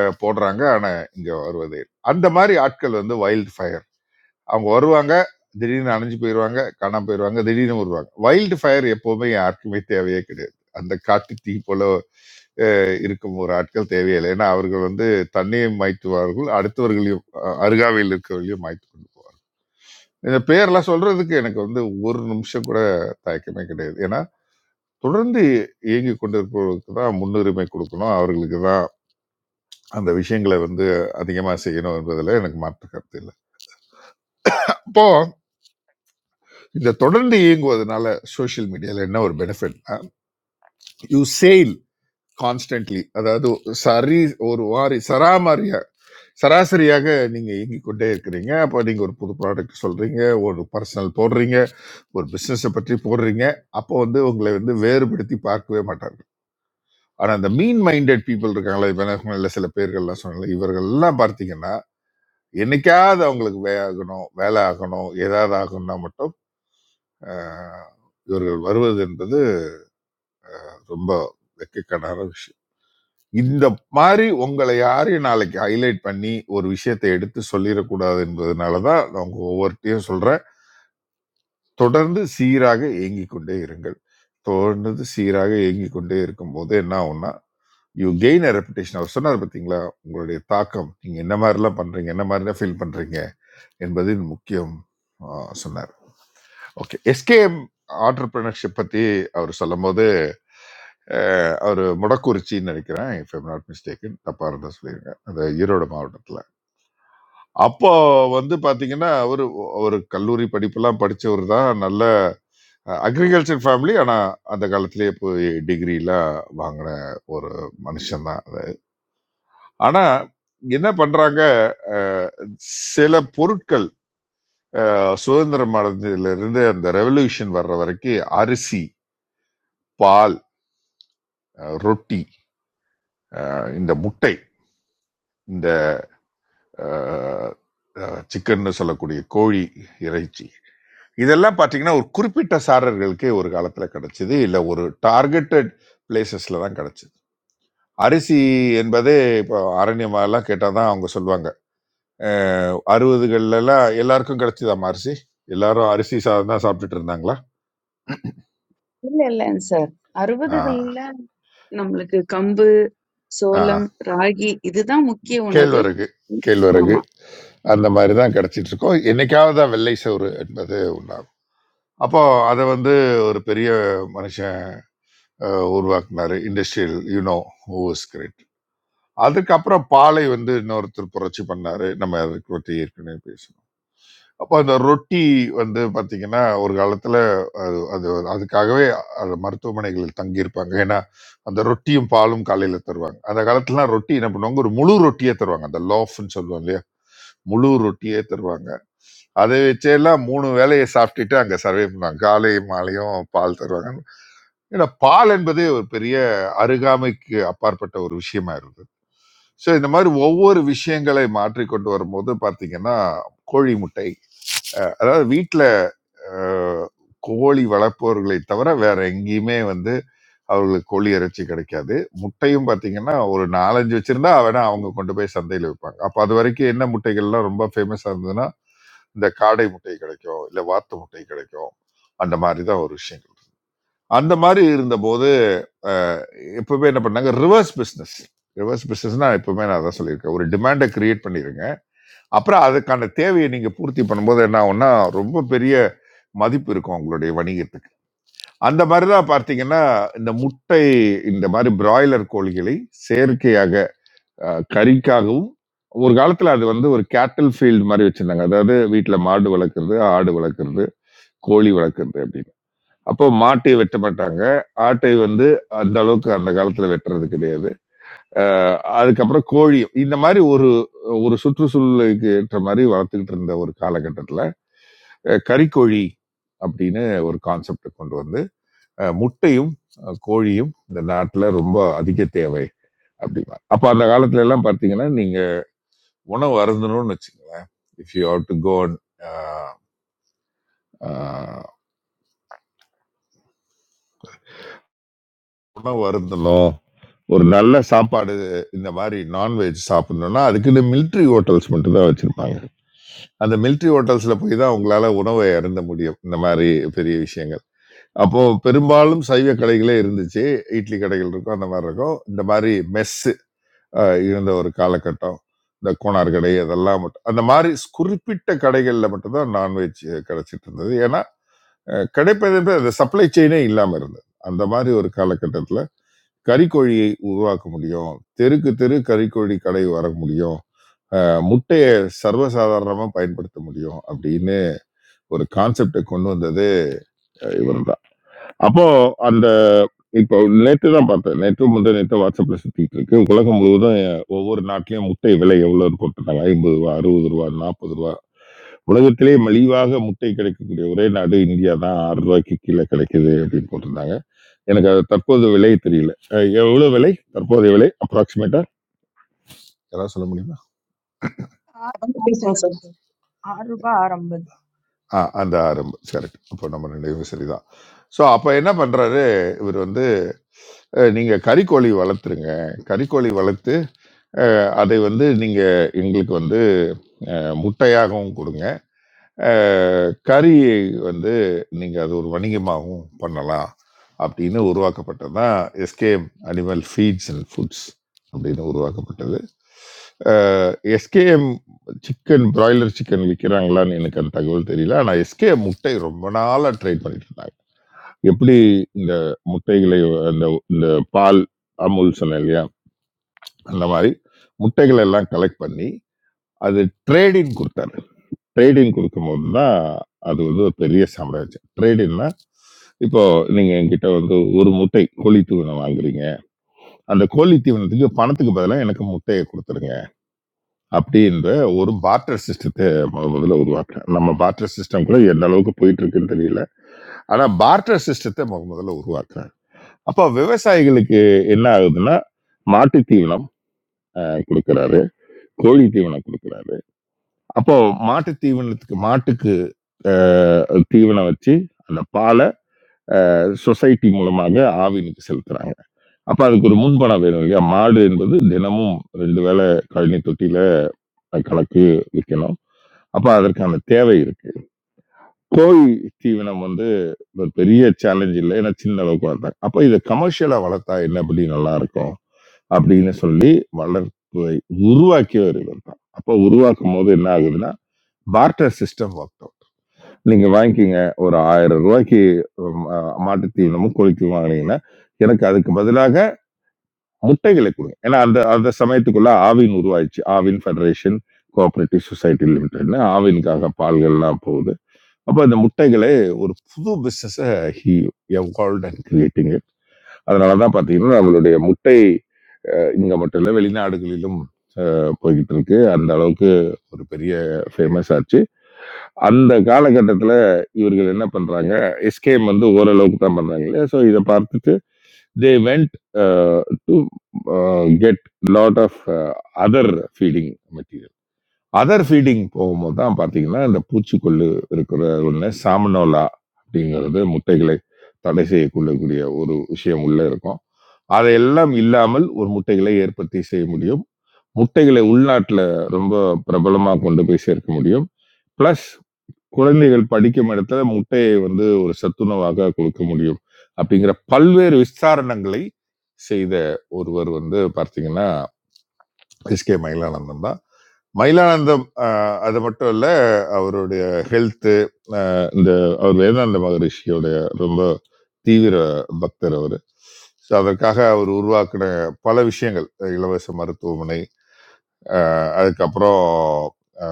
Speaker 1: அஹ், போடுறாங்க ஆனால் இங்க வருவதே இல்லை. அந்த மாதிரி ஆட்கள் வந்து வைல்ட் அவங்க வருவாங்க திடீர்னு அணைஞ்சு போயிடுவாங்க காணாம போயிடுவாங்க திடீர்னு வருவாங்க வைல்டு ஃபயர் எப்போவுமே யாருக்குமே தேவையே கிடையாது அந்த காட்டு தீ போல அஹ், இருக்கும் ஒரு ஆட்கள் தேவையில்லை ஏன்னா அவர்கள் வந்து தன்னையும் மாய்த்துவார்கள் அடுத்தவர்களையும் அஹ், அருகாமையில் இருக்கிறவர்களையும் மாய்த்து கொண்டு போவார்கள் இந்த பேர்லாம் சொல்றதுக்கு எனக்கு வந்து ஒரு நிமிஷம் கூட தயக்கமே கிடையாது ஏன்னா தொடர்ந்து இயங்கி கொண்டிருப்பவர்களுக்கு தான் முன்னுரிமை கொடுக்கணும் அவர்களுக்கு தான் அந்த விஷயங்களை வந்து அதிகமாக செய்யணும் என்பதில் எனக்கு மாற்று கருத்து இல்லை இப்போ இந்த தொடர்ந்து இயங்குவதனால சோஷியல் மீடியால என்ன ஒரு பெனிஃபிட் யூ சேல் கான்ஸ்டன்ட்லி அதாவது சரி ஒரு வாரி சராமாரியா சராசரியாக நீங்க இயங்கிக் கொண்டே இருக்கிறீங்க அப்போ நீங்க ஒரு புது ப்ராடக்ட் சொல்றீங்க ஒரு பர்சனல் போடுறீங்க ஒரு பிசினஸை பற்றி போடுறீங்க அப்போ வந்து உங்களை வந்து வேறுபடுத்தி பார்க்கவே மாட்டார்கள் ஆனா இந்த மீன் மைண்டட் people இருக்காங்களா இப்ப நான் சொன்னேன்ல, சில பேர்கள்லாம் சொன்னால இவர்கள் எல்லாம் பார்த்தீங்கன்னா என்னைக்காவது அவங்களுக்கு வே ஆகணும் வேலை ஆகணும் ஏதாவது ஆகணும்னா மட்டும் ஆஹ், இவர்கள் வருவது என்பது ரொம்ப வெக்கக்கடான விஷயம் இந்த மாதிரி உங்களை யாரையும் நாளைக்கு ஹைலைட் பண்ணி ஒரு விஷயத்தை எடுத்து சொல்லிடக்கூடாது என்பதனால தான் நான் உங்க ஒவ்வொருத்தையும் சொல்றேன் தொடர்ந்து சீராக இயங்கி கொண்டே இருங்கள் தொடர்ந்து சீராக இயங்கி கொண்டே இருக்கும்போது என்ன ஆகும்னா யூ கெயின் அ ரெப்புடேஷன் அவர் சொன்னார் பார்த்தீங்களா உங்களுடைய தாக்கம் நீங்க என்ன மாதிரிலாம் பண்றீங்க என்ன மாதிரிலாம் ஃபீல் பண்றீங்க என்பதில் முக்கியம் ஆஹ், சொன்னார் ஓகே எஸ்கேஎம் ஆண்டர்பிரினர்ஷிப் பத்தி அவர் சொல்லும் போது அஹ் அவர் முடக்குறிச்சின்னு நினைக்கிறேன் இஃப் எம் நாட் மிஸ்டேக்கன் தப்பாக இருந்தால் சொல்லிடுங்க அந்த ஈரோடு மாவட்டத்தில் அப்போ வந்து பார்த்தீங்கன்னா அவர் அவர் கல்லூரி படிப்பெல்லாம் படித்தவர் தான் நல்ல அக்ரிகல்ச்சர் ஃபேமிலி ஆனால் அந்த காலத்திலேயே போய் டிகிரிலாம் வாங்கின ஒரு மனுஷன் தான் ஆனால் என்ன பண்ணுறாங்க அஹ் சில பொருட்கள் அஹ், சுதந்திரம் அடைஞ்சதுலேருந்து அந்த ரெவல்யூஷன் வர்ற வரைக்கும் அரிசி பால் அஹ், ரொட்டி அஹ், இந்த முட்டை இந்த சிக்கன்னு சொல்லக்கூடிய கோழி இறைச்சி இதெல்லாம் பார்த்தீங்கன்னா ஒரு குறிப்பிட்ட சாரர்களுக்கே ஒரு காலத்தில் கிடைச்சது இல்லை ஒரு டார்கெட்டட் பிளேசஸில் தான் கிடைச்சது அரிசி என்பது இப்போ அரண்யமாலாம் கேட்டால் தான் அவங்க சொல்லுவாங்க அஹ் அறுபதுகள்லாம் எல்லாருக்கும் கிடைச்சதாம் அரிசி எல்லாரும் அரிசி சாதம் தான் சாப்பிட்டுட்டு இருந்தாங்களா
Speaker 10: இல்ல இல்லைங்க சார்
Speaker 1: ஆ
Speaker 10: அறுபதுகள்ல நம்மளுக்கு கம்பு
Speaker 1: ஆ
Speaker 10: சோளம் ராகி இதுதான் முக்கிய உணவு
Speaker 1: கேழ்வரகு கேழ்வரகு
Speaker 10: ஆமா
Speaker 1: அந்த மாதிரி தான் கிடைச்சிட்டு இருக்கோம் என்னைக்காவது தான் வெள்ளை சோறு என்பது உண்டாகும் அப்போ அதை வந்து ஒரு பெரிய மனுஷ உருவாக்குனாரு இண்டஸ்ட்ரியல் யூனோ ஹூஸ் கிரேட் அதுக்கப்புறம் பாலை வந்து இன்னொருத்தர் புரட்சி பண்ணாரு நம்ம அதை பற்றி ஏற்கனவே பேசணும் அப்போ அந்த ரொட்டி வந்து பார்த்தீங்கன்னா ஒரு காலத்தில் அது அது அதுக்காகவே அது மருத்துவமனைகளில் தங்கியிருப்பாங்க ஏன்னா அந்த ரொட்டியும் பாலும் காலையில் தருவாங்க அந்த காலத்துலலாம் ரொட்டி என்ன பண்ணுவாங்க ஒரு முழு ரொட்டியே தருவாங்க அந்த லோஃப்னு சொல்லுவோம் இல்லையா முழு ரொட்டியே தருவாங்க அதை வச்செல்லாம் மூணு வேலையை சாப்பிட்டுட்டு அங்க சர்வே பண்ணாங்க காலை மாலையும் பால் தருவாங்க ஏன்னா பால் என்பதே ஒரு பெரிய அருகாமைக்கு அப்பாற்பட்ட ஒரு விஷயமா இருந்தது ஸோ இந்த மாதிரி ஒவ்வொரு விஷயங்களை மாற்றி கொண்டு வரும்போது பார்த்தீங்கன்னா கோழி முட்டை அதாவது வீட்டில் கோழி வளர்ப்பவர்களை தவிர வேற எங்கேயுமே வந்து அவர்களுக்கு கோழி இறைச்சி கிடைக்காது முட்டையும் பார்த்தீங்கன்னா ஒரு நாலஞ்சு வச்சிருந்தா அவனா அவங்க கொண்டு போய் சந்தையில் விற்பாங்க அப்போ அது வரைக்கும் என்ன முட்டைகள்லாம் ரொம்ப ஃபேமஸாக இருந்ததுன்னா இந்த காடை முட்டை கிடைக்கும் இல்லை வாத்து முட்டை கிடைக்கும் அந்த மாதிரி தான் ஒரு விஷயங்கள் அந்த மாதிரி இருந்தபோது எப்பவுமே என்ன பண்ணாங்க ரிவர்ஸ் பிஸ்னஸ் ரிவர்ஸ் பிஸ்னஸ்னா எப்பவுமே நான் அதான் சொல்லியிருக்கேன் ஒரு டிமாண்டை கிரியேட் பண்ணிருங்க அப்புறம் அதுக்கான தேவையை நீங்கள் பூர்த்தி பண்ணும்போது என்ன ஆகும்னா ரொம்ப பெரிய மதிப்பு இருக்கும் உங்களுடைய வணிகத்துக்கு அந்த மாதிரி தான் பார்த்தீங்கன்னா இந்த முட்டை இந்த மாதிரி பிராய்லர் கோழிகளை செயற்கையாக அஹ், கறிக்காகவும் ஒரு காலத்தில் அது வந்து ஒரு கேட்டல் ஃபீல்டு மாதிரி வச்சுருந்தாங்க அதாவது வீட்டில் மாடு வளர்க்குறது ஆடு வளர்க்குறது கோழி வளர்க்குறது அப்படின்னு அப்போ மாட்டை வெட்ட மாட்டாங்க ஆட்டை வந்து அந்த அளவுக்கு அந்த காலத்துல வெட்டுறது கிடையாது அஹ் அதுக்கப்புறம் கோழி இந்த மாதிரி ஒரு ஒரு சுற்றுச்சூழலுக்கு ஏற்ற மாதிரி வளர்த்துக்கிட்டு இருந்த ஒரு காலகட்டத்துல அஹ் கறிக்கோழி அப்படின்னு ஒரு கான்செப்டை கொண்டு வந்து அஹ் முட்டையும் அஹ் கோழியும் இந்த நாட்டுல ரொம்ப அதிக தேவை அப்படிமா அப்ப அந்த காலத்துல எல்லாம் பார்த்தீங்கன்னா நீங்க உணவு அருந்தணும்னு வச்சுக்கோங்களேன் if you have to go உணவு அருந்தணும் ஒரு நல்ல சாப்பாடு இந்த மாதிரி நான்வெஜ் சாப்பிடணும்னா அதுக்குன்னு military ஹோட்டல்ஸ் மட்டும் தான் வச்சிருப்பாங்க அந்த military ஹோட்டல்ஸ்ல போய் தான் உங்களால உணவை இறந்த முடியும் இந்த மாதிரி பெரிய விஷயங்கள் அப்போ பெரும்பாலும் சைவ கடைகளே இருந்துச்சு இட்லி கடைகள் இருக்கும் அந்த மாதிரி இருக்கும் இந்த மாதிரி மெஸ் இருந்த ஒரு காலகட்டம் இந்த கோனார் கடை அதெல்லாம் மட்டும் அந்த மாதிரி குறிப்பிட்ட கடைகளில் மட்டும்தான் நான்வெஜ் கிடைச்சிட்டு இருந்தது ஏன்னா அஹ், கிடைப்பது அந்த சப்ளை செயினே இல்லாமல் இருந்தது அந்த மாதிரி ஒரு காலகட்டத்தில் கறிக்கோழியை உருவாக்க முடியும் தெருக்கு தெரு கறிக்கோழி கடை வர முடியும் அஹ் முட்டையை சர்வசாதாரணமா பயன்படுத்த முடியும் அப்படின்னு ஒரு கான்செப்டை கொண்டு வந்தது இவர் தான் அப்போ அந்த இப்போ நேற்று தான் பார்த்தேன் நேற்று முந்தைய நேற்று வாட்ஸ்அப்ல சுத்திட்டு இருக்கு உலகம் முழுவதும் அஹ், ஒவ்வொரு நாட்டிலயும் முட்டை விலை எவ்வளவு போட்டுருந்தாங்க ஐம்பது ரூபா அறுபது ரூபா நாற்பது ரூபா உலகத்திலே மலிவாக முட்டை கிடைக்கக்கூடிய ஒரே நாடு இந்தியா தான் ஆறு ரூபாய்க்கு கீழே கிடைக்குது அப்படின்னு போட்டிருந்தாங்க எனக்கு அது தற்போது விலை தெரியல அஹ் எவ்வளவு விலை தற்போதைய விலை அப்ராக்சிமேட்டா யாராவது சொல்ல முடியுமா
Speaker 5: ஆறு ரூபாய் ஆறு ஐம்பது
Speaker 3: பேசுங்க
Speaker 5: சார். ஆறு ரூபாய் ஆறு ஐம்பது
Speaker 1: ஆ அந்த ஆரம்பு கரெக்ட் அப்போ நம்ம நினைவு சரிதான் ஸோ அப்போ என்ன பண்ணுறாரு இவர் வந்து அஹ், நீங்க கறிக்கோழி வளர்த்துருங்க கறிக்கோழி வளர்த்து அஹ், அதை வந்து நீங்க எங்களுக்கு வந்து அஹ், முட்டையாகவும் கொடுங்க அ கறி வந்து நீங்க அது ஒரு வணிகமாவும் பண்ணலாம் அப்படின்னு உருவாக்கப்பட்டது தான் SKM animal feeds and foods அப்படின்னு உருவாக்கப்பட்டது. அ எஸ்கேஎம் சிக்கன் பிராய்லர் சிக்கன் விக்கிறாங்களான்னு எனக்கு அந்த தகவல் தெரியல. ஆனா எஸ்கேஎம் முட்டை ரொம்ப நாளா ட்ரேட் பண்ணிட்டு இருந்தாங்க. எப்படி இந்த முட்டைகளை அந்த இந்த பால் அமுல் சொன்னேன் இல்லையா? அந்த மாதிரி முட்டைகளெல்லாம் கலெக்ட் பண்ணி அது ட்ரேடிங் கொடுத்தாரு. ட்ரேடிங் கொடுக்கும்போது தான் அது வந்து ஒரு பெரிய சாம்ராஜ்யம் ட்ரேடிங்னா இப்போ நீங்க என்கிட்ட வந்து ஒரு முட்டை கோழி தீவனம் வாங்குறீங்க அந்த கோழி தீவனத்துக்கு பணத்துக்கு பதிலாக எனக்கு முட்டையை கொடுத்துருங்க அப்படின்ற ஒரு பார்ட்டர் சிஸ்டத்தை முத முதல்ல உருவாக்குறேன் நம்ம பார்ட்டர் சிஸ்டம் கூட எந்த அளவுக்கு போயிட்டு இருக்குன்னு தெரியல ஆனா பார்ட்டர் சிஸ்டத்தை முத முதல்ல உருவாக்குறேன் அப்போ விவசாயிகளுக்கு என்ன ஆகுதுன்னா மாட்டு தீவனம் அஹ், கொடுக்கறாரு கோழி தீவனம் கொடுக்கறாரு அப்போ மாட்டு தீவனத்துக்கு மாட்டுக்கு அ தீவனம் வச்சு, அந்த பால அ சொசைட்டி மூலமாக ஆவினுக்கு செலுத்துறாங்க. அப்ப அதுக்கு ஒரு முன்பணம் வேணும் இல்லையா? மாடு என்பது தினமும் 2 வேள கழனி தொட்டியில கலக்கு விக்கணும். அப்ப அதற்கான தேவை இருக்கு. கோழி தீவனம் வந்து ஒரு பெரிய சேலஞ்ச் இல்ல. ஏன்னா சின்ன அளவுக்கு வளர்த்தாங்க. அப்ப இத கமர்ஷியலா வளர்த்தா என்னபடி நல்லா இருக்கும் அப்படின்னு சொல்லி வளர்ப்பை உருவாக்கியவர் இவர் தான். அப்ப உருவாக்கும்போது என்ன ஆகுதுன்னா, பார்ட்டர் சிஸ்டம் ஒர்க் அவுட். நீங்க வாங்கிக்கிங்க ஒரு ஆயிரம் ரூபாய்க்கு ம், அ, மாட்டுத்தீவனமும் கோழிக்கும் வாங்கினீங்கன்னா எனக்கு அதுக்கு பதிலாக முட்டைகளை கொடுங்க ஏன்னா அந்த அந்த சமயத்துக்குள்ள ஆவின் உருவாயிடுச்சு ஆவின் ஃபெடரேஷன் கோஆபரேட்டிவ் சொசைட்டி லிமிடெட்னு ஆவினுக்காக பால்கள்லாம் போகுது அப்போ அந்த முட்டைகளை ஒரு புது பிஸ்னஸை ஹி எவால்வ் அண்ட் கிரியேட்டிங் அதனால தான் பார்த்தீங்கன்னா நம்மளுடைய முட்டை அஹ், இங்க மட்டும் இல்லை வெளிநாடுகளிலும் அஹ், போய்கிட்டு இருக்கு அந்த அளவுக்கு ஒரு பெரிய ஃபேமஸ் ஆச்சு அந்த காலகட்டத்தில் இவர்கள் என்ன பண்றாங்க எஸ்கேஎம் வந்து ஓரளவுக்கு தான் பண்றாங்க இல்லையா. ஸோ இதை பார்த்துட்டு they went to get lot of other feeding material other feeding போகும்போது தான் பார்த்தீங்கன்னா இந்த பூச்சிக்கொல்லு இருக்கிற ஒன்று சாமனோலா அப்படிங்கிறது முட்டைகளை தடை செய்யக்கொள்ளக்கூடிய ஒரு விஷயம் உள்ள இருக்கும் அதையெல்லாம் இல்லாமல் ஒரு முட்டைகளை ஏற்படுத்தி செய்ய முடியும் முட்டைகளை உள்நாட்டில் ரொம்ப பிரபலமாக கொண்டு போய் சேர்க்க முடியும் ப்ளஸ் குழந்தைகள் படிக்கும் இடத்துல முட்டையை வந்து ஒரு சத்துணவாக கொடுக்க முடியும். அப்படிங்கிற பல்வேறு விஸ்தாரணங்களை செய்த ஒருவர் வந்து பார்த்தீங்கன்னா, எஸ்.கே. மயிலானந்தம் தான். மயிலானந்தம் அ அது மட்டும் இல்ல, அவருடைய ஹெல்த்து அ இந்த அவர் வேதாந்த மகரிஷியோடைய ரொம்ப தீவிர பக்தர் அவரு. ஸோ அதற்காக அவர் உருவாக்கின பல விஷயங்கள். அஹ், இலவச மருத்துவமனை, அ அதுக்கப்புறம் அ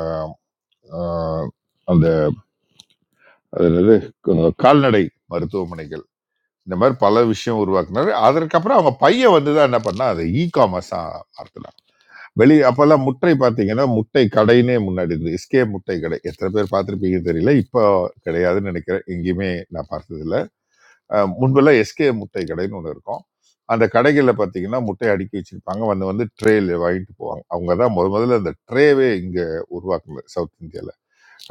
Speaker 1: அ அந்த அதாவது கு- கால்நடை மருத்துவமனைகள் இந்த மாதிரி பல விஷயம் உருவாக்குனாரு அதற்கப்புறம் அவங்க பையன் வந்து தான் என்ன பண்ணா அதை இ காமர்ஸா மாத்தினான் வெளி அப்பெல்லாம் முட்டை பார்த்தீங்கன்னா முட்டை கடைன்னே முன்னாடி இருந்து எஸ்கே முட்டை கடை எத்தனை பேர் பார்த்துருப்பீங்கன்னு தெரியல இப்போ கிடையாதுன்னு நினைக்கிறேன் எங்கேயுமே நான் பார்த்ததில்ல அஹ் முன்பெல்லாம் எஸ்கே முட்டை கடைன்னு ஒன்று இருக்கும் அந்த கடைகளில் பார்த்தீங்கன்னா முட்டை அடுக்கி வச்சிருப்பாங்க வந்து வந்து ட்ரேல வாங்கிட்டு போவாங்க அவங்க தான் முத முதல்ல அந்த ட்ரேவே இங்கே உருவாக்குனாரு சவுத் இந்தியாவில்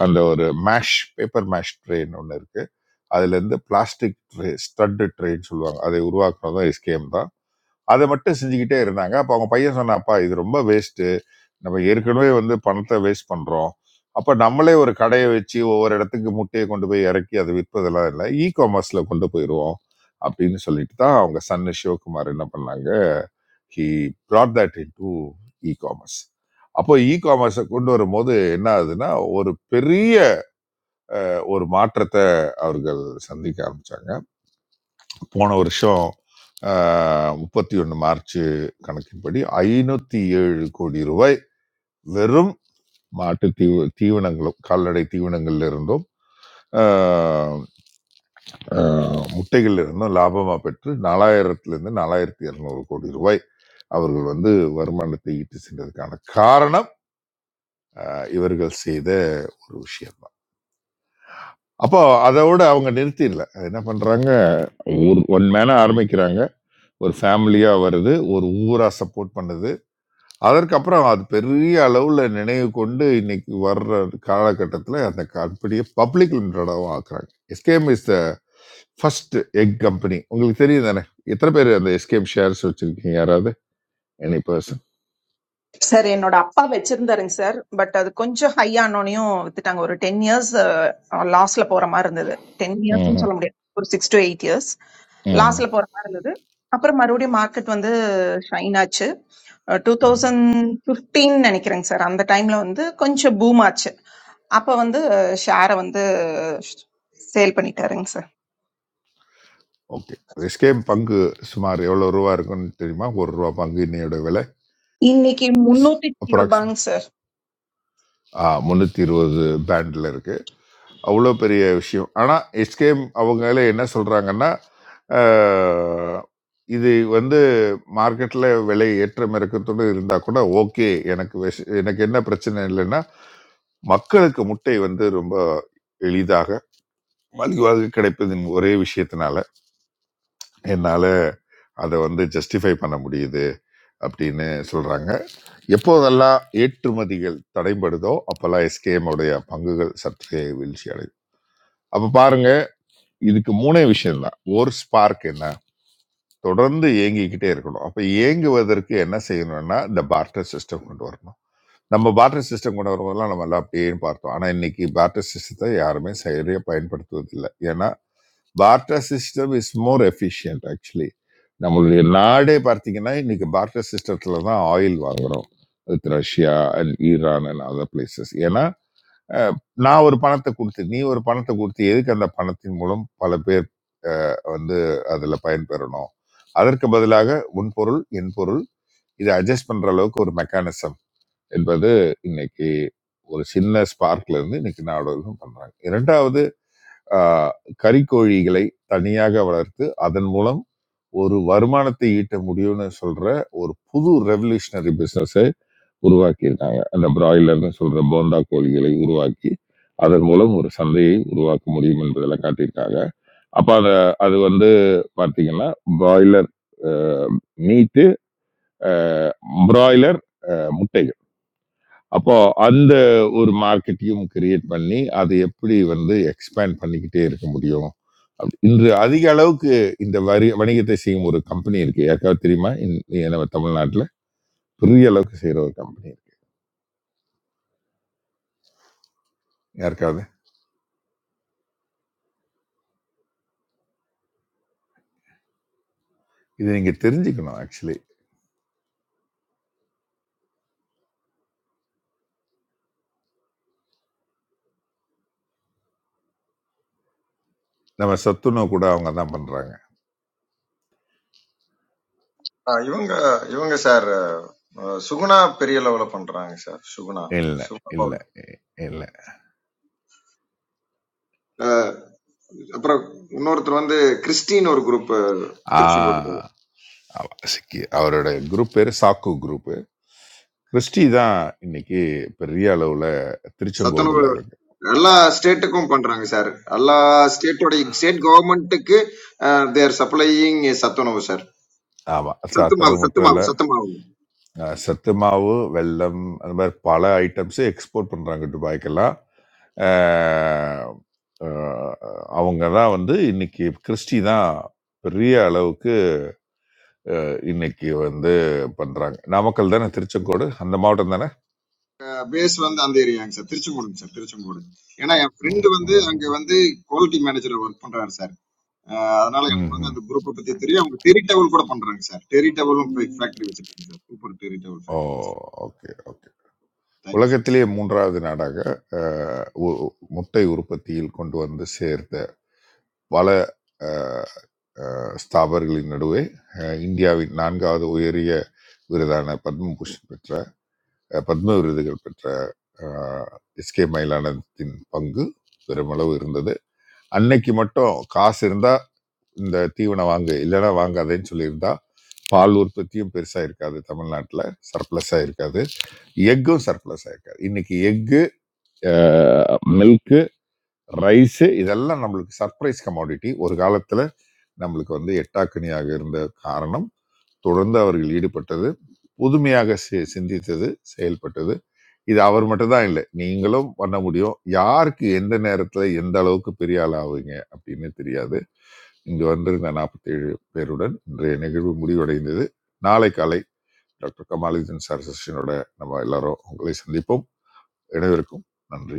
Speaker 1: அந்த ஒரு மேஷ் பேப்பர் மேஷ் ட்ரெயின் ஒன்று இருக்கு அதுலேருந்து பிளாஸ்டிக் ட்ரே ஸ்டட்டு ட்ரெயின் சொல்லுவாங்க அதை உருவாக்குனதும் எஸ்கேஎம் தான் அதை மட்டும் செஞ்சுக்கிட்டே இருந்தாங்க அப்போ அவங்க பையன் சொன்னாப்பா இது ரொம்ப வேஸ்ட்டு நம்ம ஏற்கனவே வந்து பணத்தை வேஸ்ட் பண்ணுறோம் அப்போ நம்மளே ஒரு கடையை வச்சு ஒவ்வொரு இடத்துக்கு முட்டையை கொண்டு போய் இறக்கி அதை விற்பதெல்லாம் இல்லை இ காமர்ஸில் கொண்டு போயிடுவோம் அப்படின்னு சொல்லிட்டு தான் அவங்க சன்னு சிவகுமார் என்ன பண்ணாங்க he brought that into e commerce அப்போ இ காமர்ஸை கொண்டு வரும்போது என்ன ஆகுதுன்னா ஒரு பெரிய ஒரு மாற்றத்தை அவர்கள் சந்திக்க ஆரம்பிச்சாங்க போன வருஷம் ஆஹ், 31 மார்ச் கணக்கின்படி ஐநூத்தி ஏழு கோடி ரூபாய் வெறும் மாட்டு தீவு தீவனங்களும் கால்நடை தீவனங்கள்ல இருந்தும் ஆஹ், ஆஹ், முட்டைகள்ல இருந்தும் லாபமா பெற்று நாலாயிரத்துல இருந்து நாலாயிரத்தி இருநூறு கோடி ரூபாய் அவர்கள் வந்து வருமானத்தை ஈட்டு சென்றதுக்கான காரணம் ஆஹ், இவர்கள் செய்த ஒரு விஷயம் தான் அப்போ அதோட அவங்க நிறுத்திடல என்ன பண்றாங்க ஒரு ஒன் மேன ஆரம்பிக்கிறாங்க ஒரு ஃபேமிலியாக வருது ஒரு ஊராக சப்போர்ட் பண்ணுது அதற்கப்புறம் அது பெரிய அளவில் நினைவு கொண்டு இன்னைக்கு வர்ற காலகட்டத்தில் அந்த கம்பெனியை பப்ளிக் லிமிடெடாகவும் ஆக்குறாங்க SKM is the first egg company உங்களுக்கு தெரியும் தானே எத்தனை பேர் அந்த எஸ்கேஎம் ஷேர்ஸ் வச்சுருக்கீங்க யாராவது எனி பர்சன்
Speaker 3: சார் என்னோட அப்பா வச்சிருந்தாருங்க சார் பட் அது கொஞ்சம் ஹை ஆனோனையும் வித்துட்டாங்க ஒரு டென் இயர்ஸ் லாஸ்ட்ல போற மாதிரி இருந்தது டென் இயர்ஸ்னு
Speaker 1: ம்
Speaker 3: சொல்ல முடியாது ஒரு சிக்ஸ் டு எயிட் இயர்ஸ்
Speaker 1: ம்
Speaker 3: லாஸ்ட்ல போற மாதிரி இருந்தது அப்புறம் மறுபடியும் மார்க்கெட் வந்து ஷைன் ஆச்சு டூ தௌசண்ட் ஃபிஃப்டீன் நினைக்கிறேங்க சார் அந்த டைம்ல வந்து கொஞ்சம் பூம் ஆச்சு அப்ப வந்து ஷேரை வந்து சேல் பண்ணிட்டாருங்க சார்
Speaker 1: ஓகே எஸ்கேஎம் பங்கு சுமார் எவ்வளோ ரூபா இருக்குன்னு தெரியுமா ஒரு ரூபா பங்கு இன்னையோட விலை
Speaker 3: இன்னைக்கு முன்னூத்தி
Speaker 1: அப்ராக்சிமேட்
Speaker 3: ரூபாங்க
Speaker 1: முந்நூற்றி இருபது பேண்டில் இருக்கு அவ்வளோ பெரிய விஷயம் ஆனால் எஸ்கேம் அவங்களே என்ன சொல்கிறாங்கன்னா ஆஹ், இது வந்து மார்க்கெட்டில் விலை ஏற்றம் இறக்கத்தோடு இருந்தால் கூட ஓகே எனக்கு விஷ- எனக்கு என்ன பிரச்சனை இல்லைன்னா மக்களுக்கு முட்டை வந்து ரொம்ப எளிதாக மலிவாக கிடைப்பதின் ஒரே விஷயத்தினால என்னால் அதை வந்து ஜஸ்டிஃபை பண்ண முடியுது அப்படின்னு சொல்கிறாங்க எப்போதெல்லாம் ஏற்றுமதிகள் தடைபடுதோ அப்போல்லாம் எஸ்கேஎம் உடைய பங்குகள் சற்றே வீழ்ச்சி அடையும் அப்ப பாருங்க இதுக்கு மூணே விஷயம் தான் ஒரு ஸ்பார்க் என்ன தொடர்ந்து ஏங்கிக்கிட்டே இருக்கணும் அப்ப ஏங்குவதற்கு என்ன செய்யணும்னா இந்த பார்ட்டர் சிஸ்டம் கொண்டு வரணும் நம்ம பார்ட்டர் சிஸ்டம் கொண்டு வரும்போதெல்லாம் நம்ம எல்லாம் அப்படியே பார்த்தோம் ஆனா இன்னைக்கு பார்ட்டர் சிஸ்டத்தை யாருமே சரியா பயன்படுத்துவது இல்லை ஏன்னா barter system is more efficient actually நம்மளுடைய நாடே பார்த்தீங்கன்னா இன்னைக்கு பார்ட்டர் சிஸ்டத்துல தான் ஆயில் வாங்குறோம் with Russia and Iran and other places ஏன்னா அஹ், நான் ஒரு பணத்தை கொடுத்து நீ ஒரு பணத்தை கொடுத்து எதுக்கு அந்த பணத்தின் மூலம் பல பேர் அஹ், வந்து அதில் பயன்பெறணும் அதற்கு பதிலாக உன் பொருள் என் பொருள் இதை அட்ஜஸ்ட் பண்ற அளவுக்கு ஒரு மெக்கானிசம் என்பது இன்னைக்கு ஒரு சின்ன ஸ்பார்க்ல இருந்து இன்னைக்கு நாடகம் பண்றாங்க இரண்டாவது அஹ், கறிக்கோழிகளை தனியாக வளர்த்து அதன் மூலம் ஒரு வருமானத்தை ஈட்ட முடியும்னு சொல்ற ஒரு புது ரெவல்யூஷனரி business உருவாக்கியிருக்காங்க அந்த பிராய்லர்னு சொல்ற போந்தா கோழிகளை உருவாக்கி அதன் மூலம் ஒரு சந்தையை உருவாக்க முடியும் என்பதெல்லாம் காட்டியிருக்காங்க அப்ப அத அது வந்து பார்த்தீங்கன்னா பிராய்லர் மீட்டு பிராய்லர் முட்டைகள் அப்போ அந்த ஒரு மார்க்கெட்டையும் கிரியேட் பண்ணி அதை எப்படி வந்து எக்ஸ்பேண்ட் பண்ணிக்கிட்டே இருக்க முடியும் இன்று அதிக அளவுக்கு இந்த வரி வணிகத்தை செய்யும் ஒரு கம்பெனி இருக்கு யாருக்காவது தெரியுமா இந்~ நம்ம தமிழ்நாட்டில் பெரிய அளவுக்கு செய்யற ஒரு கம்பெனி இருக்கு யாருக்காவது இதை நீங்க தெரிஞ்சுக்கணும் ஆக்சுவலி நம்ம சத்துணவு கூட அவங்க தான் பண்றாங்க
Speaker 13: ஆ, இவங்க இவங்க சார் சுகுணா பெரிய லெவல பண்றாங்க சார் சுகுணா
Speaker 1: இல்ல
Speaker 13: சுகுணா
Speaker 1: இல்ல
Speaker 13: பவுல்
Speaker 1: இ- இல்ல
Speaker 13: அஹ், அப்புறம் இன்னொருத்தர் வந்து கிறிஸ்டின் ஒரு குரூப்
Speaker 1: ஆ
Speaker 13: திருச்செங்கோடு
Speaker 1: ஆமா, சிக்கி அவரோட குரூப் பேரு சாக்கு குரூப் கிறிஸ்டி தான் இன்னைக்கு பெரிய அளவுல
Speaker 13: சத்துணவு
Speaker 1: திருச்செங்கோடுல இருக்கு
Speaker 13: எல்லா ஸ்டேட்டுக்கும் பண்றாங்க சார் எல்லா ஸ்டேட்டோட ஸ்டேட் கவர்மெண்ட்டுக்கு தேர் சப்ளையிங் சத்துணவு சார்
Speaker 1: ஆமா ச-
Speaker 13: சத்து மாவு
Speaker 1: அது
Speaker 13: சத்து
Speaker 1: மட்டும்
Speaker 13: மாவு
Speaker 1: இல்ல
Speaker 13: சத்து மாவு
Speaker 1: அஹ், சத்து மாவு வெல்லம் அந்த மாதிரி பல ஐட்டம்ஸ் எக்ஸ்போர்ட் பண்றாங்க துபாய்க்கெல்லாம் அஹ், அஹ், அவங்க தான் வந்து இன்னைக்கு கிறிஸ்டி தான் பெரிய அளவுக்கு இன்னைக்கு வந்து பண்றாங்க நாமக்கல் தானே திருச்செங்கோடு அந்த மாவட்டம்
Speaker 13: பேஸ் வந்து அந்த ஏரியாங்க சார் திருச்செங்கோடுங்க சார் திருச்செங்கோடு ஏன்னா என் ஃப்ரெண்டு
Speaker 1: ம்,
Speaker 13: வந்து அங்க
Speaker 1: ம்.
Speaker 13: வந்து குவாலிட்டி மேனேஜர் ஒர்க் பண்றாரு சார் அஹ் அதனால எனக்கு வந்து
Speaker 1: ம்ஹ்ம்.
Speaker 13: அந்த குரூப்பை பத்தி தெரியும் அவங்க டெரி டவல் கூட பண்றாங்க சார் டெரி டவலும் ம் ஃபேக்டரி வச்சிருக்காங்க சார் சூப்பர் டெரி டவல்
Speaker 1: ஓ!
Speaker 13: ஃபேக்டரி வச்சிருக்காங்க
Speaker 1: ஓகே, ஓகே.
Speaker 13: தேங்க்யூ சார்
Speaker 1: உலகத்திலேயே 3வது நாடாக அ உ முட்டை உற்பத்தியில் கொண்டு வந்து சேர்த்த பல அ அ ஸ்தாபர்களின் நடுவே அ இந்தியாவின் 4வது உயரிய விருதான பத்மபூஷன் பெற்ற அ பத்ம விருதுகள் பெற்ற அ எஸ்.கே. மயிலானத்தின் பங்கு பெருமளவு இருந்தது. அன்னைக்கு மட்டும் காசு இருந்தா இந்த தீவனம் வாங்கு, இல்லன்னா வாங்காதேன்னு சொல்லியிருந்தா பால் உற்பத்தியும் பெருசா இருக்காது தமிழ்நாட்டில் சர்ப்ளஸா இருக்காது எக்கும் சர்ப்ளஸா இருக்காது இன்னைக்கு எக்கு மில்க்கு ரைஸ் இதெல்லாம் நம்மளுக்கு சர்ப்ரைஸ் கமாடிட்டி ஒரு காலத்துல நம்மளுக்கு வந்து எட்டாக்கனியாக இருந்த காரணம் தொடர்ந்து அவர்கள் ஈடுபட்டது புதுமையாக சி- சிந்தித்தது செயல்பட்டது இது அவர் மட்டும்தான் இல்லை நீங்களும் பண்ண முடியும் யாருக்கு எந்த நேரத்துல எந்த அளவுக்கு பெரிய ஆள் ஆவீங்க அப்படின்னு தெரியாது இங்கு வந்திருந்த நாற்பத்தி ஏழு பேருடன் இன்றைய நிகழ்வு முடிவடைந்தது நாளை காலை டாக்டர் கமாலுதீன் சார் செஷனோட நம்ம எல்லாரும் உங்களை சந்திப்போம் இணைவருக்கும் நன்றி